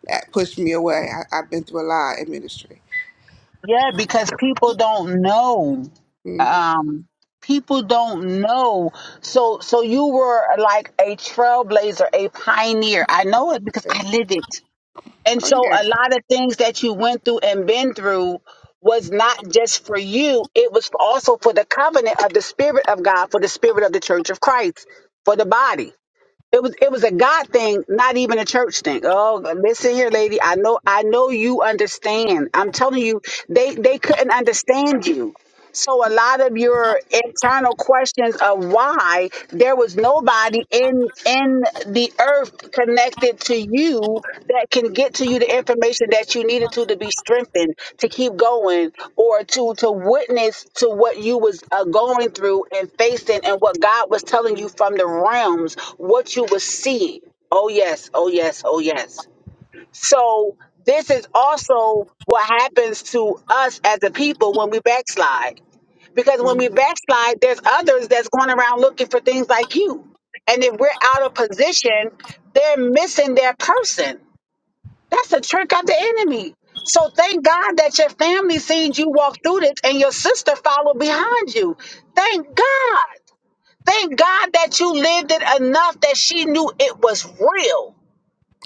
S5: that pushed me away. I, I've been through a lot in ministry.
S1: yeah, because people don't know.
S5: Mm,
S1: Um, people don't know. So, so you were like a trailblazer, a pioneer. I know it because
S5: yeah.
S1: I lived it. And
S5: Oh
S1: so
S5: yeah.
S1: a lot of things that you went through and been through was not just for you, it was also for the covenant of the spirit of God, for the spirit of the church of Christ, for the body. It was it was a God thing, not even a church thing. Oh, listen here, lady. I know I know you understand. I'm telling you, they they couldn't understand you. So a lot of your internal questions of why there was nobody in in the earth connected to you that can get to you the information that you needed to to be strengthened to keep going or to to witness to what you was uh, going through and facing and what God was telling you from the realms what you was seeing. Oh yes, oh yes, oh yes. So this is also what happens to us as a people when we backslide because when we
S5: Mm.
S1: backslide, there's others that's going around looking for things like you. And if we're out of position, they're missing their person. That's a trick of the enemy. So thank God that your family sees you walk through this and your sister followed behind you. Thank God. Thank God that you lived it enough that she knew it was real.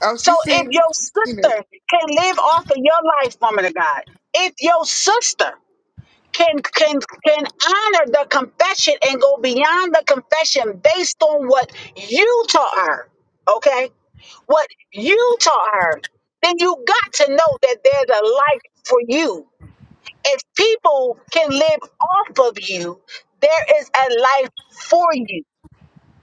S5: Oh,
S1: So
S5: she's
S1: if
S5: seen,
S1: your
S5: seen it.
S1: sister can live off of your life, woman of God, if your sister can can can honor the confession and go beyond the confession based on what you taught her okay what you taught her then you got to know that there's a life for you if people can live off of you there is a life for you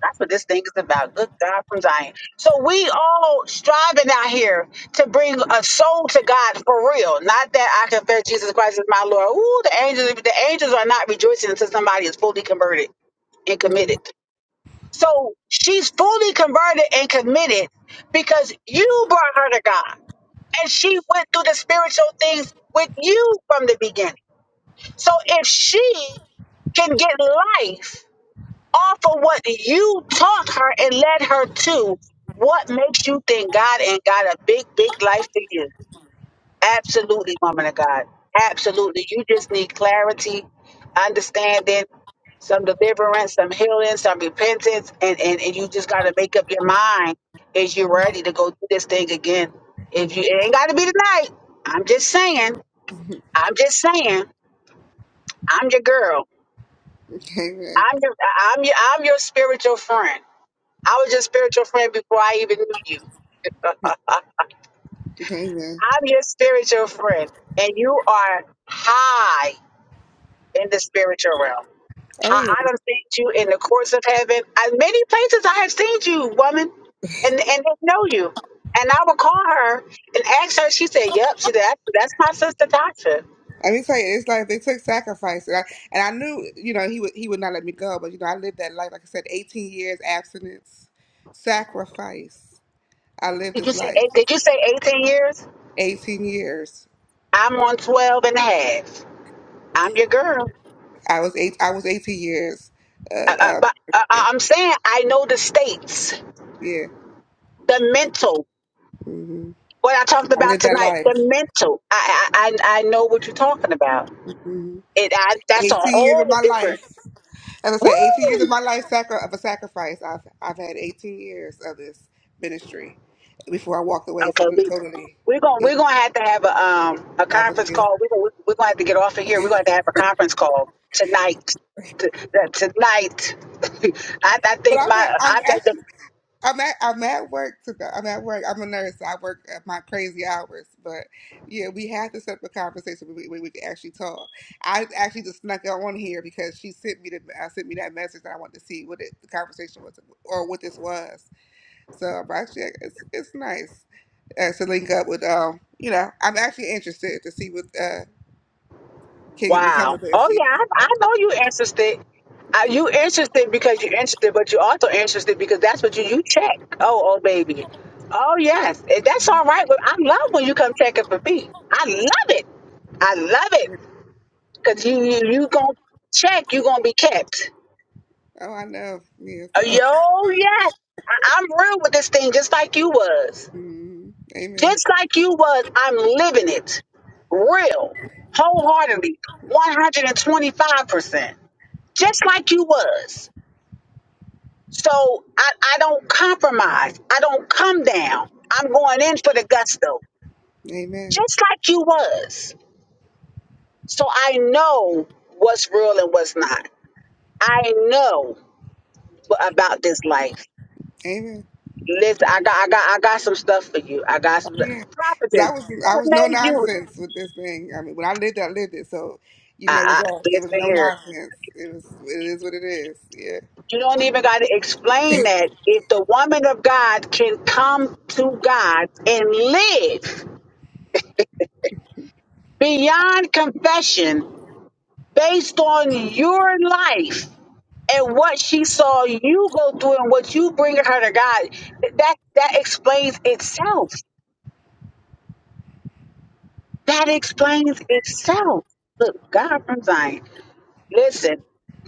S1: that's what this thing is about. Good God from Zion. So we all striving out here to bring a soul to God for real. Not that I confess Jesus Christ as my Lord. Ooh, the angels, the angels are not rejoicing until somebody is fully converted and
S5: Mm.
S1: committed. So she's fully converted and committed because you brought her to God. And she went through the spiritual things with you from the beginning. So if she can get life off of what you taught her and led her to. What makes you think God ain't got a big, big life for you? Absolutely, woman of God. Absolutely. You just need clarity, understanding, some deliverance, some healing, some repentance, and, and, and you just gotta make up your mind is you ready to go through this thing again. If you it ain't gotta be tonight. I'm just saying, I'm just saying, I'm your girl.
S5: Amen.
S1: I'm your I'm your I'm your spiritual friend. I was your spiritual friend before I even knew you. I'm
S5: Amen.
S1: your spiritual friend, and you are high in the spiritual realm.
S5: Oh
S1: I,
S5: yeah.
S1: I don't see you in the courts of heaven. I, many places I have seen you, woman, and and they know you. And I would call her and ask her. She said, "Yep." She said, "That's that's my sister, Tasha."
S5: I mean, tell you, it's like they took sacrifice, and I and I knew, you know, he would he would not let me go. But you know, I lived that life. Like I said, eighteen years abstinence, sacrifice. I lived
S1: Did you
S5: this
S1: say?
S5: life,
S1: eight- Did you say 18 years?
S5: eighteen years.
S1: I'm on 12 and a half. I'm your girl.
S5: I was eight. I was eighteen years. Uh,
S1: Uh, uh,
S5: uh,
S1: but uh, uh, I'm saying I know the states,
S5: yeah,
S1: the mental.
S5: hmm
S1: What I talked
S5: I
S1: about
S5: lived that
S1: tonight, the
S5: life.
S1: mental. I I I I know what you're talking about.
S5: hmm
S1: It I, that's a
S5: Eighteen years of
S1: whole
S5: my
S1: different.
S5: life. As I said, eighteen years of
S1: Woo.
S5: my life sacri- of a sacrifice. I've I've had eighteen years of this ministry before I walked away
S1: Okay,
S5: from it
S1: we
S5: totally.
S1: we're gonna we're gonna have to have a um a
S5: I was-
S1: conference
S5: yeah.
S1: call. We're gonna we're gonna have to get off of here. We're gonna have to have a conference call tonight. T- t- tonight, I, I
S5: But
S1: think
S5: i am
S1: my I
S5: I'm
S1: think the
S5: I'm at I'm at work today. I'm at work. I'm a nurse. I work at my crazy hours, but yeah, we had to set up a conversation where we, where we could actually talk. I actually just snuck her on here because she sent me the uh, sent me that message and I wanted to see what it, the conversation was or what this was. So but actually, it's it's nice uh, to link up with um. You know, I'm actually interested to see what uh can become
S1: Wow.
S5: of this.
S1: Oh yeah, I, I know you interested. Uh,
S5: Yeah.
S1: you interested because you're interested, but you also interested because that's what you you check. Oh, oh baby. Oh yes, Eh, that's all right. But I love when you come checking for me. I love it. I love it because you you you gonna check. You gonna be kept.
S5: Oh, I know. Yeah.
S1: Uh,
S5: So,
S1: Yo yes, I, I'm real with this thing, just like you was.
S5: mm, amen.
S1: Just like you was. I'm living it, real, wholeheartedly, 125%. just like you was. So I, I don't compromise. I don't come down. I'm going in for the gusto,
S5: Amen.
S1: just like you was. So I know what's real and what's not. I know wha- about this life.
S5: Amen.
S1: Listen, I got, I got, I got some stuff for you. I got some
S5: 'Cause I
S1: properties.
S5: was
S1: What
S5: I was no
S1: made you?
S5: nonsense with this thing. I mean, when I lived it, I lived it. So, you know, it was
S1: I, I,
S5: all it was
S1: listen
S5: no
S1: here.
S5: nonsense. It was it is what it is. Yeah.
S1: You don't even got to explain that. If the woman of God can come to God and live beyond confession based on your life and what she saw you go through and what you bring her to God, that that explains itself. That explains itself. Look, God from Zion. Listen,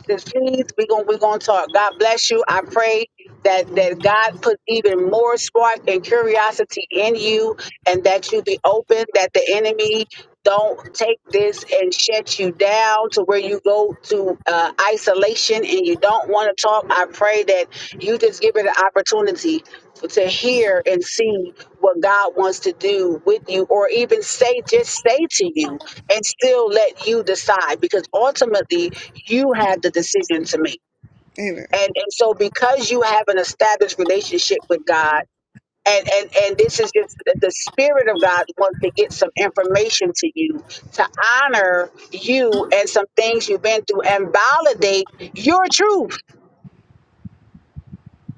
S1: sis, please, we're gonna we're gonna talk. God bless you. I pray that that God put even more spark and curiosity in you and that you be open, that the enemy don't take this and shut you down to where you go to uh, isolation and you don't want to talk. I pray that you just give it an opportunity to hear and see what God wants to do with you, or even say, just say to you, and still let you decide because ultimately you have the decision to make.
S5: Amen.
S1: And and so because you have an established relationship with God, and and and this is just the the spirit of God wants to get some information to you to honor you and some things you've been through and validate your truth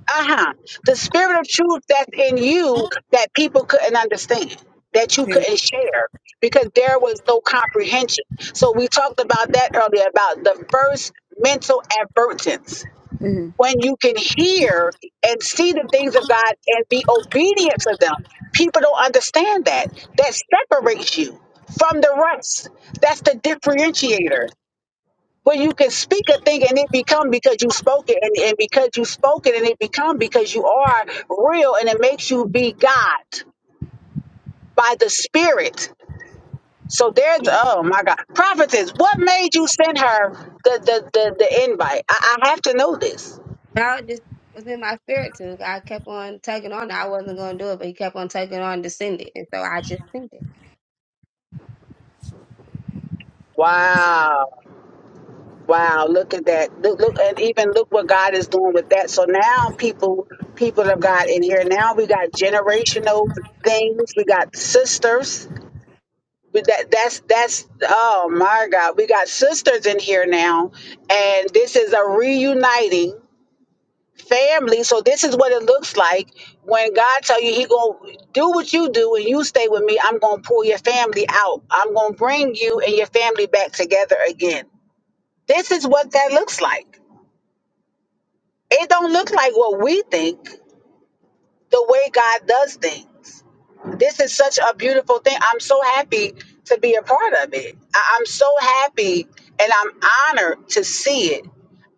S1: uh-huh the spirit of truth that's in you that people couldn't understand that you couldn't
S5: Amen.
S1: share because there was no comprehension so we talked about that earlier about the first mental advertence
S5: hmm
S1: when you can hear and see the things of god and be obedient to them people don't understand that that separates you from the rest that's the differentiator well, you can speak a thing and it become because you spoke it, and, and because you spoke it and it become because you are real, and it makes you be God by the Spirit. So there's oh my God, prophetess, what made you send her the the the, the invite? I, I have to know this.
S3: God just was in my spirit to. God kept on taking on. I wasn't going to do it, but he kept on taking on to send it. And so I just sent it.
S1: Wow, wow! Look at that. Look, look, and even look what God is doing with that. So now people, people of God in here. Now we got generational things. We got sisters But that that's that's oh my god we got sisters in here now and this is a reuniting family so this is what it looks like when god tell you he gonna do what you do and you stay with me i'm gonna pull your family out i'm gonna bring you and your family back together again this is what that looks like it don't look like what we think the way god does things this is such a beautiful thing. I'm so happy to be a part of it. I- I'm so happy and I'm honored to see it.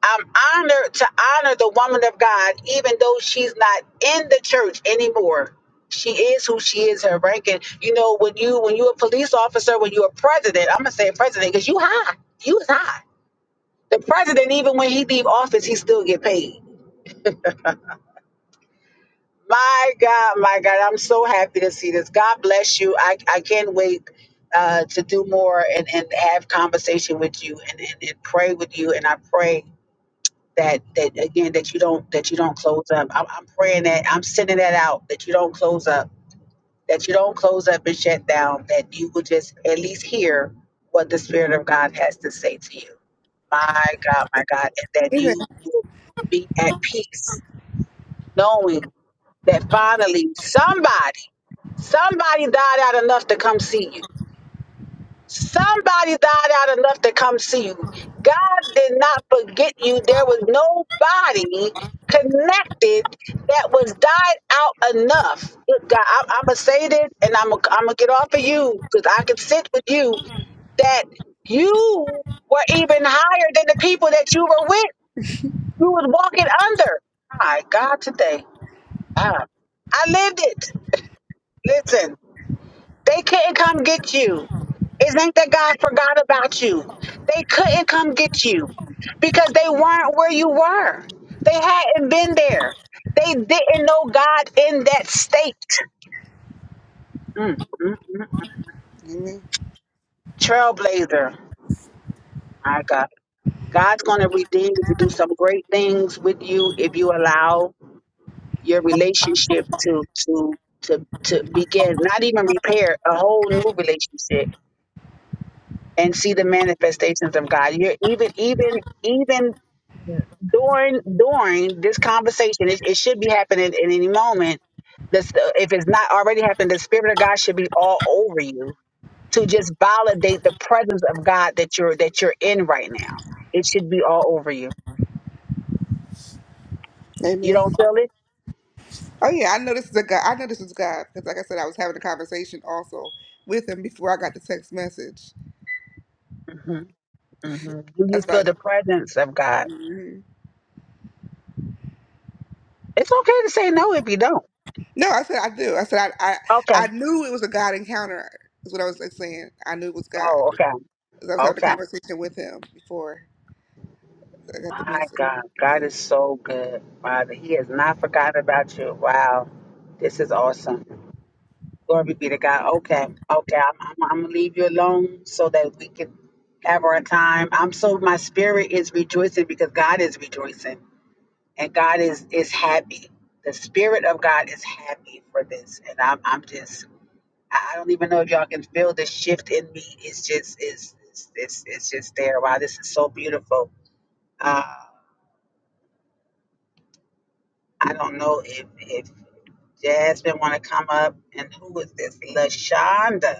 S1: I'm honored to honor the woman of God, even though she's not in the church anymore. She is who she is, her rank. And you know, when you when you're a police officer, when you're a president, I'm gonna say president because you high. You was high. The president, even when he leave office, he still get paid. My God, my God, I'm so happy to see this. God bless you. I, I can't wait uh, to do more and, and have conversation with you and, and, and pray with you. And I pray that that again that you don't that you don't close up. I'm, I'm praying that I'm sending that out that you don't close up, that you don't close up and shut down. That you will just at least hear what the Spirit of God has to say to you. My God, my God, and that you
S5: Amen.
S1: will be at peace knowing that finally somebody Somebody died out enough to come see you. Somebody died out enough to come see you. God did not forget you. There was nobody connected that was died out enough. Good God, I, I'm gonna say this, and I'm gonna I'm gonna get off of you because I can sit with you that you were even higher than the people that you were with. You was walking under. My God, today, Ah, I lived it. Listen. They couldn't come get you. Isn't that God forgot about you? They couldn't come get you because they weren't where you were. They hadn't been there. They didn't know God in that state. Mm, mm, mm.
S5: Amen.
S1: Trailblazer, my God. God's going to redeem you to do some great things with you if you allow your relationship to to to to begin. Not even repair a whole new relationship and see the manifestations of God. You're even even even during during this conversation, it, it should be happening in any moment. This, if it's not already happened, the Spirit of God should be all over you to just validate the presence of God that you're that you're in right now. It should be all over you. You
S5: Amen.
S1: don't feel it?
S5: Oh yeah, I know this is a God. I know this is God because, like I said, I was having a conversation also with him before I got the text message.
S1: hmm hmm Do you
S5: That's
S1: feel
S5: why.
S1: the presence of God?
S5: Mhm.
S1: It's okay to say no if you don't.
S5: No, I said I do. I said I, I
S1: Okay.
S5: I knew it was a God encounter. Is what I was like, saying. I knew it was God.
S1: Oh,
S5: Cause
S1: okay.
S5: I was having a
S1: Okay.
S5: conversation with him before I got the
S1: My
S5: message.
S1: God,
S5: Yeah.
S1: God is so good, Father. He has not forgotten about you. Wow, this is awesome. Glory be to God. Okay, okay. I'm, I'm, I'm gonna leave you alone so that we can have our time. I'm so my spirit is rejoicing because God is rejoicing and God is is happy. The spirit of God is happy for this, and I'm I'm just I I don't even know if y'all can feel the shift in me. It's just it's it's it's, it's just there. Wow, this is so beautiful. Uh, I don't know if if Jasmine want to come up and who is this? Lashonda.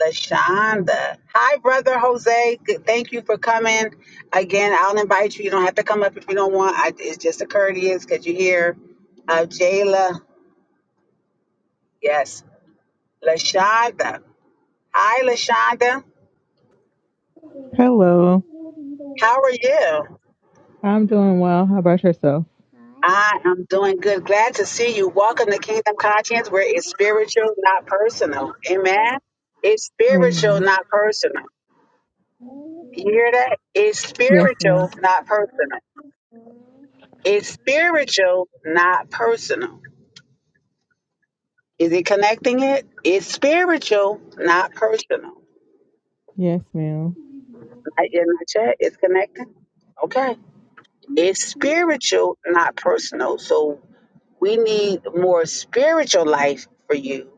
S1: Lashonda. Hi, brother Jose. Good, thank you for coming. Again, I'll invite you. You don't have to come up if you don't want. I, it's just a courteous because you're here. Uh, Jayla. Yes. Lashonda. Hi, Lashonda.
S6: Hello.
S1: How are you?
S6: I'm doing well. How about yourself?
S1: I am doing good. Glad to see you. Welcome to Kingdom Conscience, where it's spiritual, not personal. Amen. It's spiritual,
S6: Amen.
S1: not personal. You hear that? It's
S6: Yes, ma'am.
S1: spiritual, not personal. It's spiritual, not personal. Is it connecting it? It's spiritual, not personal.
S6: Yes, ma'am.
S1: I in my chat, it's connecting. Okay. It's spiritual, not personal. So we need more spiritual life for you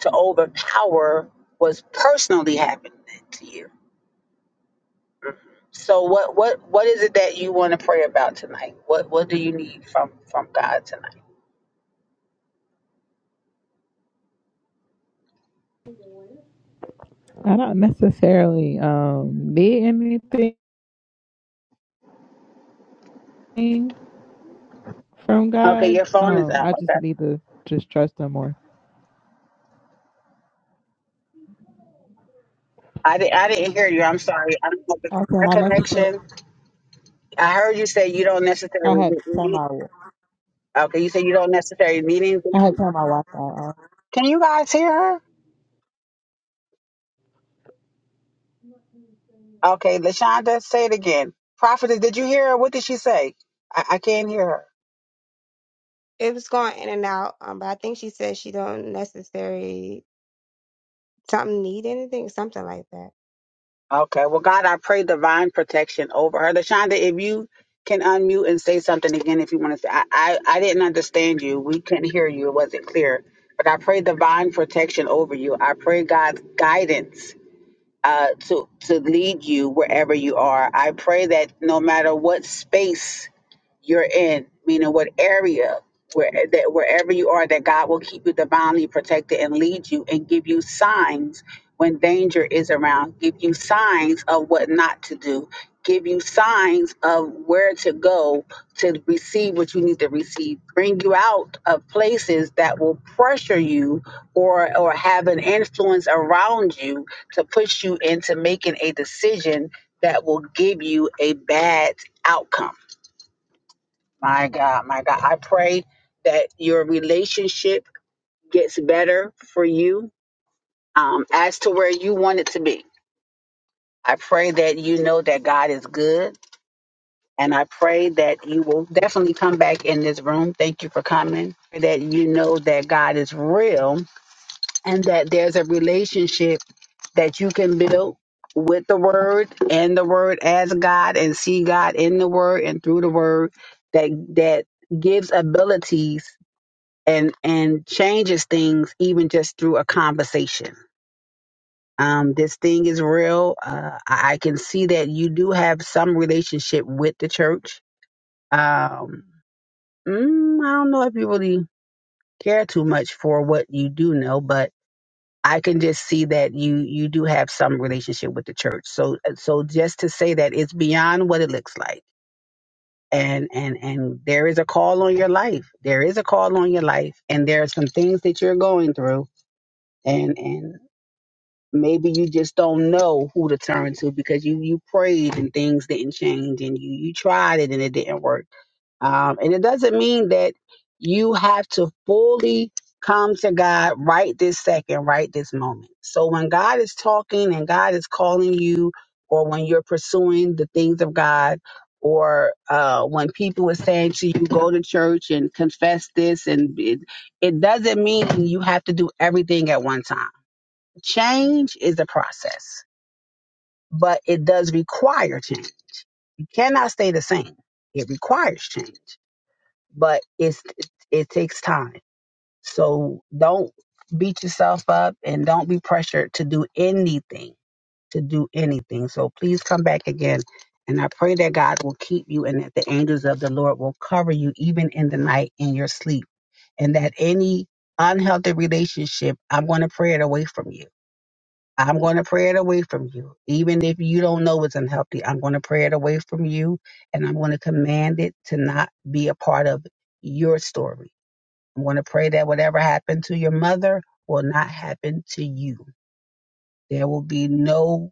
S1: to overpower what's personally happening to you. So what what what is it that you want to pray about tonight? What what do you need from from God tonight?
S6: I don't necessarily um need anything from
S1: Okay,
S6: God.
S1: your phone is
S6: Um,
S1: out.
S6: I just
S1: Okay.
S6: need to just trust Him more.
S1: I, di- I didn't hear you. I'm sorry. I don't know if it's
S6: I can.
S1: my
S6: I necessarily
S1: connection I heard you say you don't
S6: I
S1: necessarily
S6: had to turn
S1: need.
S6: my
S1: Okay, you say you don't necessarily need anything.
S6: I had to turn my Wi-Fi off.
S1: Can you guys hear her? Okay, Lashonda, say it again. Prophetess, did you hear her? What did she say? I, I can't hear her.
S3: It was going in and out. Um, but I think she said she don't necessarily something need anything, something like that.
S1: Okay, well, God, I pray divine protection over her. Lashonda, if you can unmute and say something again, if you want to say, I, I, I didn't understand you. We couldn't hear you. It wasn't clear. But I pray divine protection over you. I pray God's guidance uh, to to lead you wherever you are. I pray that no matter what space you're in, meaning what area where that wherever you are, that God will keep you divinely protected and lead you and give you signs when danger is around, give you signs of what not to do, give you signs of where to go to receive what you need to receive, bring you out of places that will pressure you or or have an influence around you to push you into making a decision that will give you a bad outcome my God, my God. I pray that your relationship gets better for you um, as to where you want it to be. I pray that you know that God is good. And I pray that you will definitely come back in this room. Thank you for coming. That you know that God is real and that there's a relationship that you can build with the word and the word as God and see God in the word and through the word that that gives abilities and and changes things even just through a conversation. Um, this thing is real. Uh, I, I can see that you do have some relationship with the church. Um, mm, I don't know if you really care too much for what you do know, but I can just see that you you do have some relationship with the church. So so just to say that it's beyond what it looks like. And, and and there is a call on your life. There is a call on your life, and there are some things that you're going through, and and Maybe you just don't know who to turn to because you you prayed and things didn't change and you you tried it and it didn't work. Um, and it doesn't mean that you have to fully come to God right this second, right this moment. So when God is talking and God is calling you, or when you're pursuing the things of God, or uh, when people are saying to you, go to church and confess this, and it, it doesn't mean you have to do everything at one time Change is a process, but it does require change. You cannot stay the same. It requires change, but it's it takes time. So don't beat yourself up and don't be pressured to do anything, to do anything. So please come back again. And I pray that God will keep you and that the angels of the Lord will cover you even in the night in your sleep. And that any unhealthy relationship, I'm going to pray it away from you I'm going to pray it away from you. Even if you don't know it's unhealthy, I'm going to pray it away from you and I'm going to command it to not be a part of your story. I'm going to pray that whatever happened to your mother will not happen to you. There will be no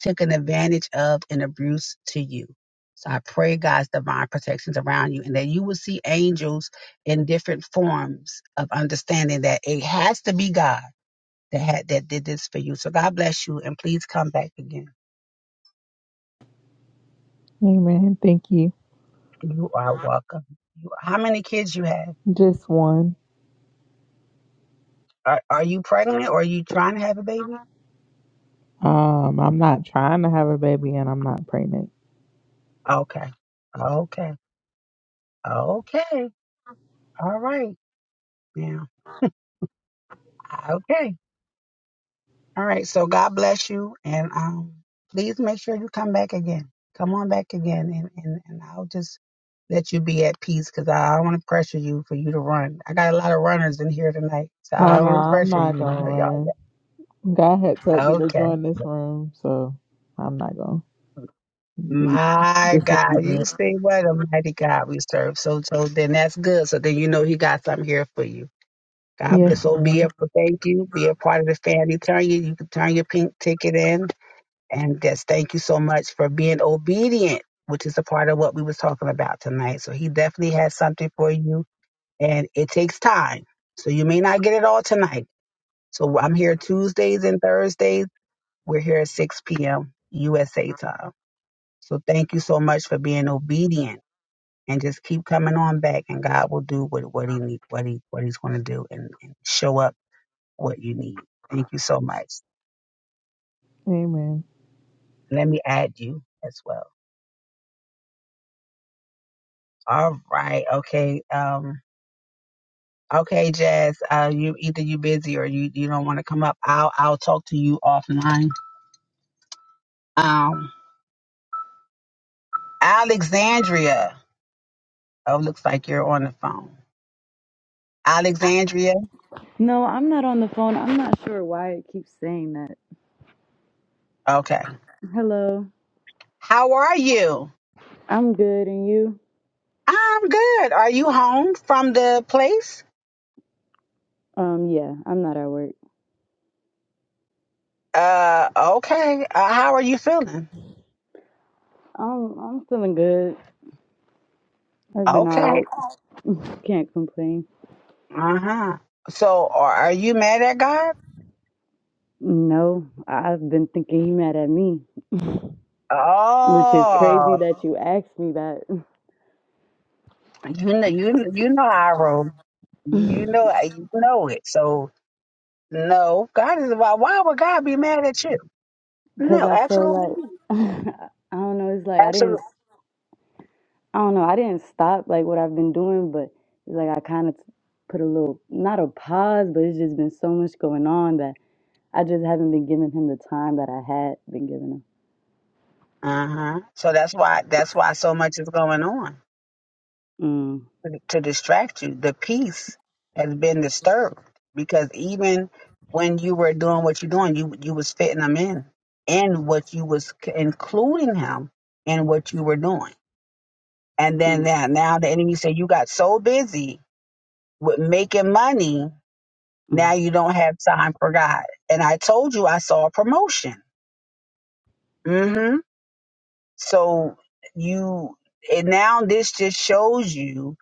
S1: taken advantage of and abuse to you. So I pray God's divine protections around you and that you will see angels in different forms of understanding that it has to be God that had that did this for you. So God bless you, and please come back again.
S6: Amen. Thank you.
S1: You are welcome. You, how many kids you have?
S6: Just one.
S1: Are Are you pregnant or are you trying to have a baby?
S6: Um, I'm not trying to have a baby, and I'm not pregnant.
S1: Okay, okay, okay. All right, Yeah. okay. All right. So God bless you, and um, please make sure you come back again. Come on back again, and and, and I'll just let you be at peace because I, I don't want to pressure you for you to run. I got a lot of runners in here tonight, so
S6: Oh
S1: I
S6: no,
S1: don't want to
S6: I'm
S1: pressure
S6: not
S1: you. You
S6: gonna
S1: know, y'all.
S6: run. God had told me to
S1: Okay.
S6: join this room, so I'm not going. to We
S1: My
S6: just have you
S1: God, you
S6: that.
S1: see what a mighty God we serve. So, so then that's good. So then you know He got something here for you. God bless.
S6: Yes,
S1: So be
S6: ma'am.
S1: a thank you. Be a part of the family. Turn you. You can turn your pink ticket in, and just thank you so much for being obedient, which is a part of what we was talking about tonight. So He definitely has something for you, and it takes time. So you may not get it all tonight. So I'm here Tuesdays and Thursdays. We're here at 6 p.m. USA time. So thank you so much for being obedient and just keep coming on back and God will do what, what he need, what he what he's gonna do and, and show up what you need. Thank you so much.
S6: Amen.
S1: Let me add you as well. All right. Okay. Um okay, Jazz. Uh you either you busy or you, you don't want to come up. I'll I'll talk to you offline. Um Alexandria. Oh, looks like you're on the phone. Alexandria.
S7: No, I'm not on the phone. I'm not sure why it keeps saying that.
S1: Okay.
S7: Hello,
S1: How are you?
S7: I'm good, and you?
S1: I'm good. Are you home from the place?
S7: Um, yeah, I'm not at work.
S1: Uh, okay. Uh, how are you feeling?
S7: Um, I'm feeling good. I've been
S1: Okay.
S7: alright. Can't complain.
S1: Uh huh. So, are, are you mad at God?
S7: No, I've been thinking you mad at me, which is
S1: Oh,
S7: crazy that you asked me that,
S1: you know, you you know I roll. You know, you know it. So, no, God is why. Why would God be mad at you?
S7: because
S1: No,
S7: I feel
S1: absolutely,
S7: like
S1: not.
S7: I don't know. It's like I didn't.
S1: absolutely.
S7: I don't know. I didn't stop like what I've been doing, but it's like I kind of put a little not a pause, but it's just been so much going on that. I just haven't been giving him the time that I had been giving him.
S1: Uh huh. So that's why that's why so much is going on.
S7: Mm,
S1: to distract you. The peace has been disturbed because even when you were doing what you're doing, you you was fitting him in in what you was c- including him in what you were doing. And then
S7: mm,
S1: now, now the enemy said you got so busy with making money, now
S7: mm,
S1: you don't have time for God. And I told you I saw a promotion. hmm So you and now this just shows you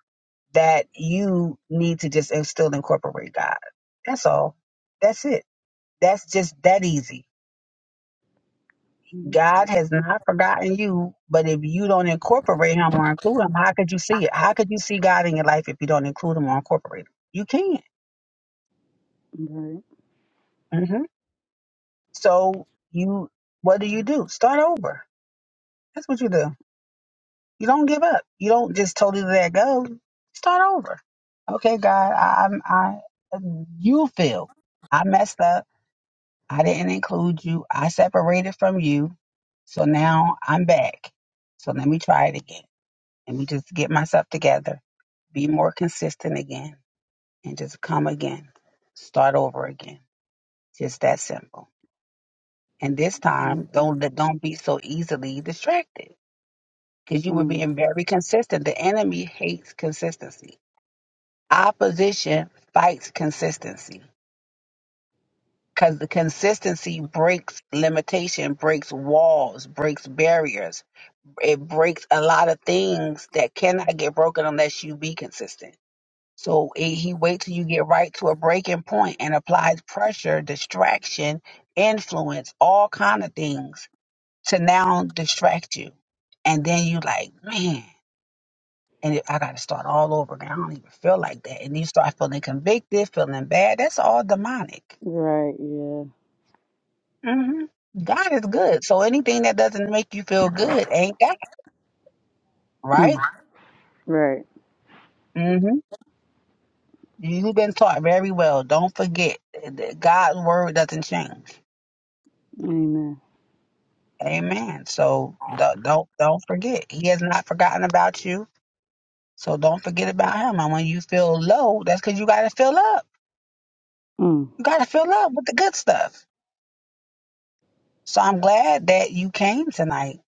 S1: that you need to just and still incorporate God. That's all. That's it. That's just that easy.
S7: mm,
S1: God has not forgotten you, but if you don't incorporate him or include him, how could you see it? How could you see God in your life if you don't include him or incorporate him? You can't.
S7: right,
S1: hmm So you, what do you do? Start over. That's what you do. You don't give up. You don't just totally let go. Start over. Okay, God, I, I'm, I, you feel I messed up. I didn't include you. I separated from you. So now I'm back. So let me try it again. Let me just get myself together, be more consistent again, and just come again. Start over again. Just that simple. And this
S7: mm,
S1: time, don't don't be so easily distracted because you were
S7: mm,
S1: being very consistent. The enemy hates consistency. Opposition fights consistency because the consistency breaks limitation, breaks walls, breaks barriers it breaks a lot of things that cannot get broken unless you be consistent. So eh, he waits till you get right to a breaking point and applies pressure, distraction, influence, all kind of things to now distract you. And then you like, man, and if I got to start all over again, I don't even feel like that. And you start feeling convicted, feeling bad. That's all demonic.
S7: right, yeah,
S1: hmm God is good. So anything that doesn't make you feel good ain't God,
S7: mm,
S1: right?
S7: right,
S1: You've been taught very well. Don't forget that God's word doesn't change.
S7: amen.
S1: Amen. So don't don't don't forget. He has not forgotten about you. So don't forget about him. And when you feel low, that's because you gotta fill up.
S7: Mm,
S1: You gotta fill up with the good stuff. So I'm glad that you came tonight.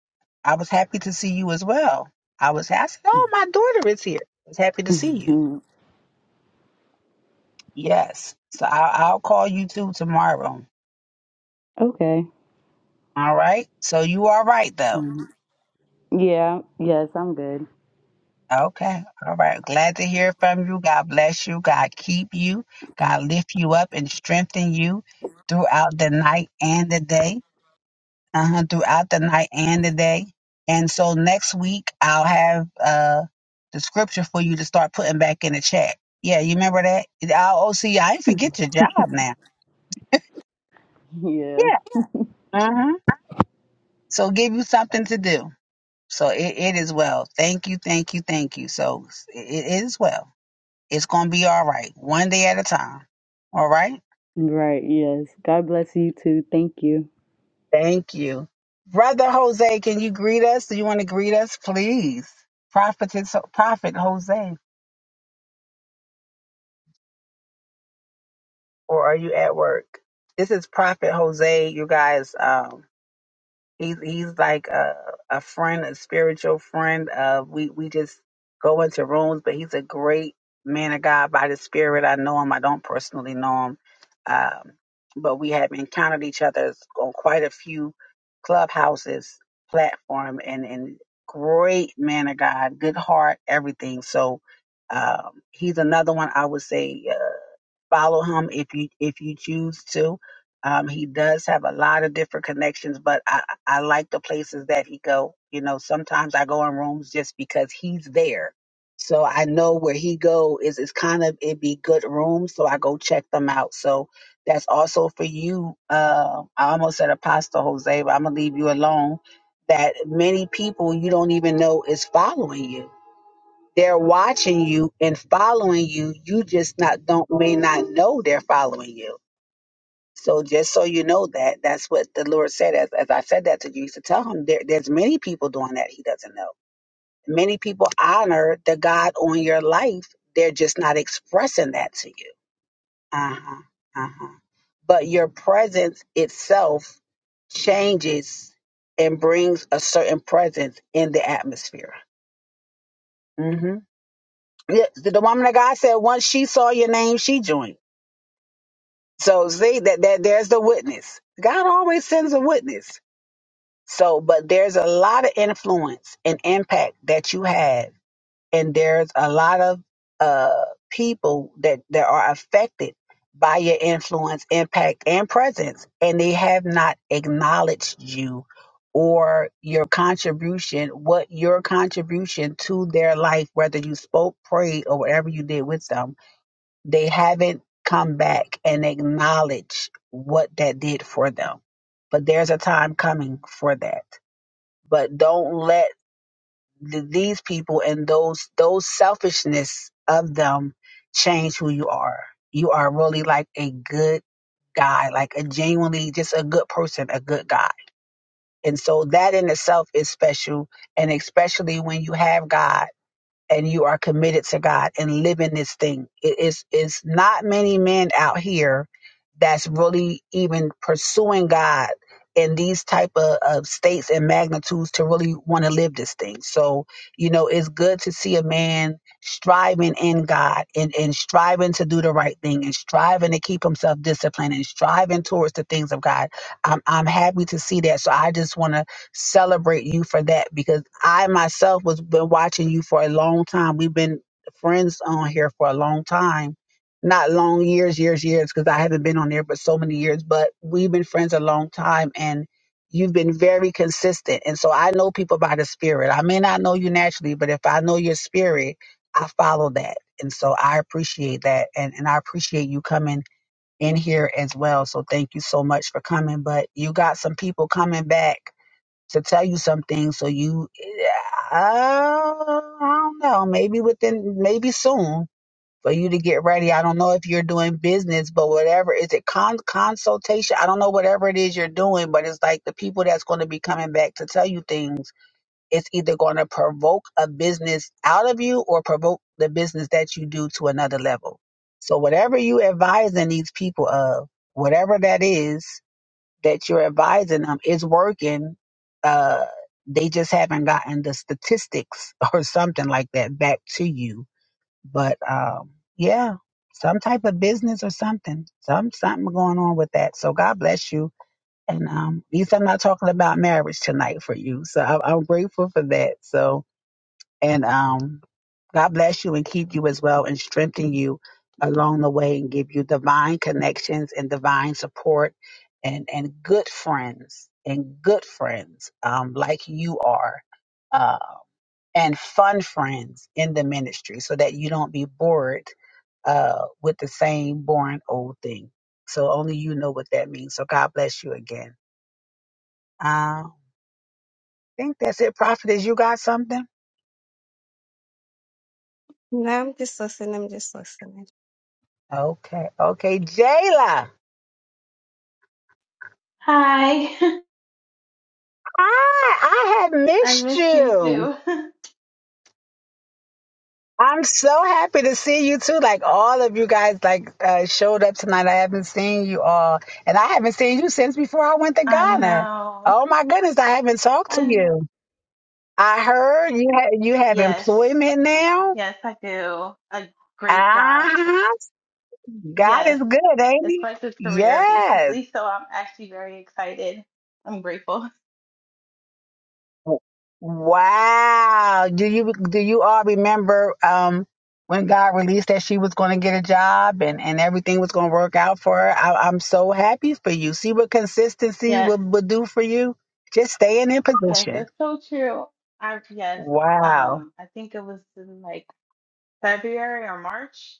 S1: I was happy to see you as well. I was I said, Oh, my daughter is here. I was happy to see
S7: mm,
S1: you.
S7: mm.
S1: Yes. So I'll, I'll call you too tomorrow.
S7: okay.
S1: All right. So you are right though.
S7: Mm. Yeah, yes, I'm good.
S1: Okay. All right. Glad to hear from you. God bless you. God keep you. God lift you up and strengthen you throughout the night and the day. Uh-huh. Throughout the night and the day. And so next week I'll have uh the scripture for you to start putting back in the chat. Yeah, you remember that? i oh, see I did forget your job now.
S7: Yeah,
S1: Yeah. Uh-huh. So give you something to do. So it, it is well. Thank you, thank you, thank you. So it, it is well. It's going to be all right, one day at a time. All right?
S7: right, yes. God bless you too. Thank you.
S1: Thank you. Brother Jose, can you greet us? Do you want to greet us, please? Prophetess, Prophet Jose, or are you at work? This is Prophet Jose, you guys. Um, He's he's like a a friend, a spiritual friend. Uh, we we just go into rooms, but he's a great man of God by the Spirit. I know him. I don't personally know him, um, but we have encountered each other on quite a few clubhouses platform, and and great man of God, good heart, everything. So um, he's another one I would say. uh, follow him if you if you choose to. Um, he does have a lot of different connections, but I I like the places that he go. You know, sometimes I go in rooms just because he's there, so I know where he go is It's kind of it be good rooms, so I go check them out. So that's also for you. Uh, I almost said Apostle Jose, but I'm gonna leave you alone. That many people you don't even know is following you they're watching you and following you. You just not don't may not know they're following you. So just so you know that that's what the Lord said. As, as I said that to you, to tell him there, there's many people doing that. He doesn't know. Many people honor the God on your life. They're just not expressing that to you. Uh huh. Uh huh. But your presence itself changes and brings a certain presence in the atmosphere. Mm-hmm. Yes, the, the woman of God said once she saw your name, she joined. So see that, that there's the witness. God always sends a witness. So, but there's a lot of influence and impact that you have, and there's a lot of uh people that that are affected by your influence, impact, and presence, and they have not acknowledged you or your contribution, what your contribution to their life, whether you spoke, prayed, or whatever you did with them they haven't come back and acknowledged what that did for them. But there's a time coming for that. But don't let th- these people and those those selfishness of them change who you are. You are really like a good guy, like a genuinely just a good person, a good guy. And so that in itself is special. And especially when you have God and you are committed to God and living this thing. It is it's not many men out here that's really even pursuing God in these type of, of states and magnitudes to really want to live this thing. So, you know, it's good to see a man striving in God and, and striving to do the right thing and striving to keep himself disciplined and striving towards the things of God. I'm I'm happy to see that. So I just wanna celebrate you for that because I myself was been watching you for a long time. We've been friends on here for a long time. Not long years, years, years, because I haven't been on there but so many years, but we've been friends a long time and you've been very consistent. And so I know people by the spirit. I may not know you naturally, but if I know your spirit, I follow that. And so I appreciate that and, and I appreciate you coming in here as well. So thank you so much for coming. But you got some people coming back to tell you something so you uh, i don't know maybe within maybe soon for you to get ready i don't know if you're doing business but whatever is it con- consultation i don't know whatever it is you're doing but it's like the people that's going to be coming back to tell you things it's either going to provoke a business out of you or provoke the business that you do to another level so whatever you advising these people of whatever that is that you're advising them is working. Uh, they just haven't gotten the statistics or something like that back to you. But um, yeah, some type of business or something, some something going on with that. So God bless you. And um, at least I'm not talking about marriage tonight for you. So I, I'm grateful for that. So and um, God bless you and keep you as well and strengthen you along the way and give you divine connections and divine support and, and good friends and good friends um, like you are uh, and fun friends in the ministry so that you don't be bored uh, with the same boring old thing. So only you know what that means. So God bless you again. Uh, I think that's it, prophetess. you got something?
S3: No, I'm just listening. I'm just listening.
S1: Okay. Okay. Jayla.
S8: Hi,
S1: I I had
S8: I
S1: missed
S8: miss you
S1: you.
S8: too.
S1: I'm so happy to see you too. Like all of you guys, like uh, showed up tonight. I haven't seen you all, and I haven't seen you since before I went to
S8: I
S1: Ghana.
S8: know.
S1: Oh my goodness, I haven't talked to
S8: I know.
S1: you. I heard you ha- you have
S8: Yes,
S1: employment now.
S8: yes, I do. A great job.
S1: Ah, God
S8: Yes,
S1: is good, ain't
S8: it's
S1: He?
S8: my good career
S1: Yes.
S8: basically, so I'm actually very excited. I'm grateful.
S1: Wow. Do you do you all remember um when God released that she was going to get a job and and everything was going to work out for her? I, I'm so happy for you. See what consistency
S8: Yes,
S1: will will do for you. Just staying in
S8: yes,
S1: position.
S8: that's so true. I yes,
S1: Wow.
S8: um, I think it was in like February or March,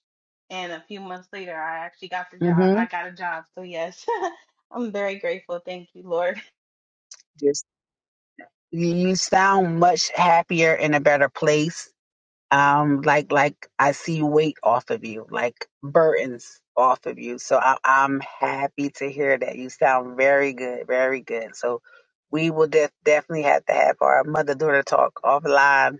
S8: and a few months later, I actually got the job.
S1: Mhm.
S8: I got a job, so yes, I'm very grateful. Thank you, Lord.
S1: Just you you sound much happier in a better place um like like i see weight off of you like burdens off of you so I, i'm happy to hear that you sound very good very good so we will def- definitely have to have our mother daughter talk offline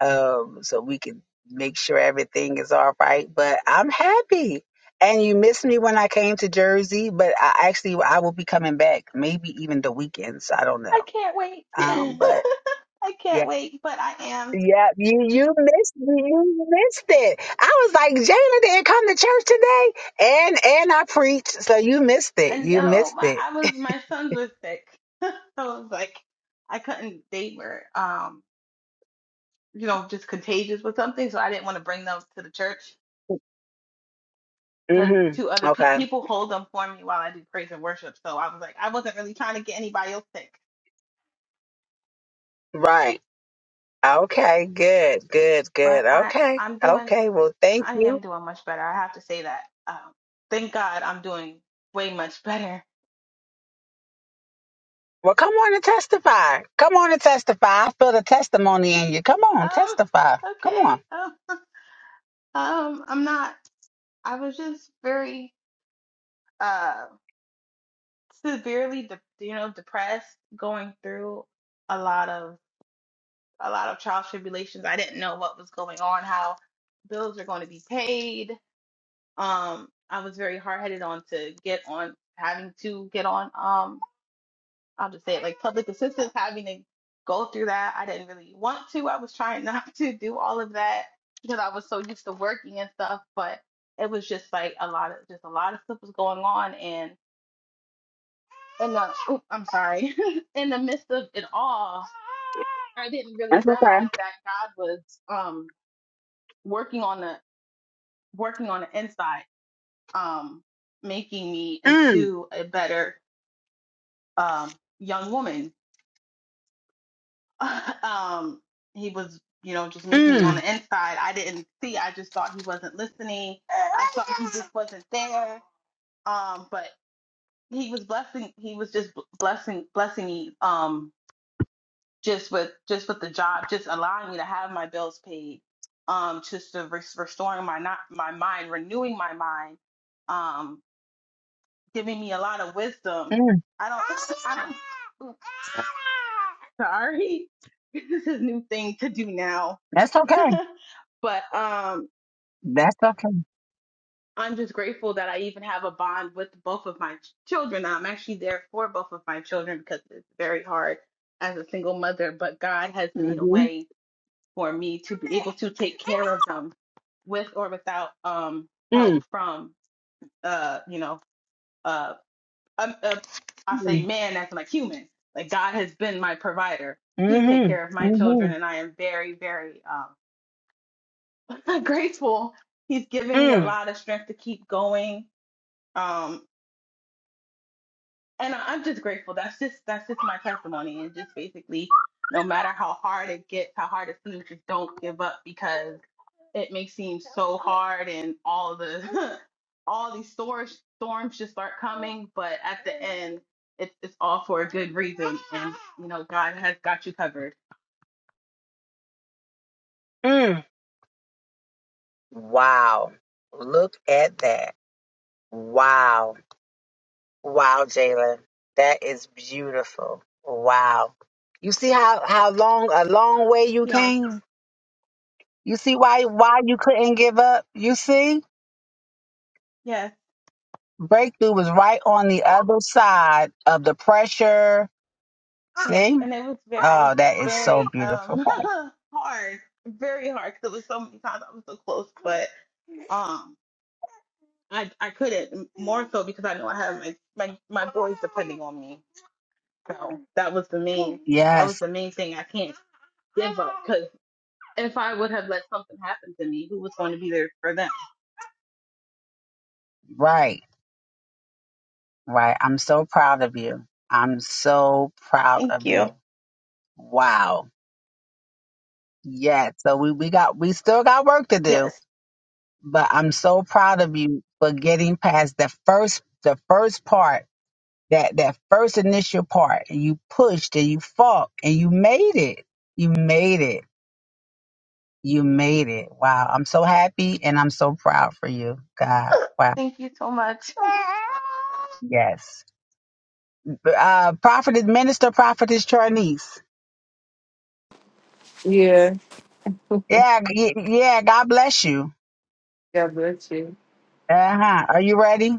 S1: um so we can make sure everything is all right but i'm happy and you missed me when i came to jersey but i actually i will be coming back maybe even the weekends i don't know
S8: I can't wait.
S1: um but
S8: I
S1: yeah,
S8: can't wait, but I am.
S1: yeah, you you missed you missed it. I was like, Jayla didn't come to church today, and and I preached, so you missed
S8: I
S1: it. You
S8: know
S1: missed
S8: my
S1: it.
S8: I was my sons were sick. so I was like I couldn't they were um you know just contagious with something, so I didn't want to bring them to the church because
S1: hmm
S8: two other pe-
S1: Okay.
S8: people hold them for me while I do praise and worship. So I was like I wasn't really trying to get anybody else sick,
S1: Right. Okay. Good. Good. Good.
S8: but I
S1: Okay.
S8: I'm doing
S1: Okay. Well, thank
S8: I
S1: you.
S8: am doing much better. I have to say that. Um, thank God I'm doing way much better.
S1: Well, come on and testify. Come on and testify. I feel the testimony in you. Come on, testify.
S8: Um
S1: Come
S8: okay.
S1: on.
S8: Um, um I'm not. I was just very uh severely de- you know depressed going through a lot of a lot of trial tribulations. I didn't know what was going on, how bills are going to be paid. Um I was very hard-headed on to get on having to get on um I'll just say it like public assistance having to go through that. I didn't really want to. I was trying not to do all of that because I was so used to working and stuff, but it was just like a lot of just a lot of stuff was going on and. in the oop, I'm sorry, in the midst of it all, I didn't really realize that God was um working on the working on the inside, um, making me
S1: Mm,
S8: into a better um young woman. um, he was, you know, just making me on
S1: mm,
S8: the inside. I didn't see. I just thought he wasn't listening. I thought he just wasn't there. Um, but he was blessing. He was just blessing blessing me. Um, just with just with the job, just allowing me to have my bills paid, um, just to res- restoring my not my mind, renewing my mind, um, giving me a lot of wisdom.
S1: mm.
S8: I don't, I don't oops, sorry, this is a new thing to do now,
S1: That's okay.
S8: but um,
S1: That's okay.
S8: I'm just grateful that I even have a bond with both of my ch- children. I'm actually there for both of my children because it's very hard as a single mother, but God has made a
S1: Mm-hmm.
S8: way for me to be able to take care of them with or without um
S1: Mm,
S8: help from uh you know uh, um, uh I say
S1: mm,
S8: man as like human like God has been my provider to take
S1: mm-hmm.
S8: care of my children
S1: Mm-hmm.
S8: and I am very very um grateful he's given me a
S1: Mm,
S8: lot of strength to keep going um and I, I'm just grateful that's just that's just my testimony and just basically no matter how hard it gets how hard it seems just don't give up because it may seem so hard and all the all these storms storms just start coming but at the end it's it's all for a good reason and you know god has got you covered
S1: mm. Wow. Look at that. Wow. Wow, Jalen. That is beautiful. Wow. You see how, how long a long way you
S8: yes
S1: came? You see why why you couldn't give up? You see?
S8: yes
S1: Breakthrough was right on the other side of the pressure.
S8: yes
S1: See?
S8: and it was very
S1: Oh, that is
S8: very
S1: so beautiful.
S8: um hard very hard because it was so many times i was so close but um i i couldn't m- more so because i know i have my my, my boys depending on me so that was the main that
S1: Yes.
S8: was the main thing i can't give up 'cause if I would have let something happen to me, who was going to be there for them?
S1: Right, right. I'm so proud of you. I'm so proud
S8: Thank
S1: of you.
S8: you.
S1: Wow. Yeah. So we, we got we still got work to do,
S8: Yes.
S1: but I'm so proud of you for getting past the first the first part, that that first initial part. And you pushed and you fought and you made it. You made it. You made it. Wow. I'm so happy and I'm so proud for you. God. Wow.
S8: Thank you so much.
S1: Yes. Uh prophetess minister, prophetess Charnice.
S9: Yeah.
S1: Yeah, y- yeah. God bless you.
S9: God bless you.
S1: Uh huh. Are you ready?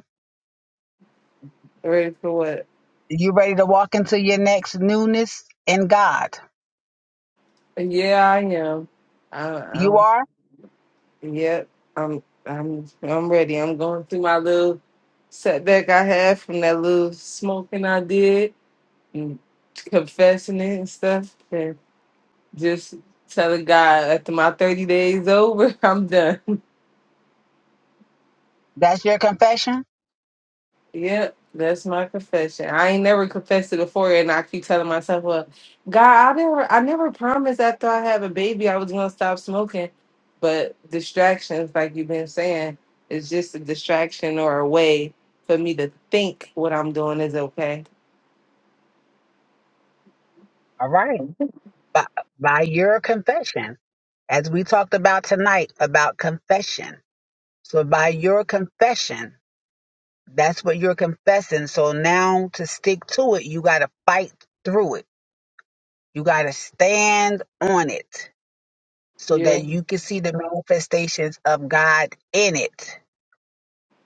S9: Ready for what?
S1: You ready to walk into your next newness in God?
S9: Yeah, I am. I,
S1: You
S9: I'm.
S1: are.
S9: Yep. I'm. I'm. I'm ready. I'm going through my little setback I had from that little smoking I did, and confessing it and stuff, and just telling God after my thirty days over, I'm done.
S1: That's your confession.
S9: Yep, that's my confession. I ain't never confessed it before, and I keep telling myself, "Well, God, I never, I never promised after I have a baby I was gonna stop smoking." But distractions, like you've been saying, is just a distraction or a way for me to think what I'm doing is okay.
S1: All right. By, by your confession, as we talked about tonight about confession. So by your confession, that's what you're confessing. So now to stick to it, you got to fight through it. You got to stand on it so
S9: Yeah,
S1: that you can see the manifestations of God in it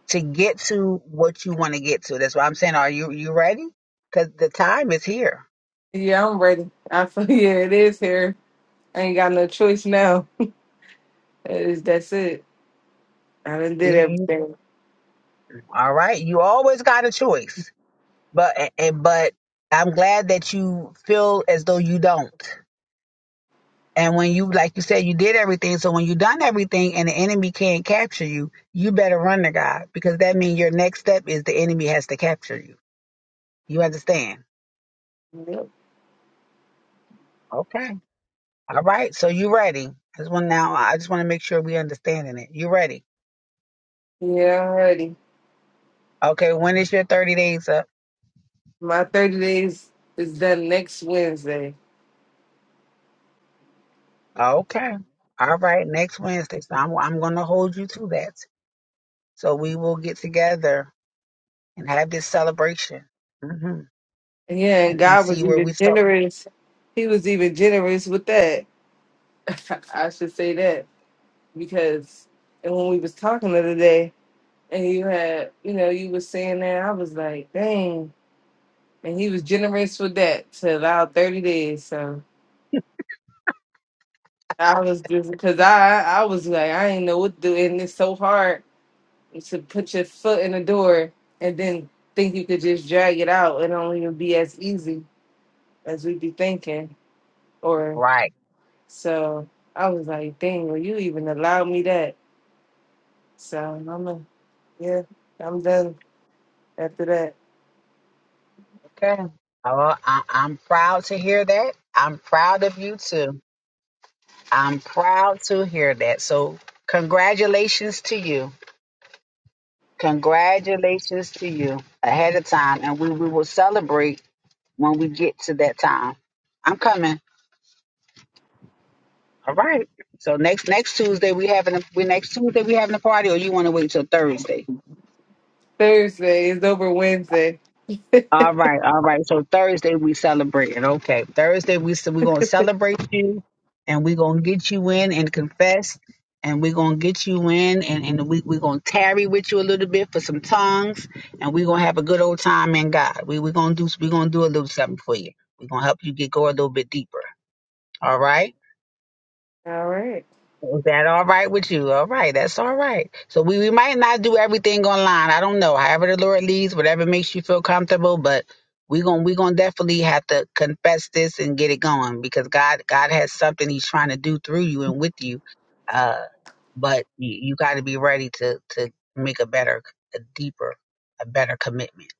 S1: to get to what you want to get to. That's why I'm saying, are you you ready? Because the time is here.
S9: yeah, I'm ready. I feel yeah, it is here. I ain't got no choice now. It is that's it. I done did
S1: You- you-
S9: everything.
S1: all right, you always got a choice, but and, but I'm glad that you feel as though you don't. And when you, like you said, you did everything. So when you done everything and the enemy can't capture you, you better run to God because that means your next step is the enemy has to capture you. You understand?
S9: Yep.
S1: Okay. All right. So you ready? I just now. I just want to make sure we understanding it. You ready?
S9: Yeah, I'm ready.
S1: Okay, when is your 30 days up?
S9: My thirty days is done next Wednesday.
S1: Okay. All right, next Wednesday. So I'm, I'm going to hold you to that. So we will get together and have this celebration hmm
S9: Yeah, and
S1: and, and
S9: God was
S1: see where we
S9: even
S1: start.
S9: generous. He was even generous with that. I should say that because and when we was talking the other day, and you had, you know, you was saying that, I was like, dang. And he was generous with that to allow thirty days. So I was just because I I was like I didn't know what to do, and it's so hard to put your foot in the door and then think you could just drag it out. It don't even be as easy as we be thinking, or.
S1: Right.
S9: So I was like, dang, will you even allow me that? So I'm a, yeah, I'm done after that.
S1: Okay. Oh, I, I'm proud to hear that. I'm proud of you too. I'm proud to hear that. So congratulations to you. Congratulations to you ahead of time. And we, we will celebrate when we get to that time. I'm coming. All right. So next next Tuesday we having a, we next Tuesday we having a party, or you want to wait till Thursday?
S9: Thursday is over Wednesday.
S1: All right, all right. So Thursday we celebrating. Okay, Thursday we s- we gonna celebrate you, and we gonna get you in and confess, and we gonna get you in, and and we we gonna tarry with you a little bit for some tongues, and we gonna have a good old time in God. We we gonna do we gonna do a little something for you. We gonna help you get go a little bit deeper. All right.
S9: All right.
S1: Is that all right with you? All right, that's all right. So we, we might not do everything online. I don't know. However the Lord leads, whatever makes you feel comfortable, but we're gonna we're gonna definitely have to confess this and get it going because God God has something He's trying to do through you and with you. Uh but you, you gotta be ready to to make a better, a deeper, a better commitment.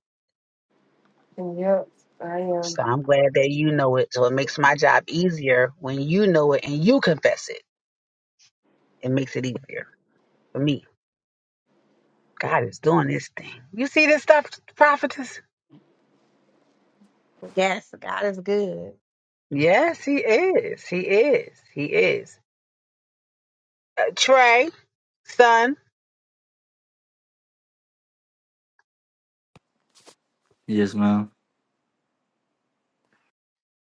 S9: And yep, I am.
S1: So I'm glad that you know it. So it makes my job easier when you know it and you confess it. It makes it easier for me. God is doing this thing. You see this stuff, prophetess?
S3: Yes, God is good.
S1: Yes, he is. He is. He is. Uh, Trey, son.
S10: Yes, ma'am.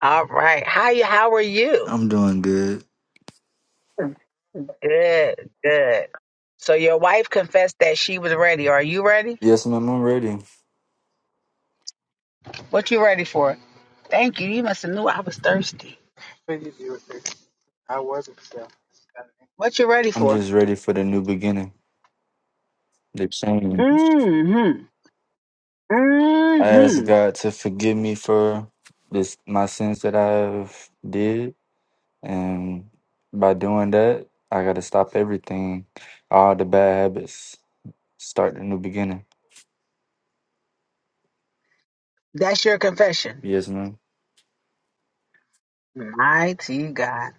S1: All right. How you? How are you?
S10: I'm doing good.
S1: Good. Good. So your wife confessed that she was ready. Are you ready?
S10: Yes, ma'am. I'm ready.
S1: What you ready for? Thank you. You must have knew I was thirsty. What you ready
S10: I'm
S1: for?
S10: just ready for the new beginning, the change.
S1: Mm-hmm.
S10: I ask
S1: Mm-hmm.
S10: God to forgive me for this my sins that I've did, and by doing that, I gotta stop everything, all the bad habits, start the new beginning.
S1: That's your confession.
S10: Yes, ma'am.
S1: Mighty God.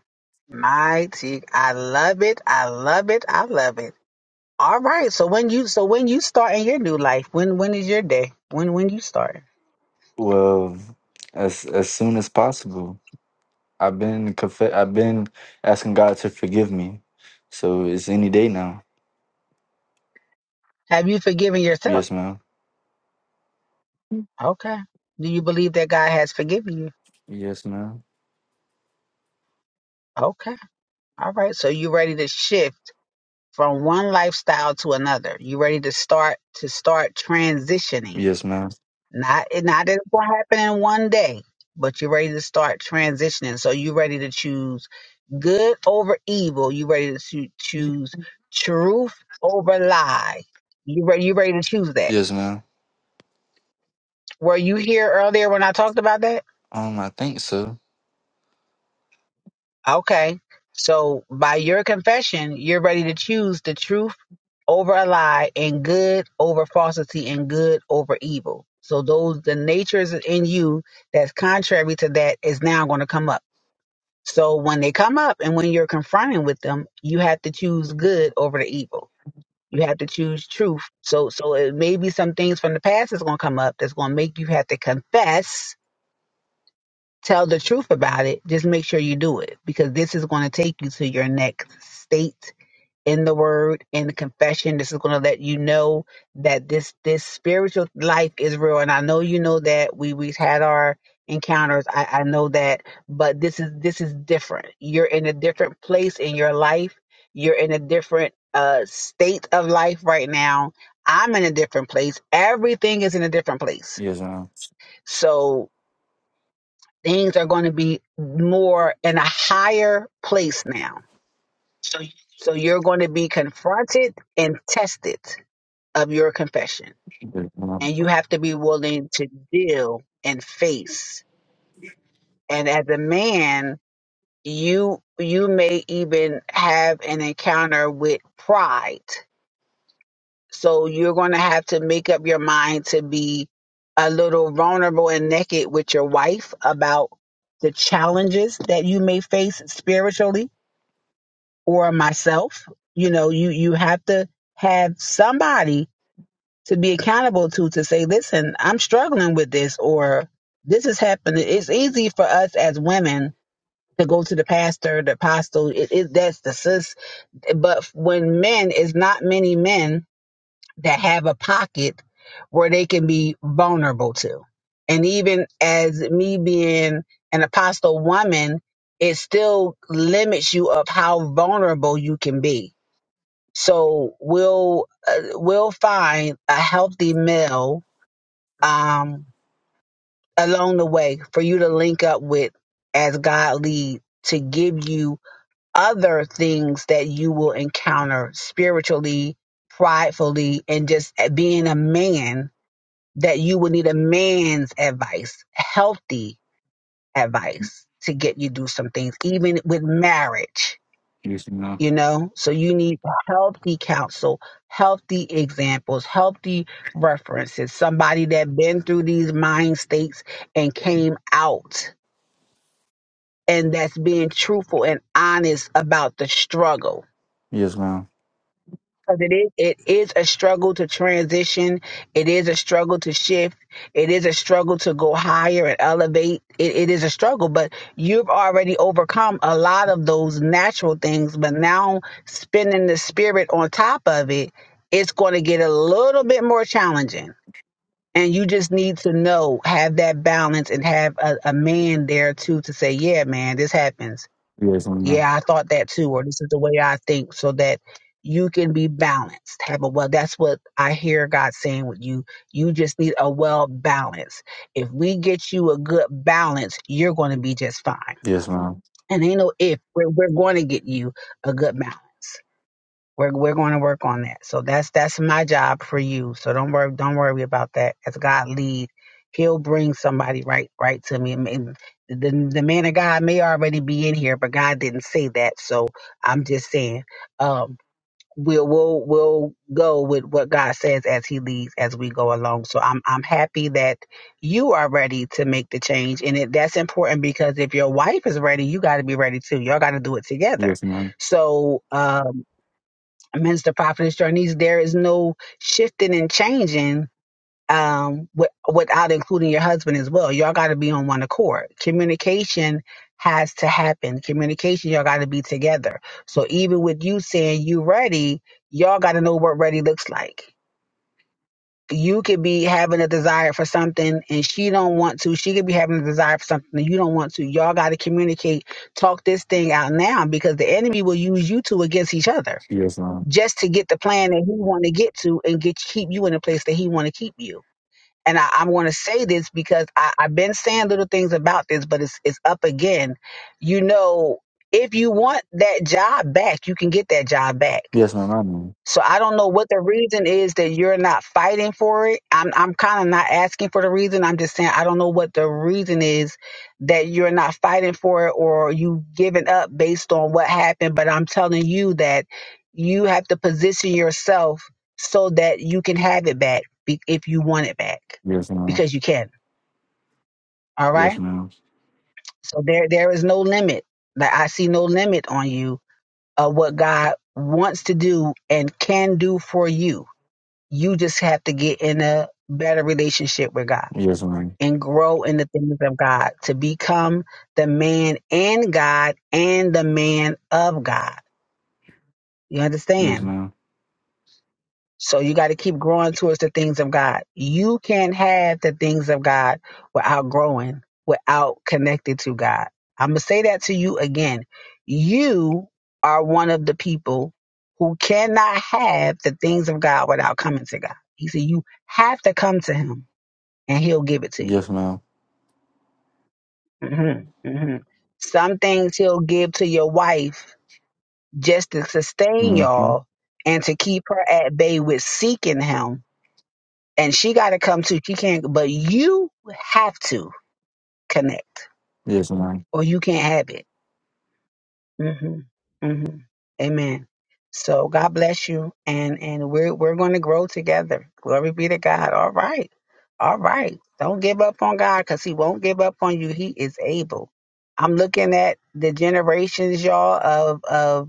S1: Mighty. I love it. I love it. I love it. All right. So when you so when you start in your new life, when when is your day? When when you start?
S10: Well, as as soon as possible. I've been conf- I've been asking God to forgive me, so it's any day now.
S1: Have you forgiven yourself?
S10: Yes, ma'am.
S1: Okay. Do you believe that God has forgiven you?
S10: Yes, ma'am.
S1: Okay. All right. So you ready to shift from one lifestyle to another. You ready to start to start transitioning.
S10: Yes, ma'am.
S1: Not it not that it's gonna happen in one day, but you're ready to start transitioning. So you're ready to choose good over evil. You're ready to choo- choose truth over lie. You ready? You ready to choose that?
S10: Yes, ma'am.
S1: Were you here earlier when I talked about that?
S10: Um, I think so.
S1: Okay. So by your confession, you're ready to choose the truth over a lie and good over falsity and good over evil. So those the natures in you that's contrary to that is now going to come up So when they come up and when you're confronting with them, you have to choose good over the evil. You have to choose truth. So so it may be some things from the past that's gonna come up that's gonna make you have to confess, tell the truth about it. Just make sure you do it because this is gonna take you to your next state in the word in the confession this is going to let you know that this this spiritual life is real and i know you know that we we've had our encounters i i know that but this is this is different you're in a different place in your life you're in a different uh state of life right now i'm in a different place everything is in a different place
S10: Yes, ma'am.
S1: so things are going to be more in a higher place now so you're going to be confronted and tested of your confession.
S10: Yes, ma'am.
S1: And you have to be willing to deal and face. And as a man, you you may even have an encounter with pride. So you're going to have to make up your mind to be a little vulnerable and naked with your wife about the challenges that you may face spiritually or myself. You know, you you have to have somebody to be accountable to to say, listen, I'm struggling with this or this is happening. It's easy for us as women to go to the pastor, the apostle. It, it that's the sis. But when men, it's not many men that have a pocket where they can be vulnerable to. And even as me being an apostle woman, it still limits you of how vulnerable you can be. So we'll uh, we'll find a healthy male um, along the way for you to link up with as God lead to give you other things that you will encounter spiritually, pridefully, and just being a man that you will need a man's advice, healthy advice to get you through some things, even with marriage
S10: Yes, ma'am.
S1: you know so you need healthy counsel healthy examples healthy references somebody that been through these mind states and came out and that's being truthful and honest about the struggle
S10: Yes, ma'am.
S1: Because it is, it is a struggle to transition. It is a struggle to shift. It is a struggle to go higher and elevate. It, it is a struggle, but you've already overcome a lot of those natural things. But now spinning the spirit on top of it, it's going to get a little bit more challenging. And you just need to know, have that balance and have a, a man there too to say, yeah, man, this happens
S10: Yes, ma'am.
S1: yeah, I thought that too, or this is the way I think, so that you can be balanced. Have a well, that's what I hear God saying with you. You just need a well balance. If we get you a good balance, you're going to be just fine.
S10: Yes, ma'am.
S1: And ain't no if, we're, we're going to get you a good balance. We're we're going to work on that. So that's that's my job for you. So don't worry don't worry about that. As God lead, He'll bring somebody right right to me. And and the the man of God may already be in here, but God didn't say that. So I'm just saying, um, we'll we'll we'll go with what God says as He leads as we go along. So I'm I'm happy that you are ready to make the change, and it, that's important because if your wife is ready, you got to be ready too. Y'all got to do it together.
S10: Yes, ma'am.
S1: So. um Minister Prophetess Journeys, there is no shifting and changing um, wi- without including your husband as well. Y'all got to be on one accord. Communication has to happen. Communication, y'all got to be together. So even with you saying you ready, y'all got to know what ready looks like. You could be having a desire for something and she don't want to. She could be having a desire for something and you don't want to. Y'all got to communicate, talk this thing out now because the enemy will use you two against each other
S10: Yes, ma'am.
S1: just to get the plan that he want to get to and get keep you in the place that he want to keep you. And I, I'm going to say this because I, I've been saying little things about this, but it's it's up again. You know, if you want that job back, you can get that job back
S10: Yes, ma'am. I know.
S1: so I don't know what the reason is that you're not fighting for it. I'm I'm kind of not asking for the reason. I'm just saying I don't know what the reason is that you're not fighting for it or you giving up based on what happened, but I'm telling you that you have to position yourself so that you can have it back be- if you want it back
S10: Yes, ma'am.
S1: because you can. All
S10: Yes,
S1: right?
S10: ma'am.
S1: So there there is no limit. Like I see no limit on you of what God wants to do and can do for you You just have to get in a better relationship with God
S10: Yes, ma'am.
S1: and grow in the things of God to become the man in God and the man of God. You
S10: Yes,
S1: understand?
S10: ma'am.
S1: So you got to keep growing towards the things of God. You can't have the things of God without growing, without connecting to God. I'm going to say that to you again. You are one of the people who cannot have the things of God without coming to God. He said, You have to come to Him. and he'll give it to you.
S10: Yes, ma'am.
S1: hmm hmm Some things he'll give to your wife just to sustain
S10: Mm-hmm.
S1: y'all and to keep her at bay with seeking him. And she got to come too. She can't, but you have to connect
S10: Yes, ma'am.
S1: or you can't have it. hmm hmm Amen. So God bless you, and and we're we're going to grow together. Glory be to God. All right, all right. Don't give up on God because He won't give up on you. He is able. I'm looking at the generations, y'all, of of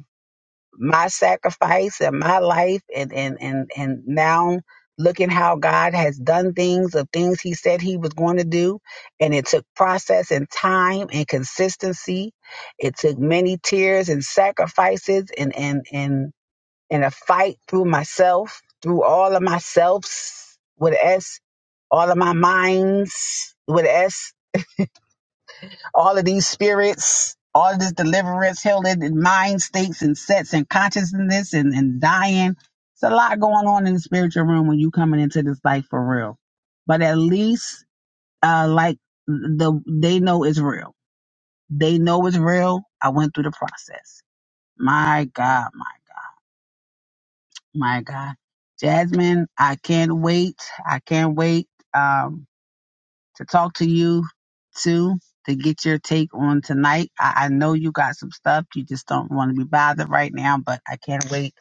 S1: my sacrifice and my life and and and and now looking how God has done things of things he said he was going to do and it took process and time and consistency it took many tears and sacrifices and and and and a fight through myself through all of myselfs with a s all of my minds with a s all of these spirits, all of this deliverance held in mind states and sets and consciousness and, and dying. It's a lot going on in the spiritual realm when you coming into this life for real. But at least uh like the they know it's real. They know it's real. I went through the process. My God, my my God. Jasmine, I can't wait. I can't wait. Um. to talk to you too to get your take on tonight. I, I know you got some stuff. You just don't want to be bothered right now, but I can't wait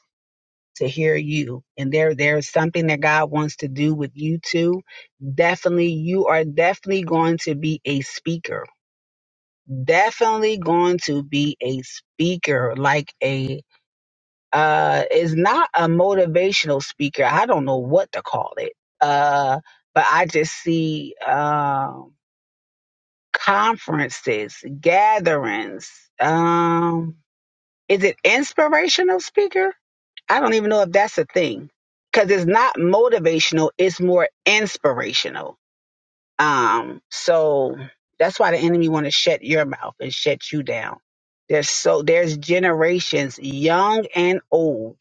S1: to hear you. And there there's something that God wants to do with you too. Definitely you are definitely going to be a speaker. Definitely going to be a speaker like a uh is not a motivational speaker. I don't know what to call it. Uh but I just see um conferences, gatherings. Um, is it inspirational speaker? I don't even know if that's a thing because it's not motivational. It's more inspirational. Um, so that's why the enemy want to shut your mouth and shut you down. There's so there's generations, young and old,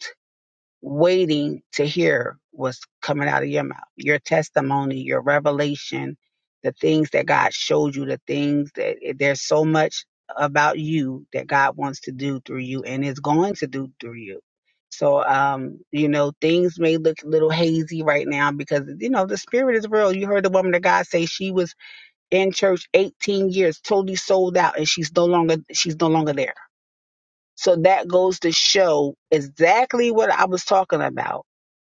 S1: waiting to hear what's coming out of your mouth, your testimony, your revelation, the things that God showed you, the things that eh, there's so much about you that God wants to do through you and is going to do through you. So, um, you know, things may look a little hazy right now because, you know, the spirit is real. You heard the woman of God say she was in church 18 years, totally sold out, and she's no longer, she's no longer there. So that goes to show exactly what I was talking about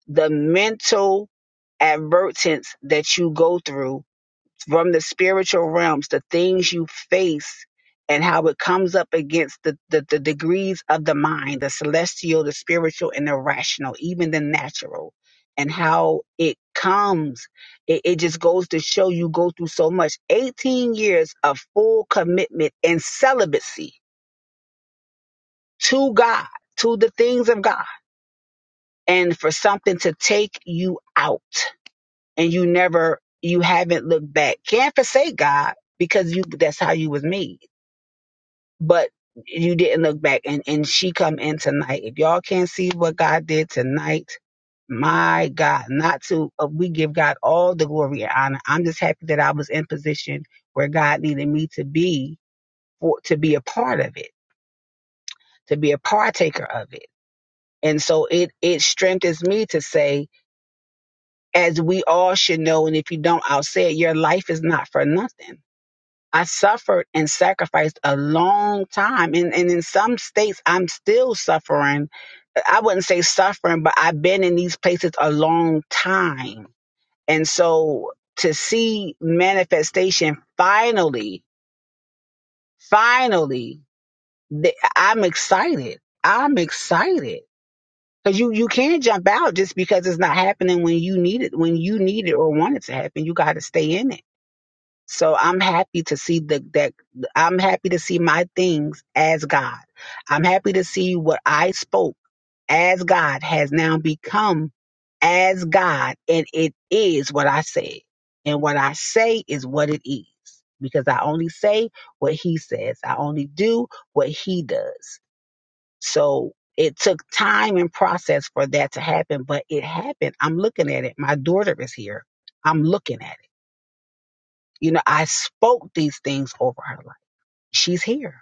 S1: the mental advertence that you go through from the spiritual realms, the things you face, and how it comes up against the, the, the degrees of the mind, the celestial, the spiritual, and the rational, even the natural, and how it comes. It, it just goes to show you go through so much. 18 years of full commitment and celibacy to God, to the things of God, and for something to take you out and you never you haven't looked back can't forsake god because you that's how you was made but you didn't look back and and she come in tonight if y'all can't see what god did tonight my god not to uh, we give god all the glory and honor i'm just happy that i was in position where god needed me to be for to be a part of it to be a partaker of it and so it it strengthens me to say as we all should know and if you don't i'll say it your life is not for nothing I suffered and sacrificed a long time. And, and in some states, I'm still suffering. I wouldn't say suffering, but I've been in these places a long time. And so to see manifestation finally, finally, th- I'm excited. I'm excited. Cause you, you can't jump out just because it's not happening when you need it, when you need it or want it to happen. You got to stay in it. So I'm happy to see the that I'm happy to see my things as God. I'm happy to see what I spoke as God has now become as God and it is what I said. And what I say is what it is. Because I only say what he says. I only do what he does. So it took time and process for that to happen, but it happened. I'm looking at it. My daughter is here. I'm looking at it. You know, I spoke these things over her life. She's here.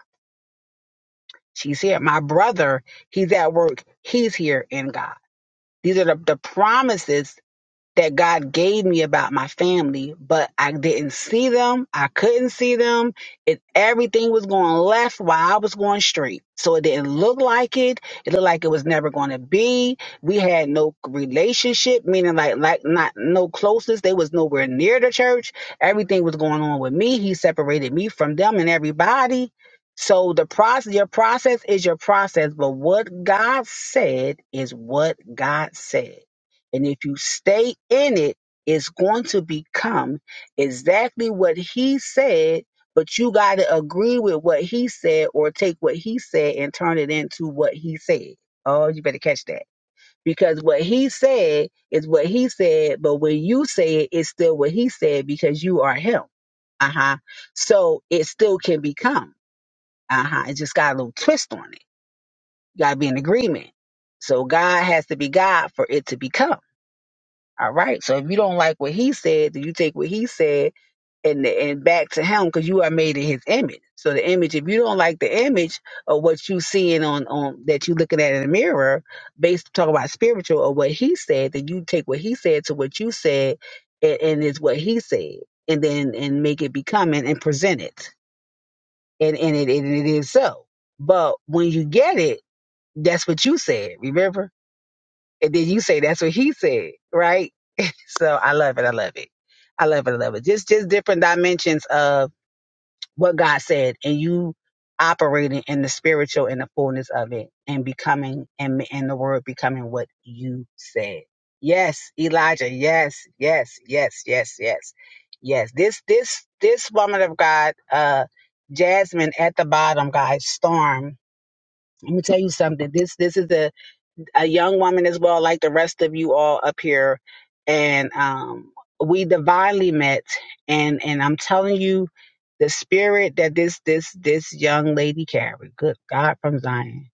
S1: She's here. My brother, he's at work. He's here in God. These are the, the promises that God gave me about my family, but I didn't see them. I couldn't see them. It everything was going left while I was going straight. So it didn't look like it. It looked like it was never going to be. We had no relationship, meaning like like not no closeness. They was nowhere near the church. Everything was going on with me. He separated me from them and everybody. So the process, your process is your process, but what God said is what God said. And if you stay in it, it's going to become exactly what he said, but you got to agree with what he said or take what he said and turn it into what he said. Oh, you better catch that. Because what he said is what he said, but when you say it, it's still what he said because you are him. Uh huh. So it still can become. Uh huh. It just got a little twist on it. You got to be in agreement. So God has to be God for it to become. All right. So if you don't like what he said, then you take what he said and and back to him because you are made in his image. So the image, if you don't like the image of what you seeing on on that you looking at in the mirror, based talk about spiritual or what he said, then you take what he said to what you said, and, and it's what he said, and then and make it become and, and present it, and and it and it is so. But when you get it, that's what you said. Remember, and then you say that's what he said, right? So I love it. I love it. I love it. I love it. Just just different dimensions of what God said, and you operating in the spiritual and the fullness of it, and becoming and and the word becoming what you said. Yes, Elijah. Yes, yes, yes, yes, yes, yes. This this this woman of God, uh, Jasmine at the bottom, guys. Storm. Let me tell you something. This this is the a young woman as well, like the rest of you all up here, and um, we divinely met, and and I'm telling you, the spirit that this this this young lady carried, good God from Zion,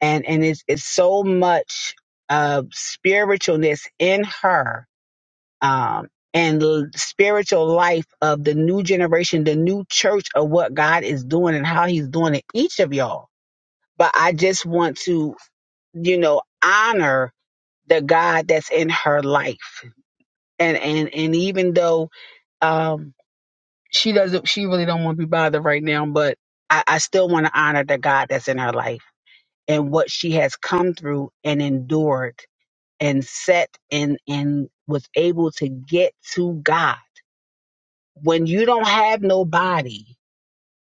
S1: and and it's it's so much of spiritualness in her, um, and l- spiritual life of the new generation, the new church of what God is doing and how He's doing it, each of y'all. But I just want to, you know, honor the God that's in her life. And and and even though um she doesn't she really don't want to be bothered right now, but I, I still want to honor the God that's in her life and what she has come through and endured and set and and was able to get to God. When you don't have nobody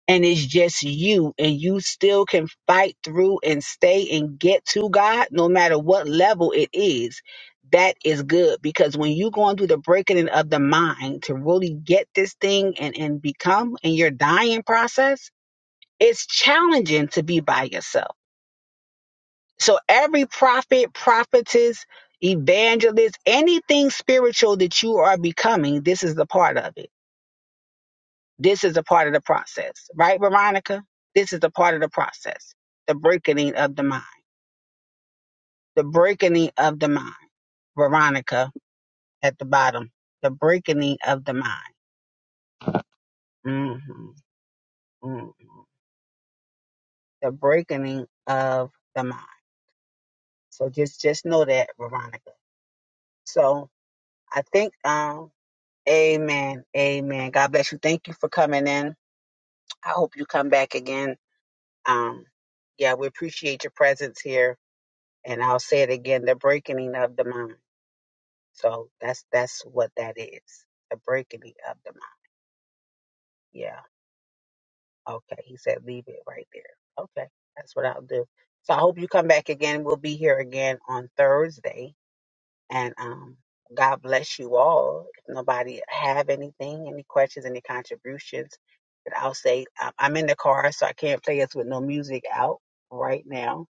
S1: and it's just you and you still can fight through and stay and get to God no matter what level it is that is good because when you're going through the breaking in of the mind to really get this thing and and become in your dying process it's challenging to be by yourself so every prophet prophetess evangelist anything spiritual that you are becoming this is the part of it This is a part of the process, right, Veronica? This is a part of the process. The breaking of the mind. The breaking of the mind. Veronica at the bottom. The breaking of the mind. hmm mm The breaking of the mind. So just just know that, Veronica. So I think um Amen. Amen. God bless you. Thank you for coming in. I hope you come back again. Um yeah, we appreciate your presence here And I'll say it again, the breaking of the mind. So that's that's what that is. The breaking of the mind. Yeah. Okay. He said leave it right there. Okay. That's what I'll do. So I hope you come back again. We'll be here again on Thursday. And um God bless you all. If nobody have anything, any questions, any contributions, but I'll say um, I'm in the car, so I can't play us with no music out right now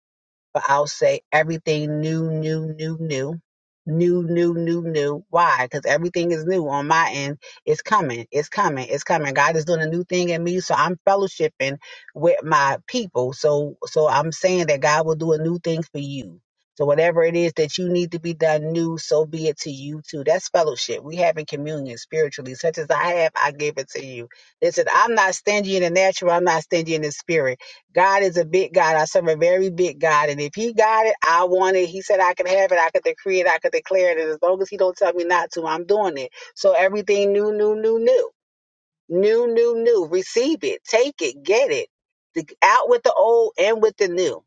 S1: but I'll say everything new, new, new, new. New, new, new, new. Why? Because everything is new on my end. It's coming. It's coming. It's coming. God is doing a new thing in me. So I'm fellowshipping with my people. So so I'm saying that God will do a new thing for you. So whatever it is that you need to be done new, so be it to you too. That's fellowship. We having communion spiritually. Such as I have, I give it to you. Listen, I'm not stingy in the natural, I'm not stingy in the spirit. God is a big God. I serve a very big God. And if he got it, I want it. He said I could have it. I could decree it. I could declare it. And as long as he don't tell me not to, I'm doing it. So everything new, new, new, new. New, new, new. Receive it. Take it. Get it. The, out with the old and with the new.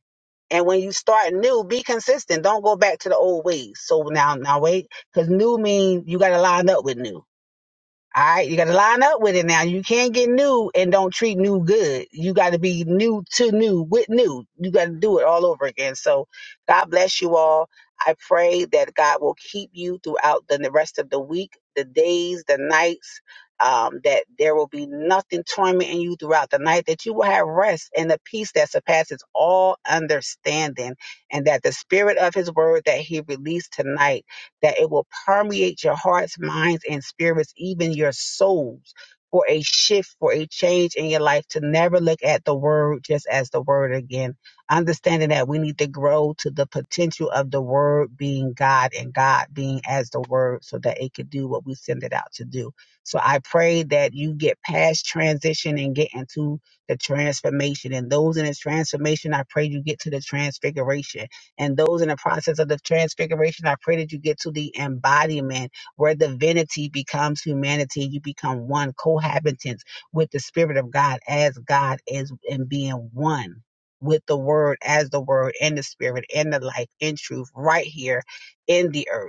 S1: And when you start new, be consistent. Don't go back to the old ways. So now, now wait, because new means you got to line up with new. All right, you got to line up with it now. You can't get new and don't treat new good. You got to be new to new with new. You got to do it all over again. So, God bless you all. I pray that God will keep you throughout the rest of the week, the days, the nights. Um, that there will be nothing tormenting you throughout the night. That you will have rest and a peace that surpasses all understanding, and that the spirit of His word that He released tonight that it will permeate your hearts, minds, and spirits, even your souls, for a shift, for a change in your life to never look at the word just as the word again. Understanding that we need to grow to the potential of the word being God and God being as the word so that it could do what we send it out to do. So I pray that you get past transition and get into the transformation. And those in this transformation, I pray you get to the transfiguration and those in the process of the transfiguration, I pray that you get to the embodiment where divinity becomes humanity. You become one, cohabitants with the Spirit of God as God is and being one with the Word as the Word and the Spirit and the life in truth right here in the earth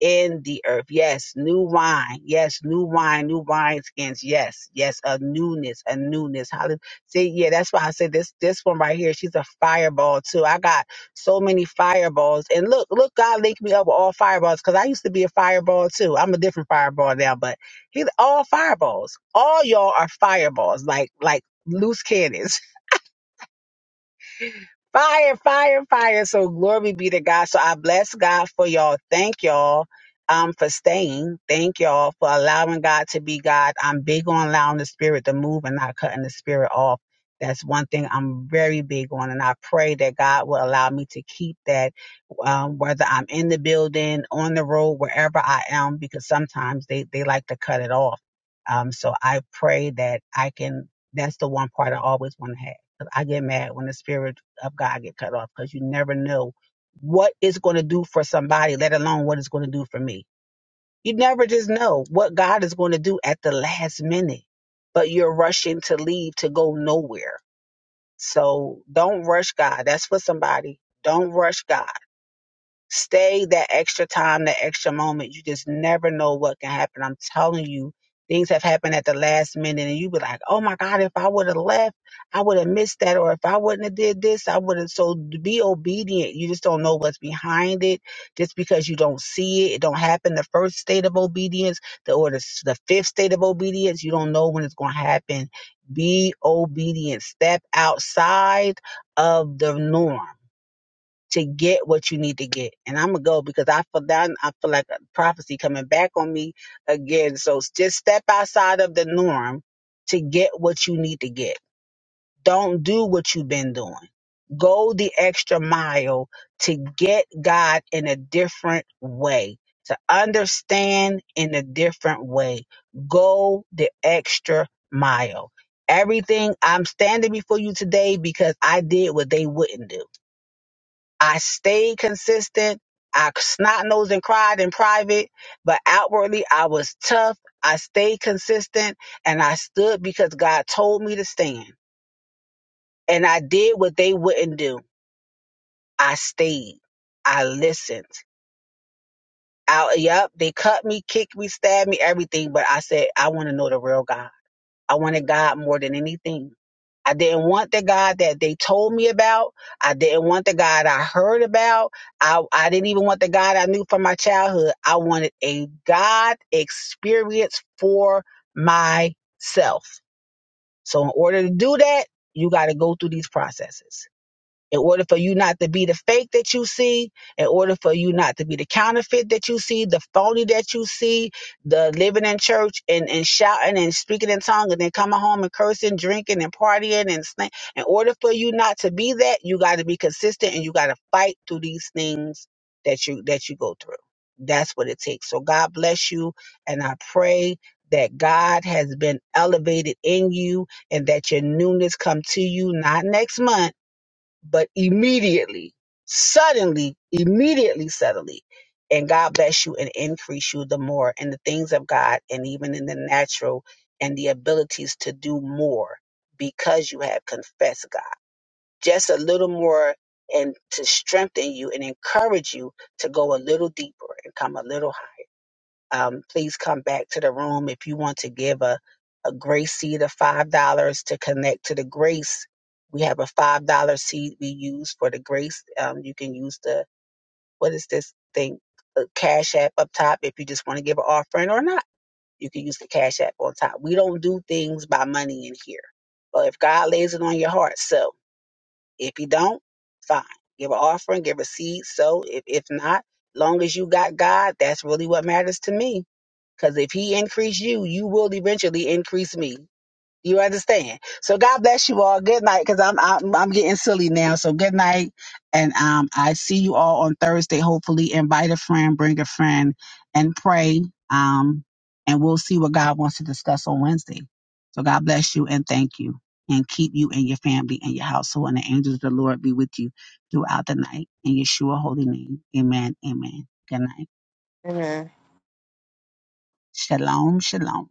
S1: in the earth. Yes, new wine. Yes, new wine, new wine skins. Yes, yes, a newness, a newness. Hallelujah. See, yeah, that's why I said this this one right here, she's a fireball too. I got so many fireballs. And look, look, God linked me up with all fireballs because I used to be a fireball too. I'm a different fireball now, but he's all fireballs. All y'all are fireballs, like like loose cannons. Fire, fire, fire. So glory be to God. So I bless God for y'all. Thank y'all um for staying. Thank y'all for allowing God to be God. I'm big on allowing the spirit to move and not cutting the spirit off. That's one thing I'm very big on. And I pray that God will allow me to keep that, um, whether I'm in the building, on the road, wherever I am, because sometimes they, they like to cut it off. Um, so I pray that I can, that's the one part I always want to have. I get mad when the spirit of God get cut off because you never know what it's going to do for somebody, let alone what it's going to do for me. You never just know what God is going to do at the last minute, but you're rushing to leave to go nowhere. So don't rush God. That's for somebody. Don't rush God Stay that extra time, that extra moment. You just never know what can happen. I'm telling you, things have happened at the last minute, and you be like, "Oh my God, if I would have left, I would have missed that, or if I wouldn't have did this, I would have." So be obedient. You just don't know what's behind it. Just because you don't see it, it don't happen. The first state of obedience, the or the, s- the fifth state of obedience, you don't know when it's going to happen. Be obedient. Step outside of the norm to get what you need to get. And I'm gonna go because I feel that I feel like a prophecy coming back on me again. So just step outside of the norm to get what you need to get. Don't do what you've been doing. Go the extra mile to get God in a different way, to understand in a different way. Go the extra mile. Everything I'm standing before you today because I did what they wouldn't do. I stayed consistent. I snot nosed and cried in private, but outwardly I was tough. I stayed consistent and I stood because God told me to stand. And I did what they wouldn't do. I stayed. I listened. I, yep, they cut me, kicked me, stabbed me, everything, but I said, I want to know the real God. I wanted God more than anything. I didn't want the God that they told me about. I didn't want the God I heard about. I, I didn't even want the God I knew from my childhood. I wanted a God experience for myself. So, in order to do that, you got to go through these processes in order for you not to be the fake that you see, in order for you not to be the counterfeit that you see, the phony that you see, the living in church and, and shouting and speaking in tongues and then coming home and cursing, drinking and partying and sna- in order for you not to be that, you got to be consistent and you got to fight through these things that you that you go through. That's what it takes. So God bless you and I pray that God has been elevated in you and that your newness come to you not next month but immediately, suddenly, immediately, suddenly. And God bless you and increase you the more in the things of God and even in the natural and the abilities to do more because you have confessed God. Just a little more and to strengthen you and encourage you to go a little deeper and come a little um, please come back to the room if you want to give a, a grace seed of five dollars to connect to the grace we have a five dollar seed we use for the grace um, you can use the what is this thing the cash app up top if you just want to give an offering or not you can use the cash app on top we don't do things by money in here but if god lays it on your heart so if you don't fine give an offering give a seed so if, if not long as you got god that's really what matters to me because if he increase you, you will eventually increase me. You understand? So God bless you all. Good night. Because I'm, I'm I'm getting silly now. So good night, and um, I see you all on Thursday. Hopefully, invite a friend, bring a friend, and pray. Um, and we'll see what God wants to discuss on Wednesday. So God bless you and thank you, and keep you and your family and your household, and the angels of the Lord be with you throughout the night. In Yeshua holy name, Amen. Amen. Good night.
S9: Amen.
S1: Shalom, shalom.